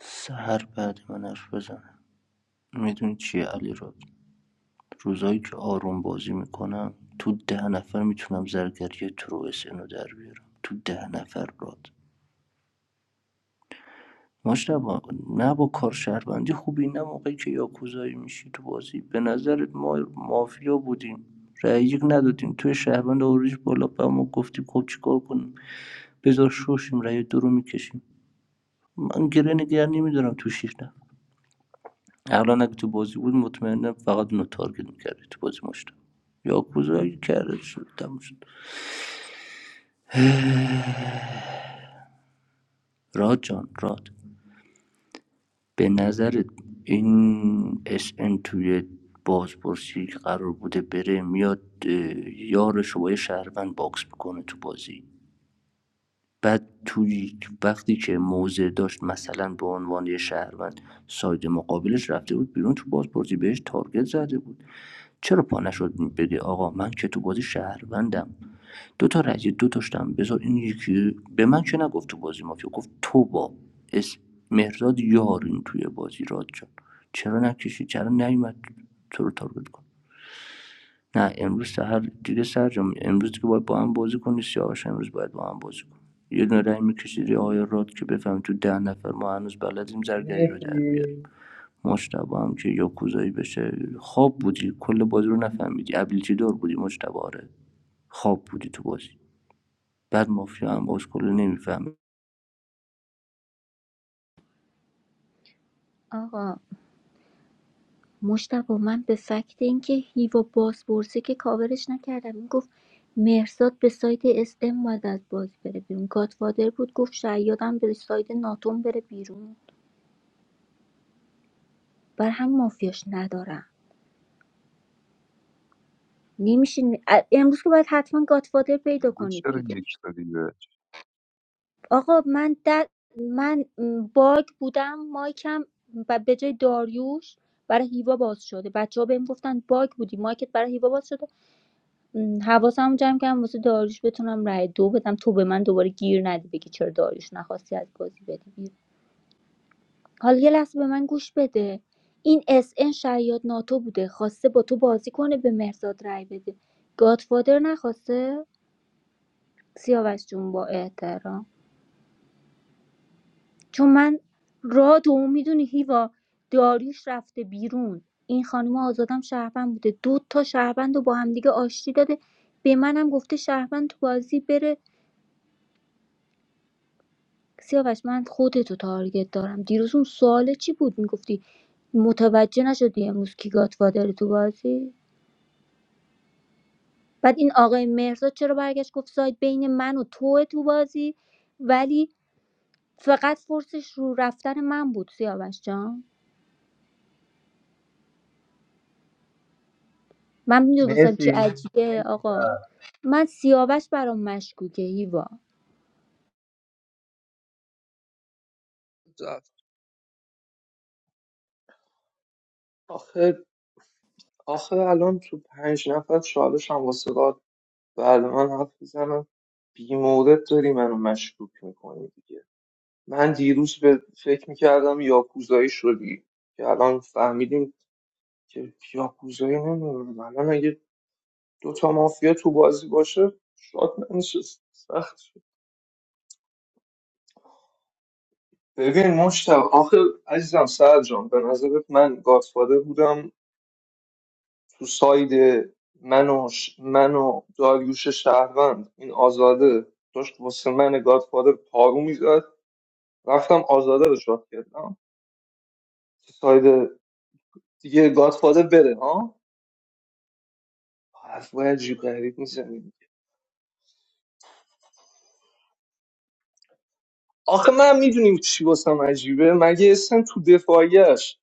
O: سحر بعد من حرف بزنه میدونی چیه علی را روزایی که آروم بازی میکنم تو ده نفر میتونم زرگری ترو رو در بیارم تو ده نفر راد مشتبا نه با کار شهروندی خوبی نه موقعی که یاکوزایی میشی تو بازی به نظرت ما مافیا بودیم رأی یک ندادیم توی شهروند اوریج بالا به ما گفتیم خب چیکار کنیم بذار شوشیم رأی دو رو میکشیم من گره نگر نمیدارم تو شیش نفر الان اگه تو بازی بود مطمئنم فقط اونو تارگت میکرده تو بازی مشت یا کوزایی کرده شد تموم شد راد جان راد به نظرت این اس ان توی بازپرسی که قرار بوده بره میاد یارش رو با یه شهروند باکس بکنه تو بازی بعد توی وقتی که موضع داشت مثلا به عنوان یه شهروند ساید مقابلش رفته بود بیرون تو بازپرسی بهش تارگت زده بود چرا پا نشد بگه آقا من که تو بازی شهروندم دو تا رأی دو داشتم بذار این یکی به من چه نگفت تو بازی مافیا گفت تو با اس مهرداد یارین توی بازی راد جان چرا نکشی چرا نیومد تو رو تارگت کن نه امروز سهر دیگه سر جان امروز دیگه باید با هم بازی کنی سیاوش امروز باید با هم بازی کن یه دونه رأی میکشیدی آیا راد که بفهم تو ده نفر ما هنوز بلدیم زرگری رو در بیاریم
I: مرسی
O: مجتبا هم که یاکوزایی بشه خواب بودی کل بازی رو نفهمیدی ابیلیتی دار بودی مجتبا آره خواب بودی تو بازی بعد مافیا هم باز کلا نمیفهمه
H: آقا مشتبه من به فکت اینکه هیوا باز پرسه که کاورش نکردم این گفت مهرزاد به سایت اس ام باید از بازی بره بیرون گادفادر بود گفت شیادم به سایت ناتوم بره بیرون بر هم مافیاش ندارم نمیشه ا- امروز که باید حتما گادفادر پیدا
J: اینجا
H: کنید
J: چرا
H: دیگه
J: یک دادی بهش
H: آقا من در من م، باگ بودم مایکم و به جای داریوش برای هیوا باز شده بچه ها بهم گفتن باگ بودی مایکت برای هیوا باز شده م، حواسمو جمع کردم واسه داریوش بتونم رأی دو بدم تو به من دوباره گیر ندی بگی چرا داریوش نخواستی از بازی بدی بیرون حالا یه لحظه به من گوش بده این اس ان شیاد ناتو بوده خواسته با تو بازی کنه به مهرزاد رأی بده گادفادر نخواسته سیاوش جون با احترام چون من را تو میدونی هیوا داریوش رفته بیرون این خانم آزادم شهروند بوده دو تا شهروند رو با همدیگه آشتی داده به منم گفته شهروند تو بازی بره سیاوش من خودتو تارگت دارم دیروز اون سوال چی بود میگفتی متوجه نشدی امروز کی گاتفادر تو بازی بعد این آقای مهرزاد چرا برگشت گفت ساید بین من و تو تو بازی ولی فقط فرصش رو رفتن من بود سیاوش جان من میدونستم چی
I: مرسی
H: عجیبه
I: مرسی
H: آقا
I: سر
H: من سیاوش برام مشکوکه هیوا
K: آخه آخه الان تو پنج نفر چالش هم واسه قاد بعد من حرف بزنم بی مورد داری منو مشکوک میکنی دیگه من دیروز به فکر میکردم یاکوزایی شدی که الان فهمیدیم که یاکوزایی نمیدونم الان اگه دوتا مافیا تو بازی باشه شاد نمیشست سخت شد ببین مشتاق آخه عزیزم سرجان به نظرت من گادفادر بودم تو ساید من و, ش... من و داریوش شهروند این آزاده داشت واسه من گادفادر پارو میزد رفتم آزاده رو شاد کردم تو ساید دیگه گادفادر بره ها حرفای عجیب غریب میزنیم آخه من میدونیم چی واسم عجیبه مگه اسم تو دفاعیش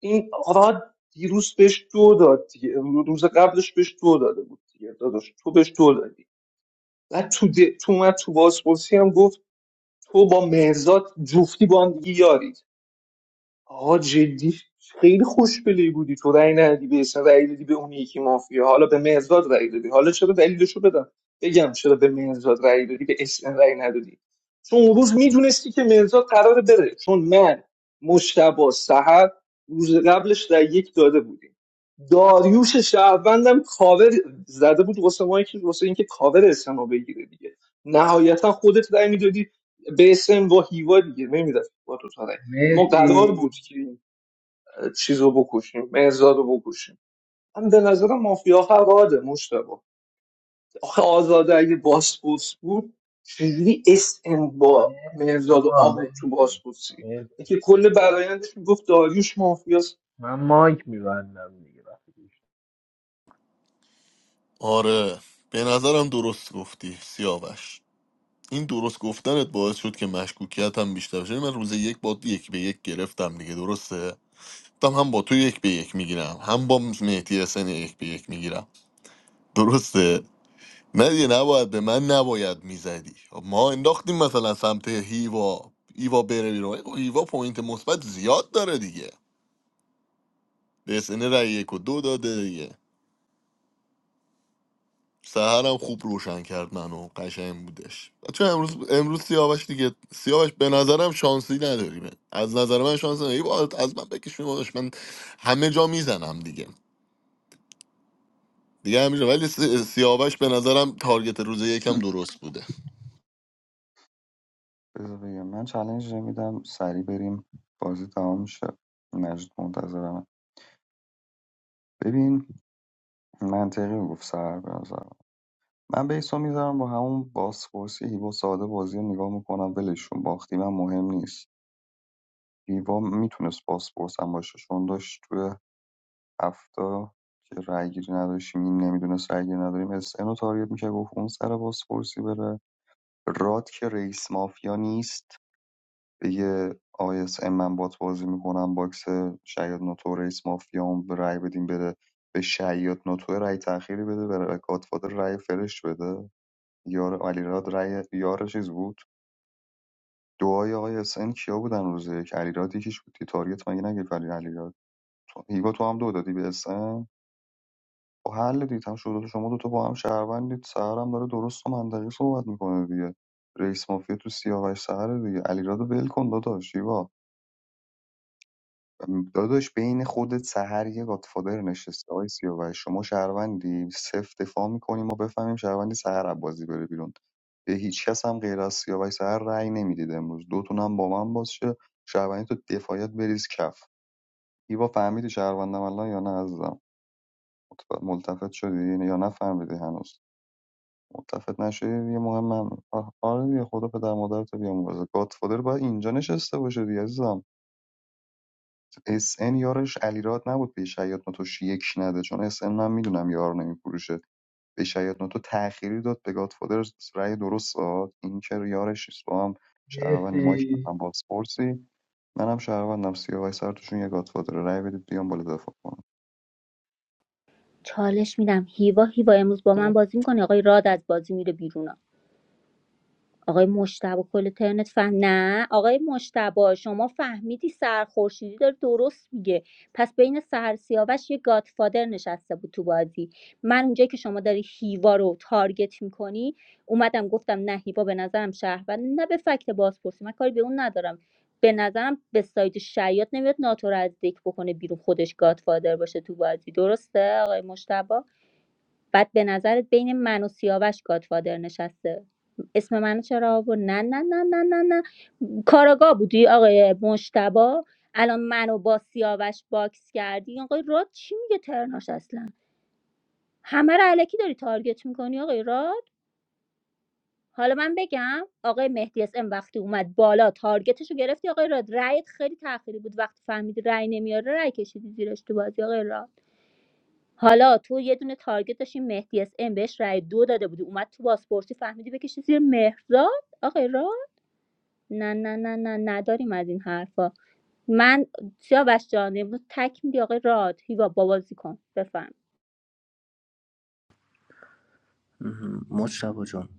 K: این آقا دیروز بهش دو داد دیگه امروز روز قبلش بهش دو داده بود دیگه داداش تو بهش دو دادی بعد تو, د... تو اومد تو بازپرسی هم گفت تو با مهرزاد جفتی با هم دیگه یارید آقا جدی خیلی خوشبلی بودی تو رأی ندی به اسم رأی دادی به اون یکی مافیا حالا به مهرداد رأی دادی حالا چرا دلیلشو بدم بگم چرا به مهرداد رأی دادی به اسم رأی ندادی چون اون روز میدونستی که مهرداد قراره بره چون من مشتبا سحر روز قبلش رأی یک داده بودیم داریوش شهروندم کاور زده بود واسه ما که واسه اینکه کاور اسم رو بگیره دیگه نهایتا خودت رأی میدادی به اسم با هیوا دیگه نمیداد با تو تا رأی. ما قرار
I: مرسی
K: بود که این چیز رو بکشیم مهرزاد رو بکشیم من به نظر مافیا فراده مشتبه آخه آزاده اگه باسپورس بود چجوری اس ام با
I: مرسی
K: مهرزاد و
I: آقا
K: آبود تو
I: مرسی
K: باسپورسی
I: مرسی
K: که کل برایندش میگفت داریوش مافیاست
I: من مایک میبندم دیگه
B: آره به نظرم درست گفتی سیاوش این درست گفتنت باعث شد که مشکوکیت هم بیشتر شد یعنی من روز یک با یک به یک گرفتم دیگه درسته گفتم هم با تو یک به یک میگیرم هم با مهدی حسین یک به یک میگیرم درسته نه دیگه نباید به من نباید میزدی ما انداختیم مثلا سمت هیوا هیوا بره بیرون خب هیوا پوینت مثبت زیاد داره دیگه به SN رای یک و دو داده دیگه سهرم خوب روشن کرد منو قشنگ بودش چون امروز امروز سیاوش دیگه سیاوش به نظرم شانسی نداریم از نظر من شانسی نداریم هیوا، از من بکش میبادش من همه جا میزنم دیگه دیگه همینجا ولی سی- سیاوش به نظرم تارگت روز یکم درست بوده
J: بذار بگم من چالنج نمیدم سریع بریم بازی تمام میشه مجید منتظرمه ببین منطقی گفت سر به نظرم من بیسو میذارم با همون باسپورسی هیوا ساده بازی رو نگاه میکنم ولشون باختی من مهم نیست هیوا میتونست باسپورس هم باشه چون داشت توی هفتا که رأیگیری نداشتیم این نمیدونست رأیگیری نداریم اس ان رو تارگت میشه گفت اون سر بازپرسی بره راد که رئیس مافیا نیست بگه آقای اس ان من بات بازی میکنم باکس شیاد ناتو رئیس مافیا هم به رأی بدیم بره به شیاد ناتو رأی تأخیری بده به گاتفادر رای فرش بده یار علیراد رأی یار چیز بود دعای آقای اس ان کیا بودن روز یک علیراد یکیش بود که تارگت مگه نگه علیراد تو هیوا تو هم دو دادی به SN؟ خب حل دید هم شد شما دوتا با هم شهروندید سهر هم داره درست و منطقی صحبت میکنه دیگه رئیس مافیا تو سیاوش سهر دیگه علیرضا ول کن داداش شیوا داداش بین خودت سهر یه گادفادر نشسته آقای سیاوش شما شهروندی سفت دفاع میکنی ما بفهمیم شهروندی سهر عبازی بره بیرون به هیچ کس هم غیر از سیاوش سهر رأی نمیدید امروز دوتون هم با من باز شه شهروندی تو دفاعیت بریز کف ایوا فهمیدی شهروندم الان یا نه عزیزم متف- ملتفت شدی یا نفهمیدی هنوز متفق نشدی یه مهم هم آه، آره دیگه خدا پدر مادرتو بیامرزه گادفادر باید اینجا نشسته باشه دیگه عزیزم اس ان یارش علیرات نبود به شیاد نوتوش یک نده چون اس ان من میدونم یار نمیفروشه به شیاد نوتو تأخیری داد به گادفادر رأی درست داد این که یارش نیست با هم شهروندی ما که
I: مرسی
J: هم بازپرسی منم شهروندم سیاوش سر توشون یه گادفادر رأی بدید بیام بالا دفاع کنم
H: چالش میدم هیوا هیوا امروز با من بازی میکنه آقای راد از بازی میره بیرون آقای مشتبه کل ترنت فهم نه آقای مشتبه شما فهمیدی سر خورشیدی داره درست میگه پس بین سهر سیاوش یه گادفادر نشسته بود تو بازی من اونجایی که شما داری هیوا رو تارگت میکنی اومدم گفتم نه هیوا به نظرم شهروند نه به فکت بازپرسی من کاری به اون ندارم به نظرم به سایت شیاط نمیاد ناتو رو از دک بکنه بیرون خودش گادفادر باشه تو بازی درسته آقای مشتبه بعد به نظرت بین من و سیاوش گادفادر نشسته اسم منو چرا آورد نه نه نه نه نه نه کاراگاه بودی آقای مشتبا الان منو با سیاوش باکس کردی آقای راد چی میگه ترناش اصلا همه رو علکی داری تارگت میکنی آقای راد حالا من بگم آقای مهدی اس ام وقتی اومد بالا تارگتش رو گرفتی آقای راد رأیت خیلی تأخیری بود وقتی فهمیدی رأی نمیاره رأی کشیدی زیرش تو بازی آقای راد حالا تو یه دونه تارگت داشتی مهدی اس ام بهش رای دو داده بودی اومد تو بازپرسی فهمیدی بکشی زیر مهرزاد آقای را نه نه نه نه نداریم از این حرفا من سیاوش جان امروز تک میدی آقای راد هیوا با بازی کن بفهم
O: مجتبا جان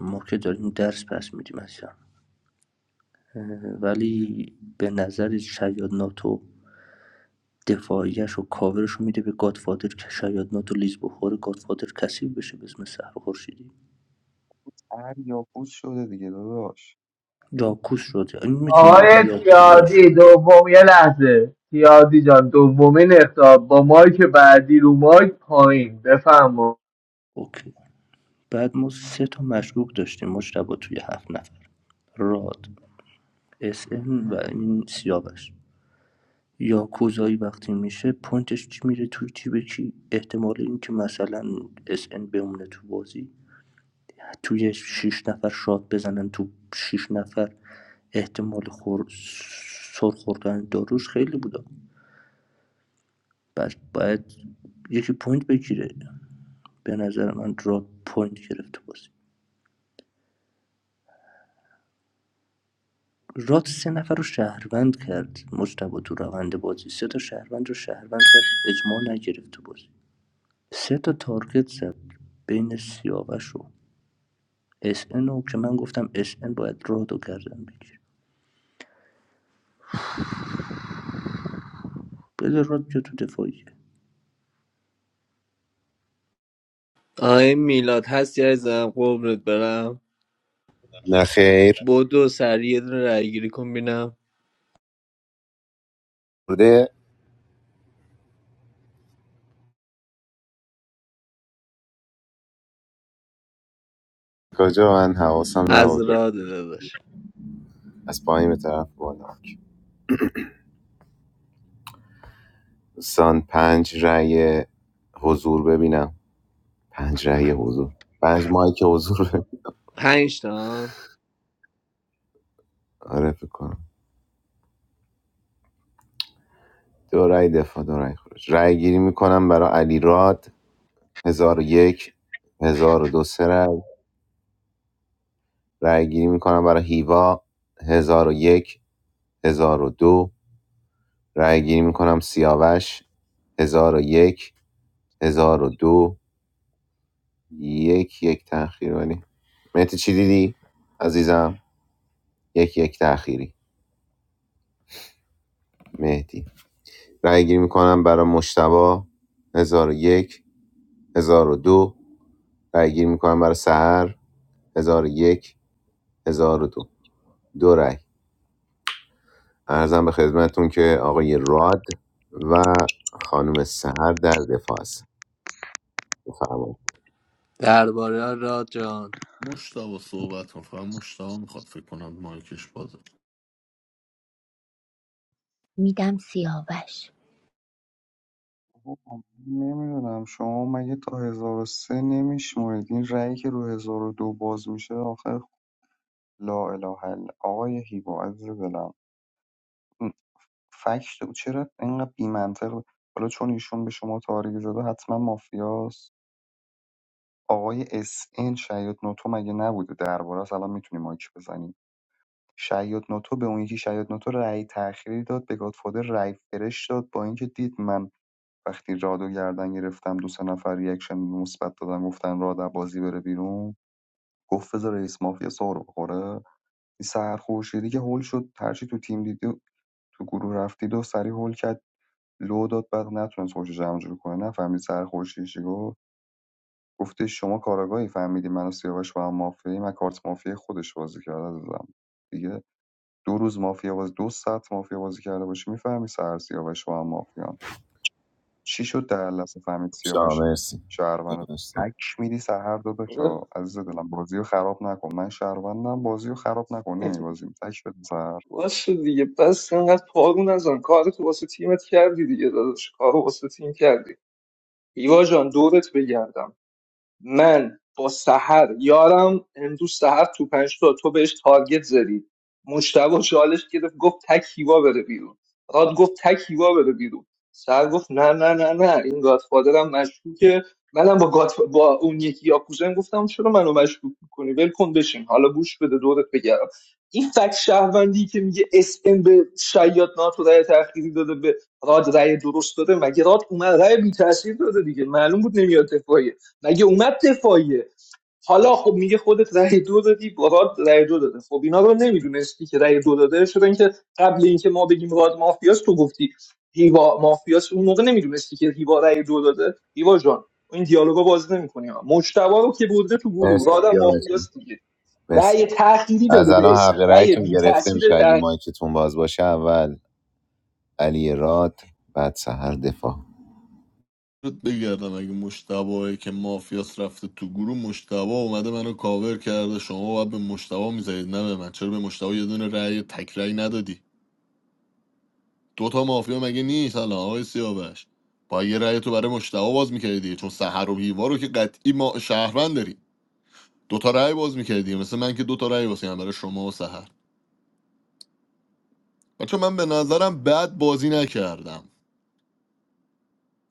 O: ما که داریم درس پس میدیم اصلا ولی به نظر شاید ناتو دفاعیش و کاورش رو میده به گادفادر که شاید ناتو لیز بخوره گادفادر کسی بشه به اسم سهر خورشیدی
J: هر یاکوس شده دیگه داداش
O: یاکوس شده این میتونی
I: آقای
O: بگی یاکوزایی شد
I: تیادی دوم یه لحظه تیادی جان دومین اختار با مایک بعدی رو مایک پایین بفهم
O: اوکی بعد ما سه تا مشکوک داشتیم مجتبا توی هفت نفر راد اس ام و این سیاوش یا یاکوزایی وقتی میشه پوینتش چی میره توی جیب کی احتمال اینکه مثلا اس ان بمونه تو بازی توی شیش نفر شاد بزنن تو شیش نفر احتمال خور... سر خوردن داروش خیلی بوده پس باید یکی پوینت بگیره به نظر من راد پوینت گرفت تو بازی راد سه نفر رو شهروند کرد مجتبا تو روند بازی سه تا شهروند رو شهروند کرد اجماع نگرفت تو بازی سه تا تارگت زد بین سیاوش و اس ان رو که من گفتم اس ان باید رادو کردم بگیر بذار راد بیا تو دفاعیه
I: آقای میلاد هستی عزیزم قربونت برم
Q: نه خیر
I: بدو سریع یه دونه رای گیری کن بینم
Q: بوده کجا من حواسم
I: از
Q: نبود
I: راد داداش
Q: از پایین به طرف بالا دوستان پنج رأی حضور ببینم پنج رأی حضور پنج مایک حضور
I: پنج تا
Q: آره فکر کنم دو رأی دفاع دو رأی خروج رأی گیری میکنم برای علی راد هزار و یک هزار و دو سه رأی رأی گیری میکنم برای هیوا هزار و یک هزار و دو رأی گیری میکنم سیاوش هزار و یک هزار و دو یک یک تأخیر ولی مهدی چی دیدی عزیزم یک یک تأخیری مهدی رأی گیری میکنم برای مشتبه هزار و یک هزار و دو رای گیری میکنم برای سهر 1001 1002 دو دو رای ارزم به خدمتتون که آقای راد و خانم سهر در دفاع است بفرمایید
I: درباره راد جان
B: مشتبا صحبت کن فقط مشتبا میخواد فکر کنم مایکش بازه
J: نمیدونم شما مگه تا 1003 نمیشمرید این رأیی که رو 1002 باز میشه آخر لا اله الا آقای هیوا عزیز دلم این فکت او چرا اینقدر بی‌منطق حالا چون ایشون به شما تاریخ زده حتما مافیاست آقای اس ان شاید نوتو مگه نبوده درباره است الان میتونیم مایک بزنیم شاید نوتو به اون یکی شاید نوتو رأی تأخیری داد به گادفادر رأی فرش داد با اینکه دید من وقتی رادو گردن گرفتم دو سه نفر ریاکشن مثبت دادن گفتن راد از بازی بره بیرون گفت بذار رئیس مافیا سر بخوره این سحر خورشیدی که هول شد هرچی تو تیم دیدی تو گروه رفتید و سری هول کرد لو داد بعد نتونست خوش جمع جور کنه نفهمید سحر خورشیدی چی گفت گفته شما کاراگاهی فهمیدی من و سیاوش با هم مافیایی من کارت مافیا خودش بازی کرده دادم دیگه دو روز مافیا باز دو ساعت مافیا بازی کرده باشی میفهمی سحر سیاوش با هم مافیا چی شد در این لحظه فهمید
Q: شاه
J: سیاوش
Q: مرسی
J: شهرونده
Q: دونستم.
J: تک میری سهر داداشا عزیز دلم بازی رو خراب نکن من شهروندم بازی رو خراب نکن نمیبازیم تک بده سهر
K: باشه دیگه پس اینقدر پارو نزن کار تو واسه تیمت کردی دیگه داداش کارو واسه تیم کردی ایوا جان دورت بگردم من با سحر یارم امروز سحر تو پنج تا تو بهش تارگت زدی مشتبه چالش گرفت گفت تک هیوا بره بیرون راد گفت تک هیوا بره بیرون سحر گفت نه نه نه نه این گادفادرم مشکوکه منم با گاد با اون یکی یاکوزن گفتم چرا منو مشکوک میکنی ول کن بشین حالا گوش بده دورت بگردم این فکت شهروندی که میگه اس ام به شیاد ناتو رای تأخیری داده به راد رای درست داده مگه راد اومد رای بی تاثیر داده دیگه معلوم بود نمیاد مگه اومد دفاعیه حالا خب میگه خودت رأی دو دادی بارات رأی دو داده خب اینا رو نمیدونستی که رأی دو داده شدن که قبل اینکه ما بگیم راد مافیاس تو گفتی هیوا مافیاس اون موقع نمیدونستی که هیوا رای دو داده هیوا جان این دیالوگا بازی نمی‌کنی مجتبا رو که برده تو گروه
Q: مرسی
K: رادم
Q: سیاوشون
K: مافیاس دیگه
Q: مرسی
K: رای تأخیری
Q: از
K: داده به
Q: الان حق
K: اسم رای
Q: رایتون
K: بی
Q: گرفته
K: تاثیر
Q: میشه اگه
K: تأخیر
Q: مایکتون باز باشه اول علی راد بعد سهر دفاع
B: رد بگردم اگه مشتبایی که مافیاس رفته تو گروه مشتبا اومده منو کاور کرده شما باید به مشتبا میزدید نه به من چرا به مشتبا یه دونه رأی تک رأی ندادی دوتا مافیا مگه نیست الان آقای سیاوش با یه رأی تو برای مشتبا باز میکردی دیگه چون سحر و هیوا رو که قطعی ما شهروند داری دوتا رأی باز میکردی مثل من که دوتا رأی واسه هم برای شما و سحر بچه من به نظرم بد بازی نکردم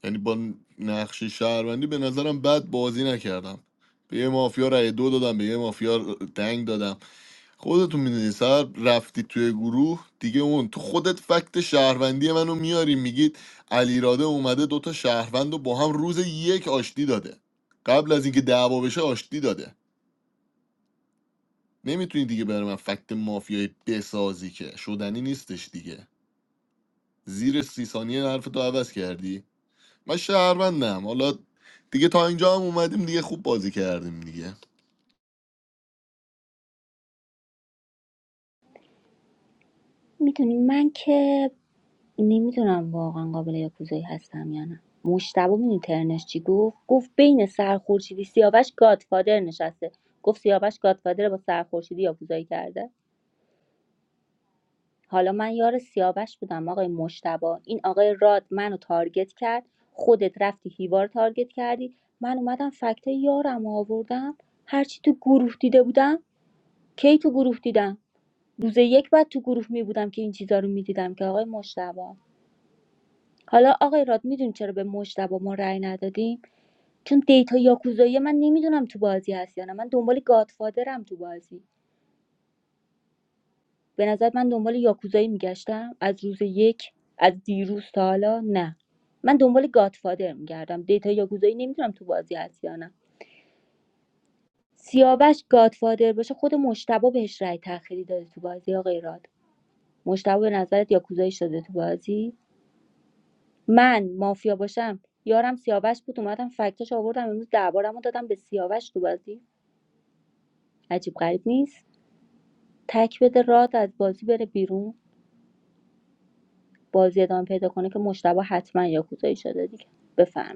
B: یعنی با نقش شهروندی به نظرم بد بازی نکردم به یه مافیا رأی دو دادم به یه مافیا دنگ دادم خودتون میدونی سر رفتی توی گروه دیگه اون تو خودت فکت شهروندی منو میاری میگید علیراده اومده دوتا شهروند رو با هم روز یک آشتی داده قبل از اینکه دعوا بشه آشتی داده نمیتونی دیگه برای من فکت مافیای بسازی که شدنی نیستش دیگه زیر سی ثانیه حرفتو عوض کردی من شهروندم حالا دیگه تا اینجا هم اومدیم دیگه خوب بازی کردیم دیگه
H: میدونی من که نمیدونم واقعا قابل یاکوزایی هستم یا نه مشتبه میدونی ترنش چی گفت گفت بین سرخورشیدی سیاوش گادفادر نشسته گفت سیاوش گادفادر با سرخورشیدی یاکوزایی کرده حالا من یار سیاوش بودم آقای مشتبا این آقای راد منو تارگت کرد خودت رفتی هیوا رو تارگت کردی من اومدم فکت یارم رو آوردم هرچی تو گروه دیده بودم کی تو گروه دیدم روز یک بعد تو گروه می بودم که این چیزا رو می دیدم که آقای مشتبا حالا آقای راد میدون چرا به مشتبا ما رأی ندادیم چون دیتا یاکوزایی من نمیدونم تو بازی هست یا نه من دنبال گادفادرم تو بازی به نظر من دنبال یاکوزایی میگشتم از روز یک از دیروز تا حالا نه من دنبال گادفادر میگردم دیتا یاکوزایی نمیدونم تو بازی هست یا نه سیاوش گادفادر باشه خود مشتبه بهش رأی تأخیری داده تو بازی آقای راد مشتبه به نظرت یاکوزایی شده تو بازی من مافیا باشم یارم سیاوش بود اومدم فکتش آوردم امروز دربارم دادم به سیاوش تو بازی عجیب غریب نیست تک بده راد از بازی بره بیرون بازی ادامه پیدا کنه که مشتبه حتما یاکوزایی شده دیگه بفهم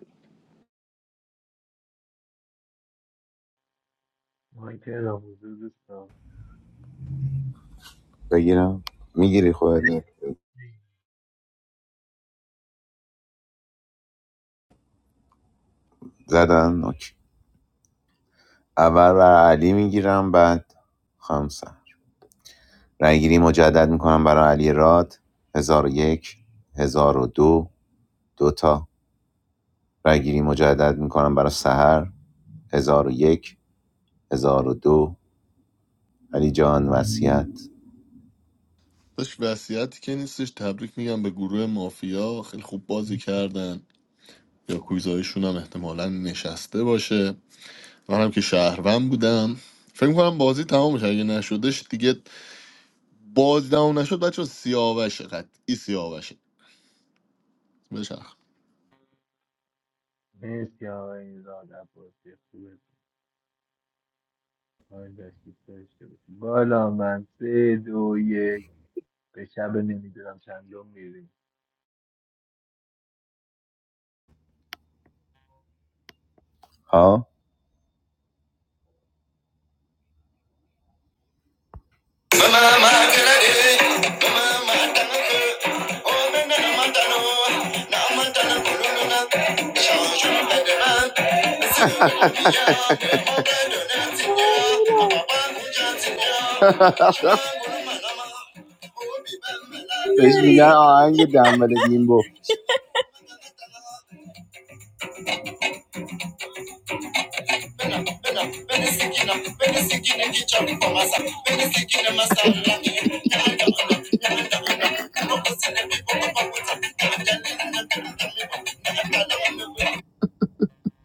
I: مایک را حضور دوستان
Q: بگیرم میگیری خودت
I: بگیر.
Q: زدن اوکی اول بر علی میگیرم بعد خمسه رأیگیری مجدد میکنم برای علی راد 1001 1002 دو دو تا رأیگیری مجدد میکنم برای سحر 1001 1002 علی جان وصیت
B: داشت وصیتی که نیستش تبریک میگم به گروه مافیا خیلی خوب بازی کردن یا کویزایشون هم احتمالا نشسته باشه منم که شهروند بودم فکر میکنم بازی تمام شد اگه نشدش دیگه بازی تمام نشد بچه سیاوشه قطعی سیاوشه بشخ
I: مرسی آقای راد عباسی خوبه آقای دستیس داشته باشی. بالا من سه دو یک به شب نمیدونم چندم میریم
Q: ها بهش میگن
D: میاری
Q: آهنگ دنبل دیمبو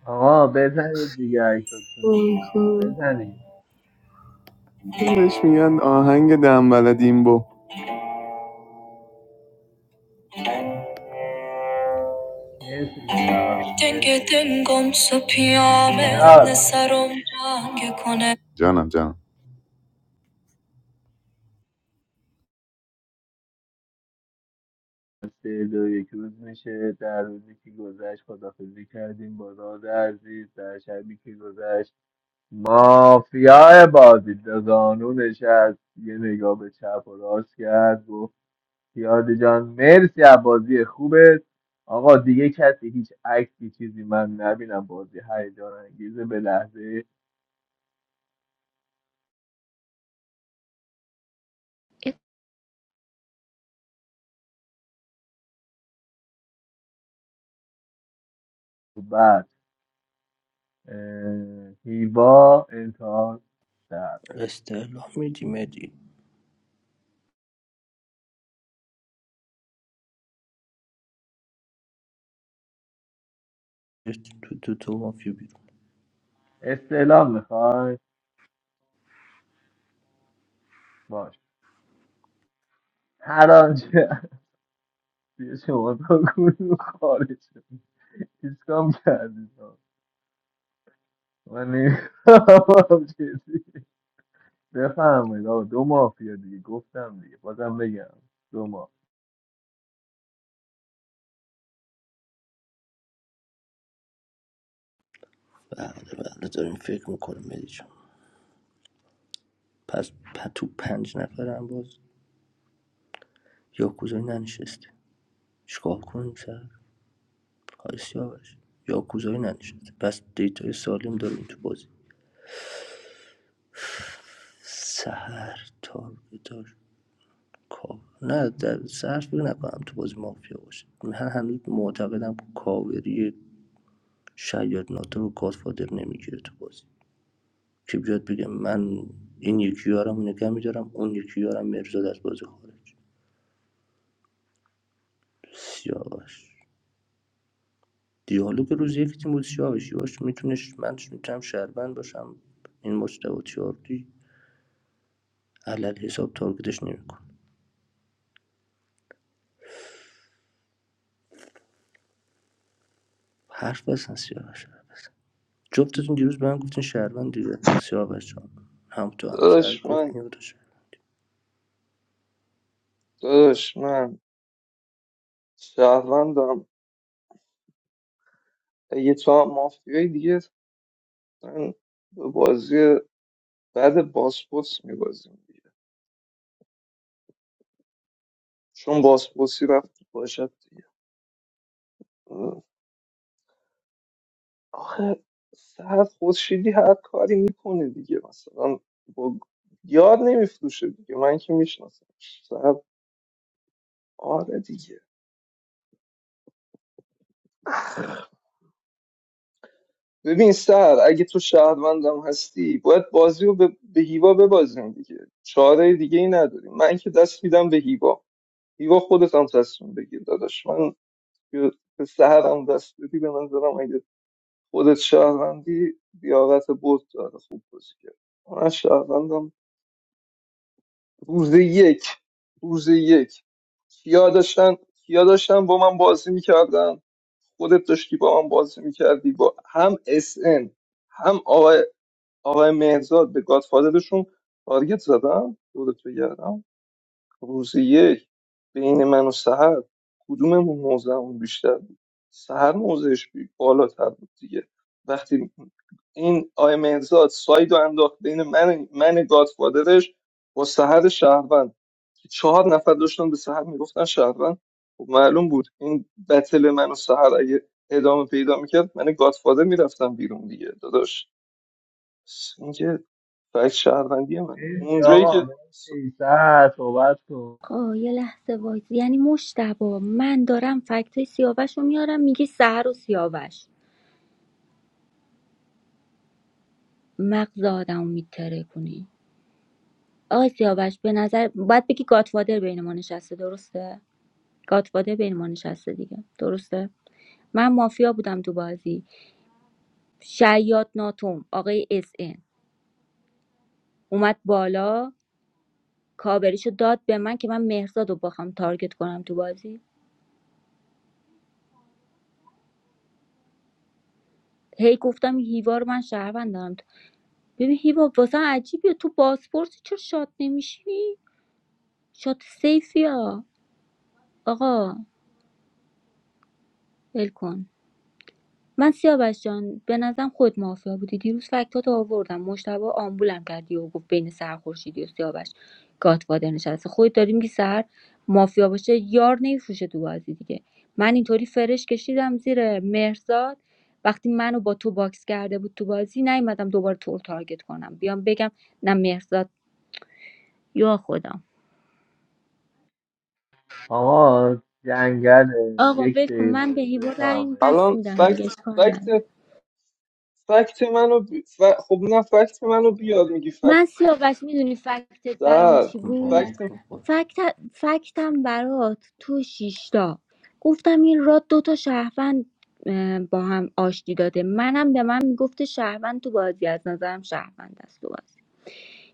I: آقا بزنید دیگه عکساتون دیگه بزنید
Q: بهش میگن آهنگ دنبل دیمبو
I: مرسی میلاد مرسی میلاد
Q: جانم جانم
I: سه دو یک روز میشه در روزی که گذشت خدافزی کردیم با راد عزیز در شبی که گذشت مافیای بازی به زانو نشست یه نگاه به چپ و راست کرد گفت پیاده جان مرسی از بازی خوبت آقا دیگه کسی هیچ عکسی چیزی من نبینم بازی هیجان انگیزه به لحظه بعد اه، هیوا انتها در
O: استعلام میدی مدی تو تو تو مافیا بیرون
I: استعلام میخوای باش هر آنچه از سوی شما تا گروه خارج شد ایسکام کردید آقا. من نمی‌فهمم چیزی بفرمایید آقا دو مافیا دیگه گفتم دیگه بازم بگم دو ماه
O: بله بله داریم فکر میکنم مدی جان پس پ- تو پنج نفرم باز یاکوزایی ننشسته چیکار کنیم سر های سیاوش یاکوزایی ننشسته پس دیتای سالم داریم تو بازی سهر تارگتاش کاو نه در سهر فکر نکنم تو بازی مافیا باشه من هنوز معتقدم کاوری شاید ناتو رو گادفادر نمیگیره تو بازی که بیاد بگه من این یکی یارم نگه میدارم اون یکی یارم مرزاد از بازی خارج سیاوش دیالوگ روز یک تیم بود سیاوش یاش میتونش من میتونم شهروند باشم این مجتبی تیاردی علل حساب تارگتش نمیکن حرف بزن سیاوش جفتتون دیروز به من گفتین شهروند دیگه سیاوش جان هم تو هم سر
K: داداش من
O: گفت میوتش
K: داداش من شهروندم یه تا مافیای دیگه من به بازی بعد باسپورس میبازیم چون باسپورسی رفت تو باشد دیگه اه. آخه سر خورشیدی هر کاری میکنه دیگه مثلا با یاد نمیفروشه دیگه من که میشناسم سر آره دیگه ببین سر اگه تو شهروندم هستی باید بازی رو به, به هیوا ببازیم دیگه چاره دیگه ای نداریم من که دست میدم به هیوا هیوا خودت هم تصمیم بگیر داداش من که به سهرم دست بدی به نظرم خودت شهروندی لیاقت برد داره خوب بازی کرد من از شهروندم روز یک روز یک کیا داشتن کیا داشتن با من بازی میکردن خودت داشتی با من بازی میکردی با هم اس ان هم آقای آقای مهرزاد به گادفادرشون تارگت زدم خودت بگردم روز یک بین من و سهر کدوممون موضعمون بیشتر بود سهر موضعش بی- بالاتر بود دیگه وقتی این آی مهرزاد ساید و انداخت بین من من گادفادرش با سهر شهروند که چهار نفر داشتن به سهر میگفتن شهروند خب معلوم بود این بتل من و سهر اگه ادامه پیدا میکرد من گادفادر میرفتم بیرون دیگه داداش این که فکت شهروندی منه
I: مرسی
K: اونجایی
I: آقا
K: که س-
I: مرسی سر صحبت کن
H: آقا یه لحظه وایس یعنی مشتبا من دارم فکتای سیاوش رو میارم میگی سهر و سیاوش مغز آدم میتره کنی آقای سیاوش به نظر باید بگی گاتفادر بین ما نشسته درسته گاتفادر بین ما نشسته دیگه درسته من مافیا بودم تو بازی شیاد ناتوم آقای اس ان اومد بالا کابریشو داد به من که من مهرزاد رو بخوام تارگت کنم تو بازی هی گفتم این هیوا رو من شهروند دارم ببین هیوا واسه عجیبه تو بازپرسی چرا شاد نمیشی شاد سیفی ها آقا ول کن من سیاوش جان به نظرم خود مافیا بودی دیروز فکتات آوردم مشتبه آمبولم کردی و گفت بین سهر خورشیدی و سیاوش گاتفادر نشسته خودت داری میگی سهر مافیا باشه یار نمیفروشه تو بازی دیگه من اینطوری فرش کشیدم زیر مهرزاد وقتی منو با تو باکس کرده بود تو بازی نیومدم دوباره تو رو تارگت کنم بیام بگم نه مهرزاد یا خودم
I: آقا جنگل
H: آقا
I: یک
H: ول کن من به
I: دقیقه
H: هیوا رأی
I: بفرمایید
H: دست
K: الان
H: میدم دیگه
K: فکت
H: اشکال نداره
K: فکت فکت منو ب... ف... خب نه فکت منو بیار میگی فکت
H: من سیاوش میدونی فکتت برام
K: سر
H: چی بود
O: واق
K: فکت
O: میخوره
H: فکت فکتم برات تو شیشتا گفتم این راد دوتا شهروند اه، با هم آشتی داده منم به من میگفته شهروند تو بازی از نظرم شهروند است تو بازی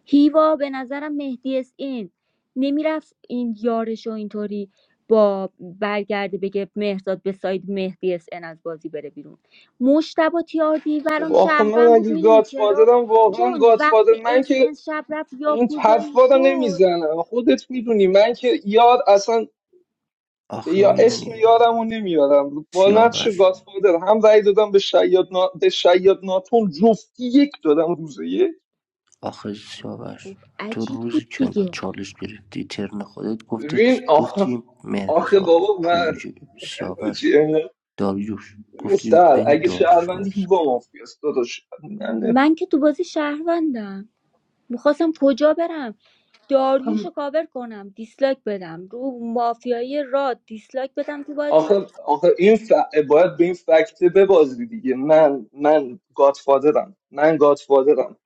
H: هیوا به نظرم مهدی اس این نمیرفت این یارش و اینطوری با برگرده بگه مهرداد به ساید مهدی اس این از بازی بره بیرون مشتبه تیاردی
K: خب
H: برام
K: آخه من
H: شهروند بود
K: اگه
H: میدونی چرا
K: گادفادرم واقعا
H: چون
K: گادفادر
H: وقتی
K: من
H: اس
K: که
H: این شب رفت
K: این
H: یاکوزایی
K: حرفا رو
H: شد
K: نمیزنم خودت میدونی من که یار اصلا به
O: آخه
K: یا اسم
O: میدونی
K: یارم رو نمیارم با نقش
O: سیاوش
K: گادفادر هم رأی دادم به شیاد, نا... به شیاد ناتون جفتی یک دادم روزه یک
O: آخه سیاوش
H: خب
O: تو
H: عجیب
O: روزی
H: بود
O: که
H: دیگه
O: چالش گرفتی ترن خودت گفتی
K: ببین آخه
O: گفتی
K: آخه
O: مهرزاد
K: بابا من
O: پوجه
K: حاجی،
O: سیاوش داریوش
K: ببین
O: گفتیم
K: سر
O: بین
K: اگه
O: داریوش
K: شهروندی هیوا
O: مهرزاد
K: مافیاست داداش
H: من که تو بازی شهروندم میخواستم کجا برم
K: من
H: داریوش رو کاور کنم دیسلایک بدم رو مافیای راد دیسلایک بدم تو بازی
K: آخه آخه این ف- باید به این فکته ببازی دیگه من من گادفادرم من گادفادرم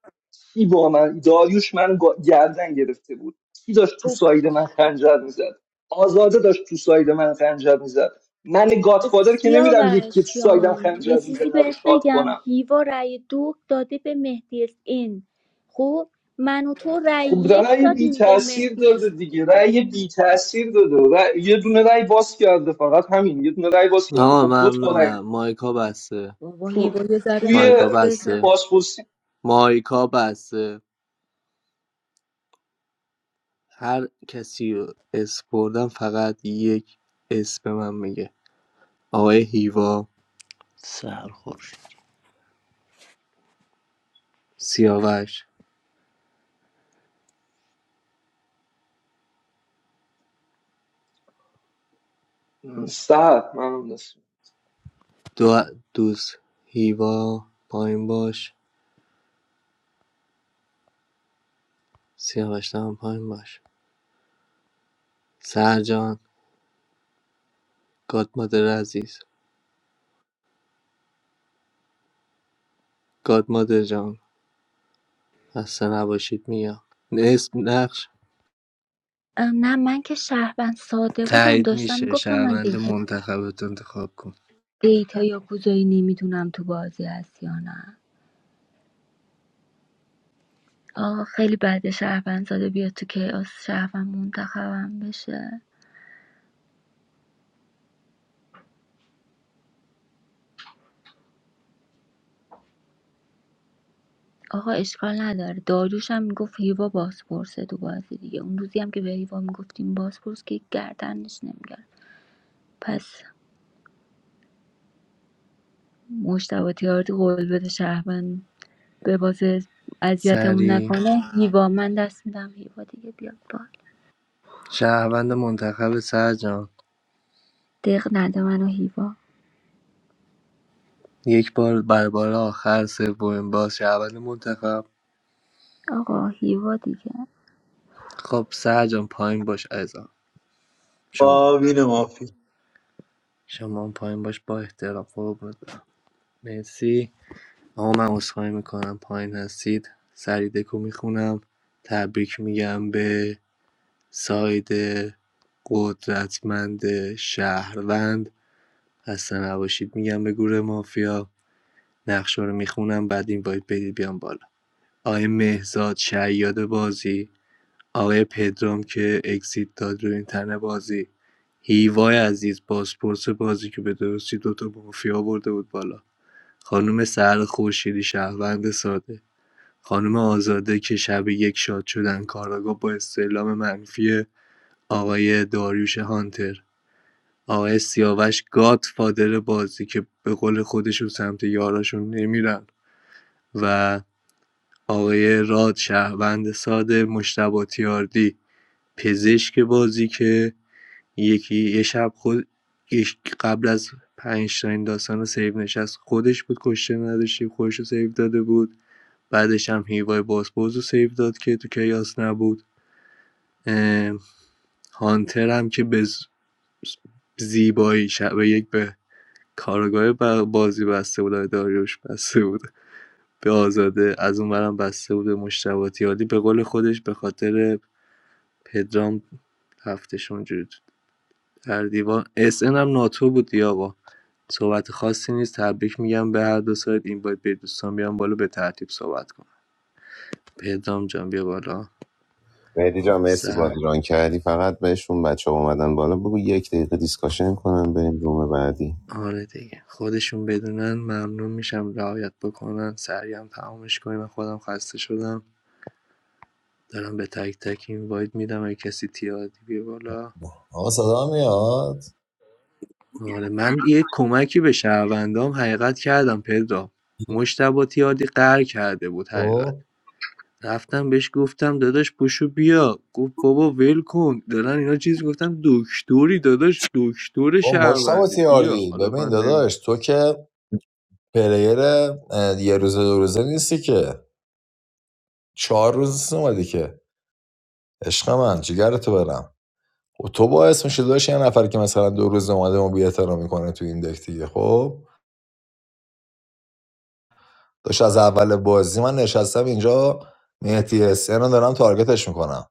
K: کی با من داریوش من گا- گردن گرفته بود کی داشت تو
H: خب،
K: ساید من خنجر میزد آزاده داشت تو ساید من خنجر میزد من گادفادر که نمیرم یکی که تو
H: سیاوش
K: سایدم
H: جان یه
K: خنجر
H: چیزی
K: میزنه رو
H: بهت
K: شاد
H: بگم
K: کنم
H: هیوا رأی دو داده به مهدی اس این خب من و تو رأی
K: خب
H: یک
K: رأی بی
H: دادیم به
K: تاثیر
H: مهدی
K: داده
H: اس
K: دیگه رأی بی تاثیر داده رأی- یه دونه رأی باز کرده فقط همین یه دونه رأی باز کرده
I: آقا
K: خب دو تا رأی
I: ممنونم مایکا بسته
H: بابا
K: تو
H: هیوا یه ذره
K: توی
I: مایکا
H: حرف بزن
I: بسته
K: توی
I: مایکا بسته هر کسی رو اسم بردم فقط یک اسم من میگه آقای هیوا
O: سهر خورشید
I: سیاوش
K: سهر ممنون اسم
I: دو دوست هیوا پایین باش سیاوش هم پایین باش سرجان گادمادر عزیز گادمادر جان خسته نباشید میگم اسم نقش
H: نه من که شهروند ساده بودم
I: تایید
H: داشتم
I: میشه
H: میگفتم من
I: شهروند
H: دیتا,
I: منتخبت انتخاب کن
H: دیتا یا گوزایی نمیدونم تو بازی هست یا نه آه خیلی بده شهروند ساده بیاد تو کیاس شهروند منتخبم بشه آقا اشکال نداره داریوش هم میگفت هیوا بازپرسه تو بازی دیگه اون روزی هم که به هیوا میگفتیم بازپرس که گردنش نمیگرد پس مشتبه تیاردی قول بده شهروند به بازه اذیتمون
I: سری
H: نکنه هیوا من دست میدم هیوا دیگه بیاد بال
I: شهروند منتخب سرجان
H: دق نده منو هیوا
I: یک بار بر بار آخر سومین بار شهروند منتخب
H: آقا هیوا دیگه
I: خب سر جان پایین باش عزیزم شما
A: با
I: شما هم پایین باش با احترام قربونت برم مرسی آقا من عذرخواهی میکنم پایین هستید سری دکو میخونم تبریک میگم به ساید قدرتمند شهروند خسته نباشید میگم به گروه مافیا نقشه رو میخونم بعد این باید بدید بیام بالا آقای مهزاد شیاد بازی آقای پدرام که اکسیت داد رو این تنه بازی هیوای عزیز بازپرس بازی که به درستی دوتا مافیا آورده بود بالا خانم سهر خورشیدی شهروند ساده خانم آزاده که شب یک شاد شدن کاراگاه با استعلام منفی آقای داریوش هانتر آقای سیاوش گات فادر بازی که به قول خودشون سمت یاراشون نمیرن و آقای راد شهروند ساده مشتبه تیاردی پزشک بازی که یکی یه شب خود قبل از پنج تا این داستان رو سیو نشست خودش بود کشته نداشتی خودش رو سیو داده بود بعدش هم هیوای باسپورس رو سیو داد که تو کیاس نبود اه، هانتر هم که به ز- زیبایی شب یک به کارگاه بازی بسته بود داریوش بسته بود به آزاده از اون برم بسته بود به مشتبهاتیالی به قول خودش به خاطر پدرام هفتشون جود در دیوان اس ان هم ناتو بود دیگه آقا صحبت خاصی نیست تبریک میگم به هر دو سایت این باید به دوستان بیام بالا به ترتیب صحبت کنم پدرام جان بیا بالا
Q: مهدی جان مرسی
I: سر
Q: بازی ران کردی فقط بهشون بچه ها اومدن بالا بگو یک دقیقه دیسکاشن کنن بریم روم بعدی
I: آره دیگه خودشون بدونن ممنون میشم رعایت بکنن سریع هم تمامش کنیم من خودم خسته شدم دارم به تک تک این واید میدم اگه کسی تیادی بیا بالا
F: آقا صدا میاد
I: آره من یه کمکی به شهروندام حقیقت کردم پدرام مشتبه تیاردی قهر کرده بود حقیقت
F: تو
I: رفتم بهش گفتم داداش پشو بیا گفت بابا ول کن دارن اینا چیز گفتم دکتری داداش دکتر
F: با مشتبه
I: شهروندی بیا
F: تیاردی
I: حالا
F: ببین
I: من نمی
F: داداش تو که پلیر اه، یه روزه دو روزه نیستی که چهار روز نیست اومدی که عشق من جگر تو برم و تو باعث میشه داشت یه نفر که مثلا دو روز اومده ما بی‌احترامی میکنه تو این دک دیگه خب داشت از اول بازی من نشستم اینجا مهدی حسین رو دارم تارگتش میکنم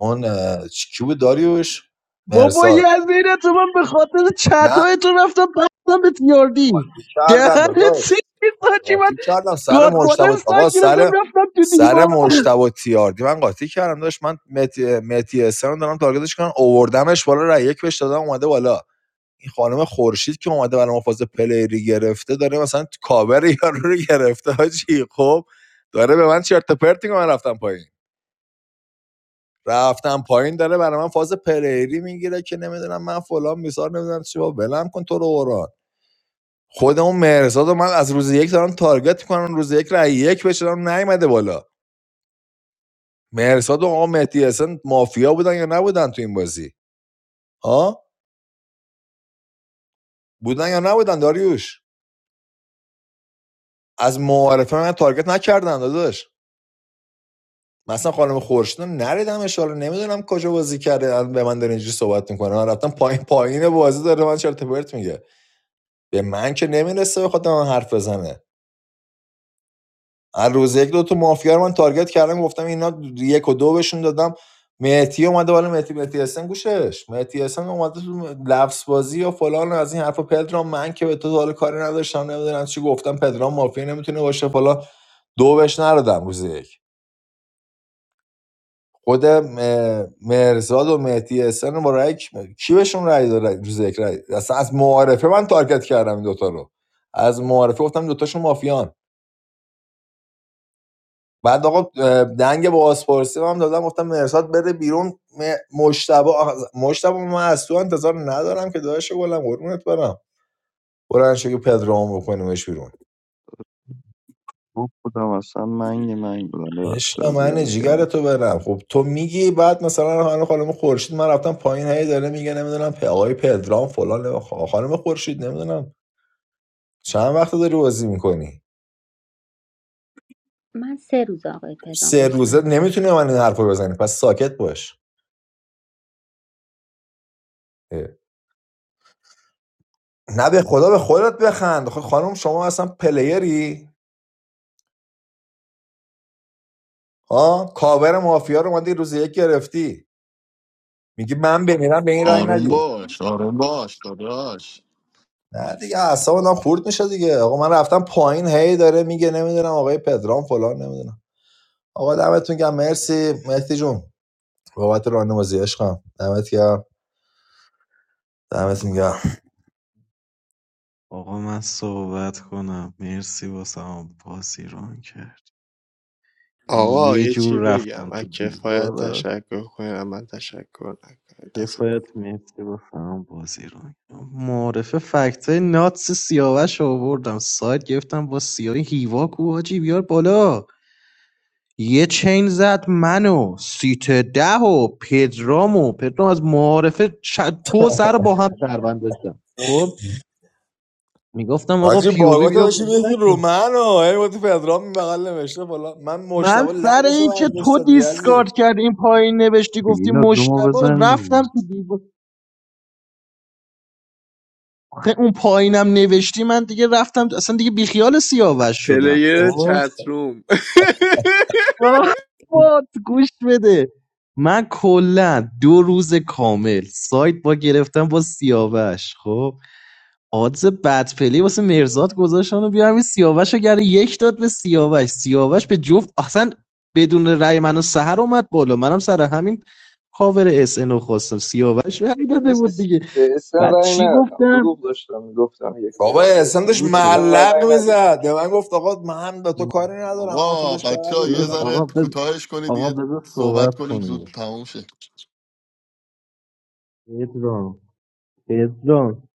F: اون اه، چ- کی بود داریوش
G: بابا یه
F: مرزاد
G: از بین تو من به خاطر
F: نه
G: چطای تو رفتم بستم به تیاردی
F: کردم
G: دهنت
F: داداش
G: سیکی ساچی من
F: قاطی کردم سر
G: گادفادر
F: مشتبه
G: سایت
F: آقا
G: گرفتم
F: سر
G: رفتم تو
F: سر
G: دیوار
F: مشتبه تیاردی من قاطی کردم داشت من مهدی مهدی حسین رو دارم تارگتش کنم اووردمش بالا رای یک بهش دادم اومده بالا این خانم خورشید که اومده برای مفاز پلیری گرفته داره مثلا کاور یارو رو گرفته حاجی خب داره به من چرت و پرت میگه من رفتم پایین رفتم پایین داره برای من فاز پریری میگیره که نمیدونم من فلان میسار نمیدونم چی با ولم کن تو رو اوران خود اون مرزاد و من از روز یک دارن تارگت میکنن روز یک رای یک بشنم نیومده بالا مرزاد و آقا مهدی حسن مافیا بودن یا نبودن تو این بازی ها بودن یا نبودن داریوش از معارفه من تارگت نکردن داداش مثلا خانم خورشید رو نریدم اشاره نمیدونم کجا بازی کرده الان به من داره اینجوری صحبت میکنه من رفتم پایین پایین بازی داره من چرت و پرت میگه به من که نمیرسه بخواد به من حرف بزنه هر روز یک دو تا مافیا رو من تارگت کردم گفتم اینا یک و دو بهشون دادم مهدی اومده بالا مهدی مهدی حسن گوشش مهدی حسن اومده تو لفظ بازی و فلان و از این حرفا پدرام من که به تو حال کاری نداشتم نمیدونم چی گفتم پدرام مافیا نمیتونه باشه فلان دو بهش ندادم روز یک خود م- مرزاد و مهدی حسن با رای کی کی بهشون رای داد روز یک رای اصلا از معارفه من تارگت کردم این دوتا رو از معارفه گفتم دوتاشون مافیان بعد آقا اه، دنگ با آسپارسی هم دادم گفتم مرساد بره بیرون مشتبه مشتبه من از تو انتظار ندارم که داداش گلم قربونت برم برن شو که پدرام بکنیمش بیرون
J: خوب بودم اصلا منگ منگ بودم
F: عشق
J: ببخشید
F: من
J: اذیتت
F: جیگر
J: کردم
F: تو برم خب تو میگی بعد مثلا خانم خانم خورشید من رفتم پایین هی داره میگه نمیدونم آقای پدرام فلان نمی‌خوام. خانم خورشید نمیدونم چند وقت داری بازی میکنی
H: من سه روز آقای پدرام
F: سه
H: عذرخواهی
F: روزه
H: میکنم
F: نمیتونی
H: ازت
F: من این حرف بزنی پس ساکت باش اه. نه به خدا به خودت بخند خب خانم شما اصلا پلیری ها کاور مافیا رو اومدی روز یک گرفتی میگی من بمیرم به این رای
B: آروم
F: ندی
B: باش آروم باش داداش
F: نه دیگه اعصاب آدم خورد میشه دیگه آقا من رفتم پایین هی داره میگه نمیدونم آقای پدرام فلان نمیدونم آقا دمتون گرم مرسی مهدی جون بابت راهنمایی عشقم دمت گرم دمت گرم
G: آقا من صحبت کنم مرسی واسم بازی ران کرد
I: آقا
G: یه
I: یه
G: جور
I: چی بگم
G: رفتم
I: و
G: تو
I: کفایت
G: دیواره
I: تشکر کنم من تشکر نکنم دست
G: کفایت مرسی واسم بازی ران کرد معرفه فکت های ناتس سیاوش رو آوردم سایت گرفتم با سیاه هیوا کو حاجی بیار بالا یه چین زد منو سیت ده و پدرامو پدرام از معارفه چ... تو سر با هم دربند داشتم خب میگفتم آقا
F: حاجی
G: پی او وی
F: بارگاه
G: بیا
F: داشتی
G: بازی
F: میخون رو
G: نکن
F: من و هی با پدرام این بغل نوشته فلان من مشتاق
G: من سر
F: لجش رو
G: این که تو
F: برداشتم یزید
G: دیسکارد کرد این پایین نوشتی گفتی
J: میلاد رومو
G: مشتبه
J: بزن
G: رفتم تو دیو... آخه اون پایینم نوشتی من دیگه رفتم اصلا دیگه بیخیال سیاوش شدم
I: پلیر
G: خب
I: چتروم
G: آه، وات، گوش بده من کلا دو روز کامل سایت با گرفتم با سیاوش خب آدز بدپلی واسه مرزاد گذاشتن و بیا همین سیاوش رو گره یک داد به سیاوش سیاوش به جفت اصلا بدون رأی من و اومد بالا منم سر همین کاور اس ان رو خواستم سیاوش رأی داده بود
K: اس-
G: دیگه
K: به اسم
G: بعد
K: رای
G: چی
K: ندادم
G: گفتم
K: دروغ داشتم میگفتم یک
F: بابا
K: دادم به
F: احسان
K: اسم
F: داشت
G: دروغ
K: اسم
G: گفت.
K: من
F: معلق
K: رای ندادم
F: میزد به من گفت آقا من به تو کاری ندارم من گفتم
B: آقا
F: داشت
B: بچه ها
F: کاری
B: یه
F: فلان.
G: دروغ.
B: ذره
G: آقا بز...
B: کوتاهش کنید
G: آقا
B: یه
G: بذار
B: صحبت
G: صحبت
B: کنیم زود
G: کنیم
B: تمام شه
G: پدرام پدرام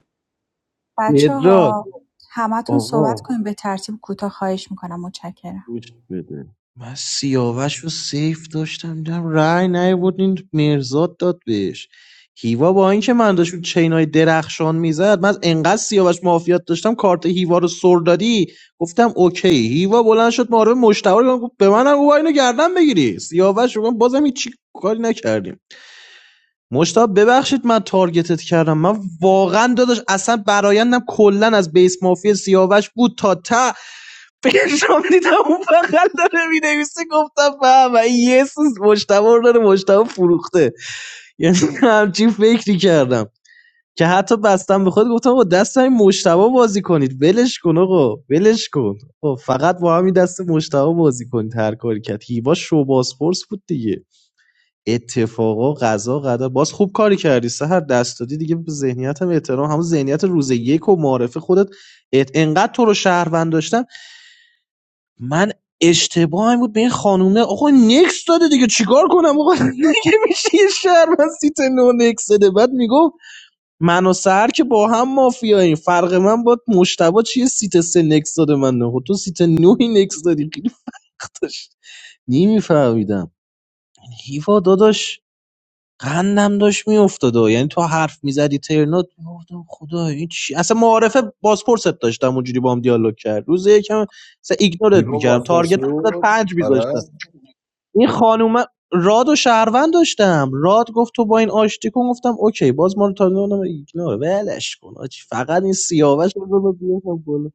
D: بچه ها
G: پدرام
D: همتون صحبت
G: آقا
D: کنیم به ترتیب کوتاه خواهش میکنم متشکرم
G: گوش بده من سیاوش رو سیف داشتم دیدم رأی نیاورد این مرزاد داد بهش هیوا با اینکه من داشت چینای درخشان میزد من انقدر سیاوش معافیت داشتم کارت هیوا رو سر دادی گفتم اوکی هیوا بلند شد ما رو مشتبه رو گفت به منم گفت اینو گردن بگیری سیاوش رو گفت بازم هیچ کاری نکردیم مشتاق ببخشید من تارگتت کردم من واقعا داداش اصلا برایندم کلا از بیس مافیا سیاوش بود تا ته پرشام دیدم اون بغل داره مینویسه گفتم فهم این یه سوز مشتبه رو داره مشتبه فروخته یعنی همچین فکری کردم که حتی بستم به خود گفتم با دست همین مشتبه بازی کنید ولش کن آقا ولش کن آقا فقط با همین دست مشتبه بازی کنید هر کاری کرد هیوا شو بازپرس بود دیگه اتفاقا قضا قدر باز خوب کاری کردی سهر دست دادی دیگه به ذهنیتم احترام همون ذهنیت روز یک و معارف خودت ات... انقدر تو رو شهروند داشتم من اشتباهم بود به این خانومه آقا نکس داده دیگه چیکار کنم آقا دیگه میشه یه شهر من سیت نو نکس داده بعد میگفت من و سهر که با هم مافیاییم فرق من با مشتبه چیه سیت سه نکس داده من نه خب تو سیت نوی نکس دادی خیلی وقت داشت نمیفهمیدم هیوا داداش قندم داشت میافتاد و یعنی تو حرف میزدی ترنات میگفتم خدا این چی اصلا معارفه بازپرست داشتم اونجوری باهم دیالوگ کرد روز یکم اصلا ایگنورت
F: هیوا
G: میکردم
F: بازپرسی
G: تارگت هم
F: بود
G: پنج
F: آره
G: میذاشتم این خانومه راد و شهروند داشتم راد گفت تو با این آشتی کن گفتم اوکی باز ما رو تا ایگنور ولش کن آجی. فقط این سیاوش رو بذار بیاد بالا.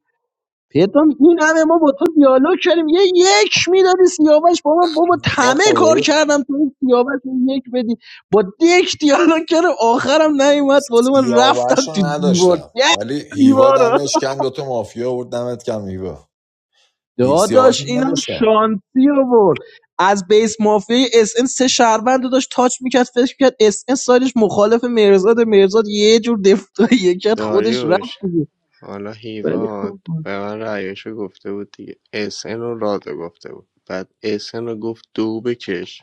G: پدرام این همه ما با تو دیالوگ کردیم یه یک میدادی سیاوش با من بابا
F: هیوا
G: همه کار
F: خدایی
G: کردم تو این سیاوش رو یک بدی با دک دیالوگ کردم آخرم نیومد بالا من
F: سیاوش
G: رفتم
F: رو
G: تو دیوار
F: نداشتم
G: یه
F: ولی هیوا
G: دیوار رو.
F: دمش کم دوتا مافیا بود دمت کم هیوا هی- سیاوش
G: داداش
F: رو
G: اینم
F: نداشتم
G: شانسی آورد از بیس مافیا اس ان سه شهروند رو داشت تاچ میکرد فکر میکرد اس ان سالش مخالف مرزاد مرزاد یه جور دفاعیه کرد خودش رفت
I: داریوش
G: دیگه
I: حالا
G: ولی
I: هیواد
G: خوب بود.
I: به من رأیشو گفته بود دیگه اسن رو رادو گفته بود بعد اسن رو گفت دو بکش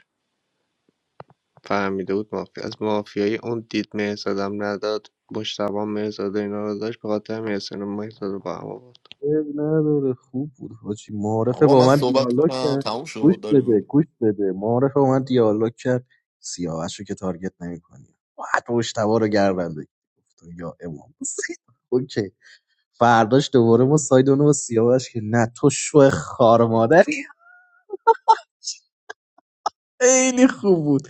I: فهمیده بود مافیا از مافیای اون دید مهرزادم نداد مشتبه مهرزاد و اینا رو داشت بخاطر مهرزاد و مهرزاد رو با هم آورد
G: عیب نداره خوب بود حاجی معارفه
B: آقا
G: با
B: من
G: من
B: صحبت
G: دیالوگ
B: کنم
G: کرد
B: تموم
G: گوش
B: شد
G: بده
B: داریو
G: گوش بده معارفه با من دیالوگ کرد سیاوش رو که تارگت نمیکنی باید مشتبا رو گردن بگیری گفتم یا امام حسین. اوکی فرداش دوباره ما سایدونو با سیاوش که نه تو شو خار مادری خیلی خوب بود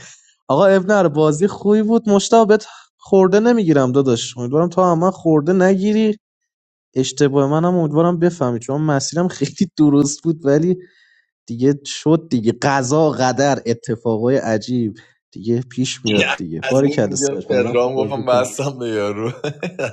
G: آقا اب ابنر بازی خوبی بود مشتبه بهت خورده نمیگیرم داداش امیدوارم تو هم من خورده نگیری اشتباه منم امیدوارم بفهمی چون مسیرم خیلی درست بود ولی دیگه شد دیگه قضا قدر اتفاقای عجیب دیگه پیش
F: یه
G: میاد دیگه
F: از این
G: بارکلا
F: میگه
G: سیاج بنظرم خوب
F: پدرام
G: بازی
F: گفتم
G: کرد
F: بستم به یارو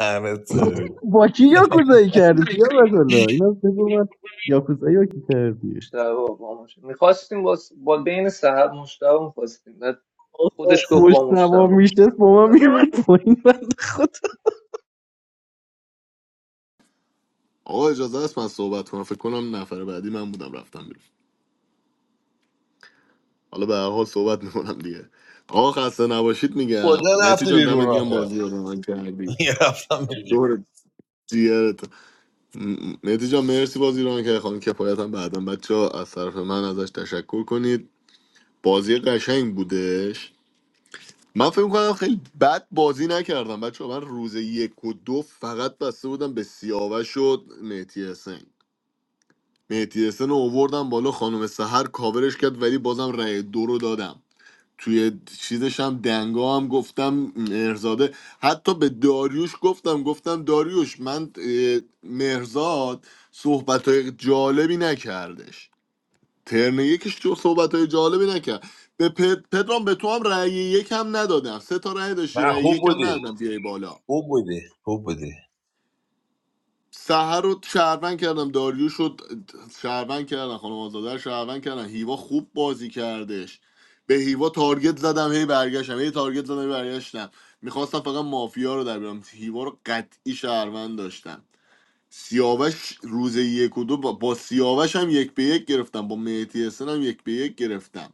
F: همه طوری
G: با کی یاکوزایی کردی بیا مثلا اینا بگو من یاکوزایی رو کی کردی
K: مشتبه با مشتبه میخواستیم با, س- با بین سهر مشتبه میخواستیم بعد خودش گفت با مشتبه
G: مشتبا
K: گفتم
G: میشتست با من
K: بله.
G: میاد پایین بند خدا
B: آقا اجازه است من صحبت کنم فکر کنم نفر بعدی من بودم رفتم بیرون حالا به هر حال صحبت میکنم دیگه آقا خسته نباشید میگم
F: کجا
B: مهدی
F: رفتی
B: جان
F: بیرون
B: دمت گرم بازی
F: آخه
B: رو به من کردی
F: یه رفتم بیرون
B: دور دیگرت مهدی جان مرسی بازی رو که خانم کفایت هم بعدا بچه ها از طرف من ازش تشکر کنید بازی قشنگ بودش من فکر کنم خیلی بد بازی نکردم بچه من روز یک و دو فقط بسته بودم به سیاوش شد مهدی حسین مهدی حسن رو اووردم بالا خانم سحر کاورش کرد ولی بازم رأی دو رو دادم توی چیزش هم دنگا هم گفتم مهرزاده حتی به داریوش گفتم گفتم داریوش من مهرزاد صحبت های جالبی نکردش ترن یکش تو صحبت های جالبی نکرد به پد- پدرام به تو هم رأی یکم ندادم سه تا رأی داشتی
F: نه
B: رأی
F: خوب
B: یکم
F: بودی
B: ندادم بیای بالا
F: خوب بودی خوب بودی
B: سهر رو شهروند کردم داریوش رو شهروند کردن خانم آزاده رو شهروند کردن هیوا خوب بازی کردش به هیوا تارگت زدم هی برگشتم هی تارگت زدم هی برگشتم میخواستم فقط مافیا رو در بیارم هیوا رو قطعی شهروند داشتم سیاوش روز یک و دو با, با سیاوش هم یک به یک گرفتم با مهدی حسن هم یک به یک گرفتم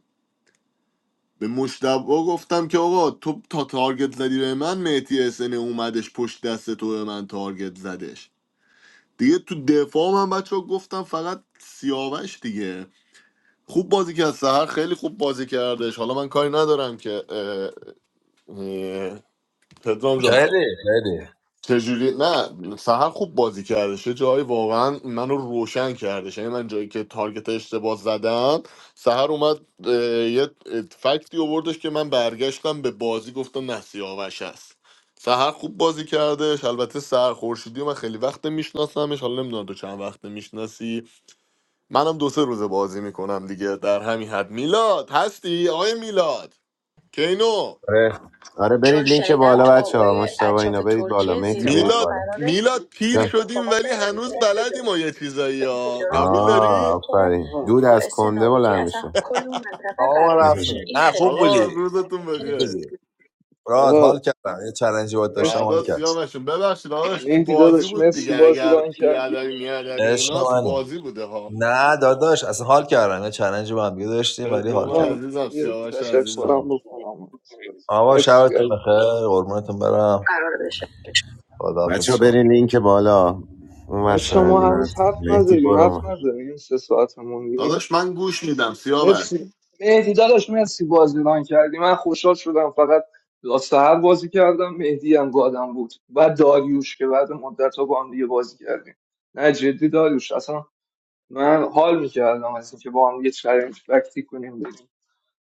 B: به مشتبه گفتم که آقا تو تا تارگت زدی به من مهدی حسن اومدش پشت دست تو به من تارگت زدش دیگه تو دفاع من بچه ها گفتم فقط سیاوش دیگه خوب بازی کرد سهر خیلی خوب بازی کردش حالا من کاری ندارم که اه، اه، پدرام جان
F: خیلی خیلی
B: چجوری نه سهر خوب بازی کردش یه جایی واقعا منو روشن کردش یعنی من جایی که تارگت اشتباه زدم سهر اومد اه، یه فکتی آوردش که من برگشتم به بازی گفتم نه سیاوش هست سهر خوب بازی کردش البته سهر خورشیدی رو من خیلی وقت میشناسمش حالا نمیدونم تو چند وقت میشناسی منم دو سه روزه بازی میکنم دیگه در همین حد میلاد هستی آقای میلاد کینو
Q: آره آره چون برید لینک بالا بچه ها آقای مشتبه اینا ارشد برید بالا ترکیه مهتی برید
B: میلاد
Q: بالا
B: میلاد پیر شدیم ولی هنوز بلدیم ما یه چیزایی ها قبول داری
Q: آه آفرین
K: آقا
Q: دود از کنده بلند میشه
F: آقا ما رفتیم نه خوب
B: آقا
F: بودی
B: روزتون بخیر
F: بودی راحت حال
K: آقا
F: کردم یه چلنجی باید داشتم حال
B: بعدات
K: مرسی
F: کردم
B: سیامشون ببخشید آقاش تو
K: مهدی
B: بازی
K: داداش
B: بود
K: مرسی
B: دیگه
K: بازی
B: اگر
K: ران کردی
B: بیادبی میادبی
F: عشق
B: اینا تو
F: منی
B: بازی بوده ها
F: نه داداش اصلا حال کردم یه چلنج با هم دیگه داشتیم ولی
B: پدرام
F: حال
K: آقا
F: کردم
B: عزیزم
K: یه
B: سیاوش
F: عشق
B: عزیزم
K: تشکرم
F: منی.
K: بکنم مرسی
F: آقا
K: مرسی
F: شبتون
K: عزیزم.
F: بخیر قربونتون برم
Q: بچه
F: خداحافظ
Q: ها
F: شما
Q: برین لینک بالا اون ور
K: بچه ما
Q: شاهین
K: هنوز حرف
Q: مهدی
K: نزدیم
Q: برو
K: حرف نزدیم سه ساعت موندیم
B: داداش من گوش میدم سیاوش
K: مرسی مهدی داداش مرسی بازی ران کردی من خوشحال شدم فقط سهر بازی کردم مهدی هم گادم بود و داریوش که بعد مدت ها با هم دیگه بازی کردیم نه جدی داریوش اصلا من حال میکردم از اینکه با هم یه چلنج وقتی کنیم بریم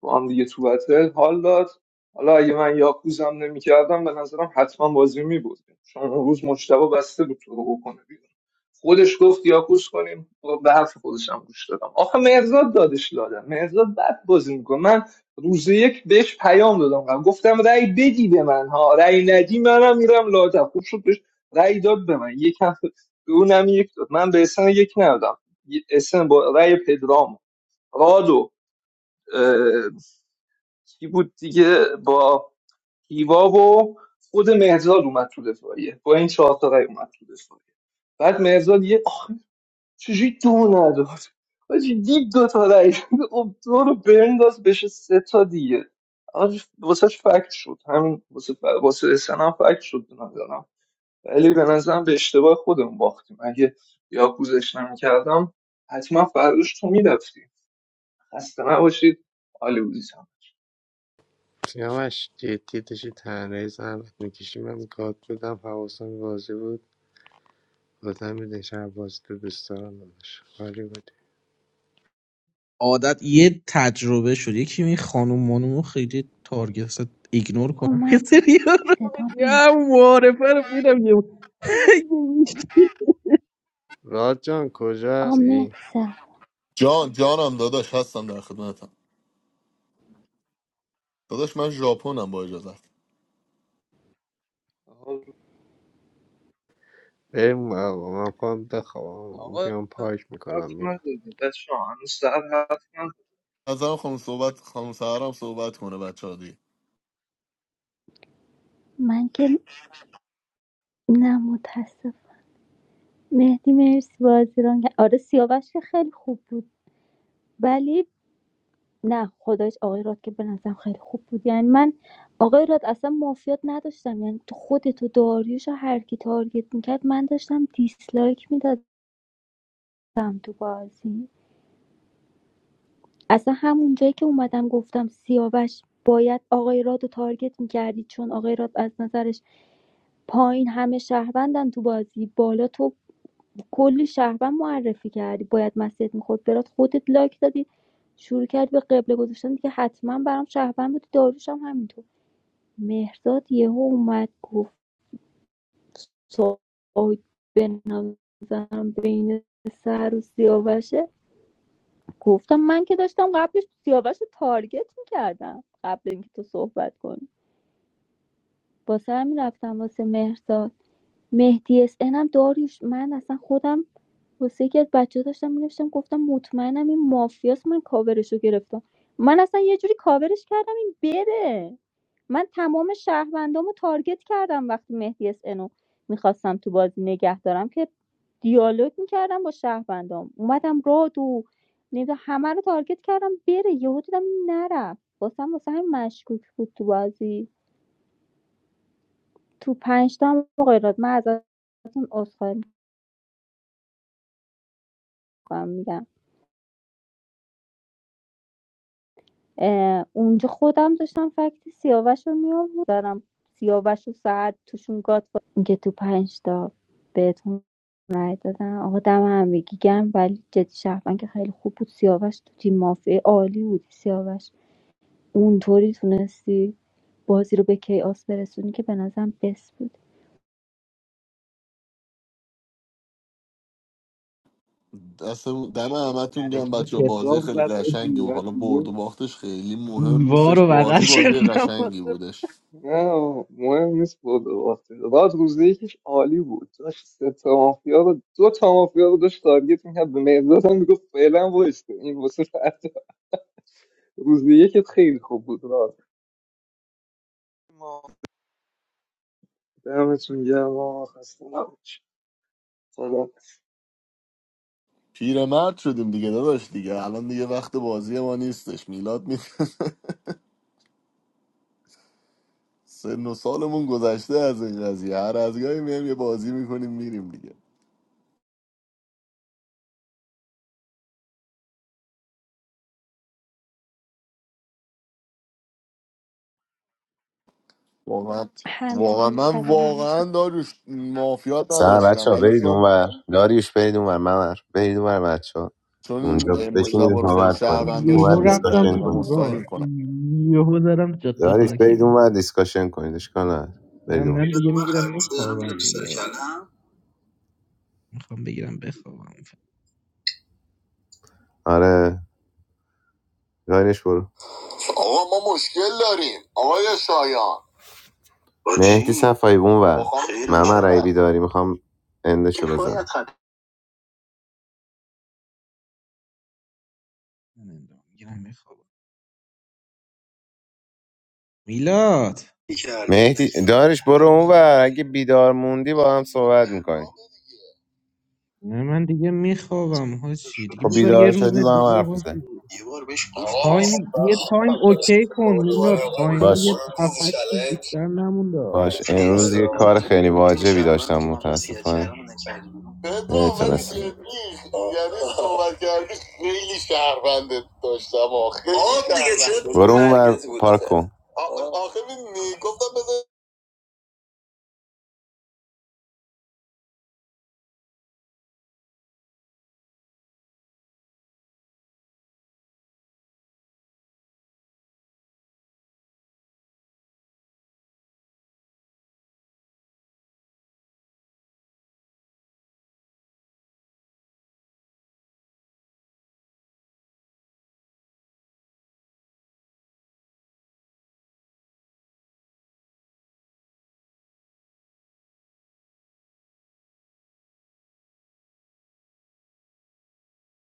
K: با هم دیگه تو بتل حال داد حالا اگه من یاکوزم نمیکردم به نظرم حتما بازی میبردیم چون اون روز مشتبه بسته بود تو رو بکنه بیرون. خودش گفت یاکوس کنیم و به حرف خودش هم گوش دادم آخه مرزاد دادش لادم مرزاد بد بازی میکنه من روز یک بهش پیام دادم گفتم رأی بدی به من ها رأی ندی منم میرم لادم خوب شد بهش رأی داد به من یک هم به اونم یک داد من به اسن یک ندادم اسن با رأی پدرام رادو کی بود دیگه با هیوا و خود مهرزاد اومد تو دفاعیه با این چهار تا رأی اومد تو دفاعیه بعد مهرزاد یه چجوری دو نداد حاجی دید دو تا رای شده، خب دو رو بنداز بشه سه تا دیگه واسه فکت شد همین واسه ف... واسه SN هم فکت شد به نظرم ولی به نظرم به اشتباه خودم باختیم اگه یا کوزش نمیکردم حتما فرداش تو میرفتی خسته نباشید عالی بودی هم
I: سیامش جدی داشتی تنهایی زحمت میکشی من گاد بودم حواسم بازی بود آدم میدن شب بازی تو دوست دارم داداش حالی بودی
H: آقا
G: یه
H: من
G: سری ها رو
H: صدا نمیاد
G: میگم معارفه رو میرم یه
I: راد جان کجا
H: آقا مهدی
I: هستی
B: جان جانم داداش هستم در خدمتم داداش من ژاپنم با اجازت
I: بریم آقا من خواهم بخوابم
K: آقا
I: بیام پاک
K: حرف
I: میکنم میرم.
K: نزدید بچه ها، هنوز سر حرف
B: نظرم خانم صحبت خانم سهرام صحبت کنه بچه ها دیگه
H: من که نه متاسف مهدی مرسی بازیران آره سیاوش که خیلی خوب بود ولی نه خدایش آقای راد که به نظرم خیلی خوب بود یعنی من آقای راد اصلا مافیات نداشتم یعنی تو خودت و داریوش و هر کی تارگت میکرد من داشتم دیسلایک میدادم تو بازی اصلا همون جایی که اومدم گفتم سیاوش باید آقای راد رو تارگت میکردی چون آقای راد از نظرش پایین همه شهروندن تو بازی بالا تو کلی شهروند معرفی کردی باید مسیت میخورد برات خودت لایک دادی شروع کردی به قبله گذاشتن دیگه حتما برام شهروند بودی داروش هم همینطور مهرداد یهو اومد گفت ساید به نظرم بین سر و سیاوشه گفتم من که داشتم قبلش سیاوش رو تارگت میکردم قبل اینکه تو صحبت کنی واسه همین رفتم واسه مهرزاد مهدی اس ان هم داریوش من اصلا خودم واسه یکی از بچه داشتم می‌نوشتم گفتم مطمئنم این مافیاست من کاورش رو گرفتم من اصلا یه جوری کاورش کردم این بره من تمام شهروندامو تارگت کردم وقتی مهدی اس رو میخواستم تو بازی نگه دارم که دیالوگ میکردم با شهروندام اومدم رادو نمیدونم همه رو تارگت کردم بره یهو دیدم این نرفت واسم واسه همین مشکوک بود تو بازی تو پنج تا هم آقای راد من ازتون عذرخواهی کنم میگم اونجا خودم داشتم فکت سیاوش رو میآوردم سیاوش و سعد توشون گات که تو پنج تا بهتون رای دادم آقا دم همگی گرم ولی جدی شهروند که خیلی خوب بود سیاوش تو تیم مافیا عالی بود سیاوش اونطوری تونستی بازی رو به کیاس برسونی که به نظرم بس بود
B: دستمون دم همتون گم
G: حرکت
B: بچه ها، بازی
G: پترام
B: خیلی
G: زد آجی
B: قشنگی بود
G: من
B: حالا برد و
G: دیگه
B: باختش خیلی مهم
G: دیوار
B: نیستش
G: رو بغل
B: بازی بازی
G: کردم
B: قشنگی بودش
K: نه مهم نیست برد و باخته راد روزه یکیش عالی بود داشت سه تا مافیا رو دو تا مافیا رو داشت تارگت میکرد به مهرداد هم میگفت فعلا وایسته این واسه فردا روزه یکت خیلی خوب بود راد ما دمتون گرم آقا. خسته نباشید.
B: پیرمرد شدیم دیگه داداش دیگه الان دیگه وقت بازی ما نیستش میلاد می سن و سالمون گذشته از این قضیه هر از گاهی میایم یه بازی میکنیم میریم دیگه واقعا واقعا
H: همچنین شب
B: من
H: همه
B: واقعا داروش مافیات
Q: سلام
B: نداشتم
Q: بچه ها
B: ولی
Q: برید
B: چون
Q: اون ور داریوش برید اون ور ممر برید اون ور بچه ها
B: چون
Q: اونجا
B: این مشتبه
Q: بشینید
B: رو خیلی
Q: صحبت کنید
G: من
B: شهروند
Q: اون ور
G: یهو
B: داشتم بهت رای
G: رفتم
Q: دیسکاشن
G: تو
B: دادم
Q: کنید
B: عذرخواهی
G: دیوار
B: میکنم
G: یهو دارم جاده
Q: داریوش
G: خاکی
Q: برید اون
G: مون
Q: ور دیسکاشن کنید اشکال نداره
G: نه
Q: برید اون
G: من دیگه میگیرم میخوابم میلاد میخوام بگیرم بخوابم
Q: آره داریوش برو آقا ما مشکل داریم آقای شایان با مهدی چی؟ صفایی اون ور با داری میخوام اندشو بزن باید خطی
G: میلاد
Q: مهدی دارش برو اون اگه بیدار موندی با هم صحبت میکنی
G: نه من دیگه میخوابم هاشی دیگه
Q: خب
G: بذار یه
Q: بیدار
G: روز
Q: شدی با هم
G: دیگه
Q: حرف بزن
G: هاشی تایم یه تایم اوکی کن میلاد تایم
Q: باش
G: یه هفتش روز بیشتر نمونده
Q: باش امروز
G: حواست
Q: یه کار خیلی گفتم واجبی داشتم متاسفانه نمیتونستم
G: باشه.
Q: یعنی صحبت کردی خیلی شهرونده داشتم آخ برو اون ور پارک کن آخه آخه گفتم بذار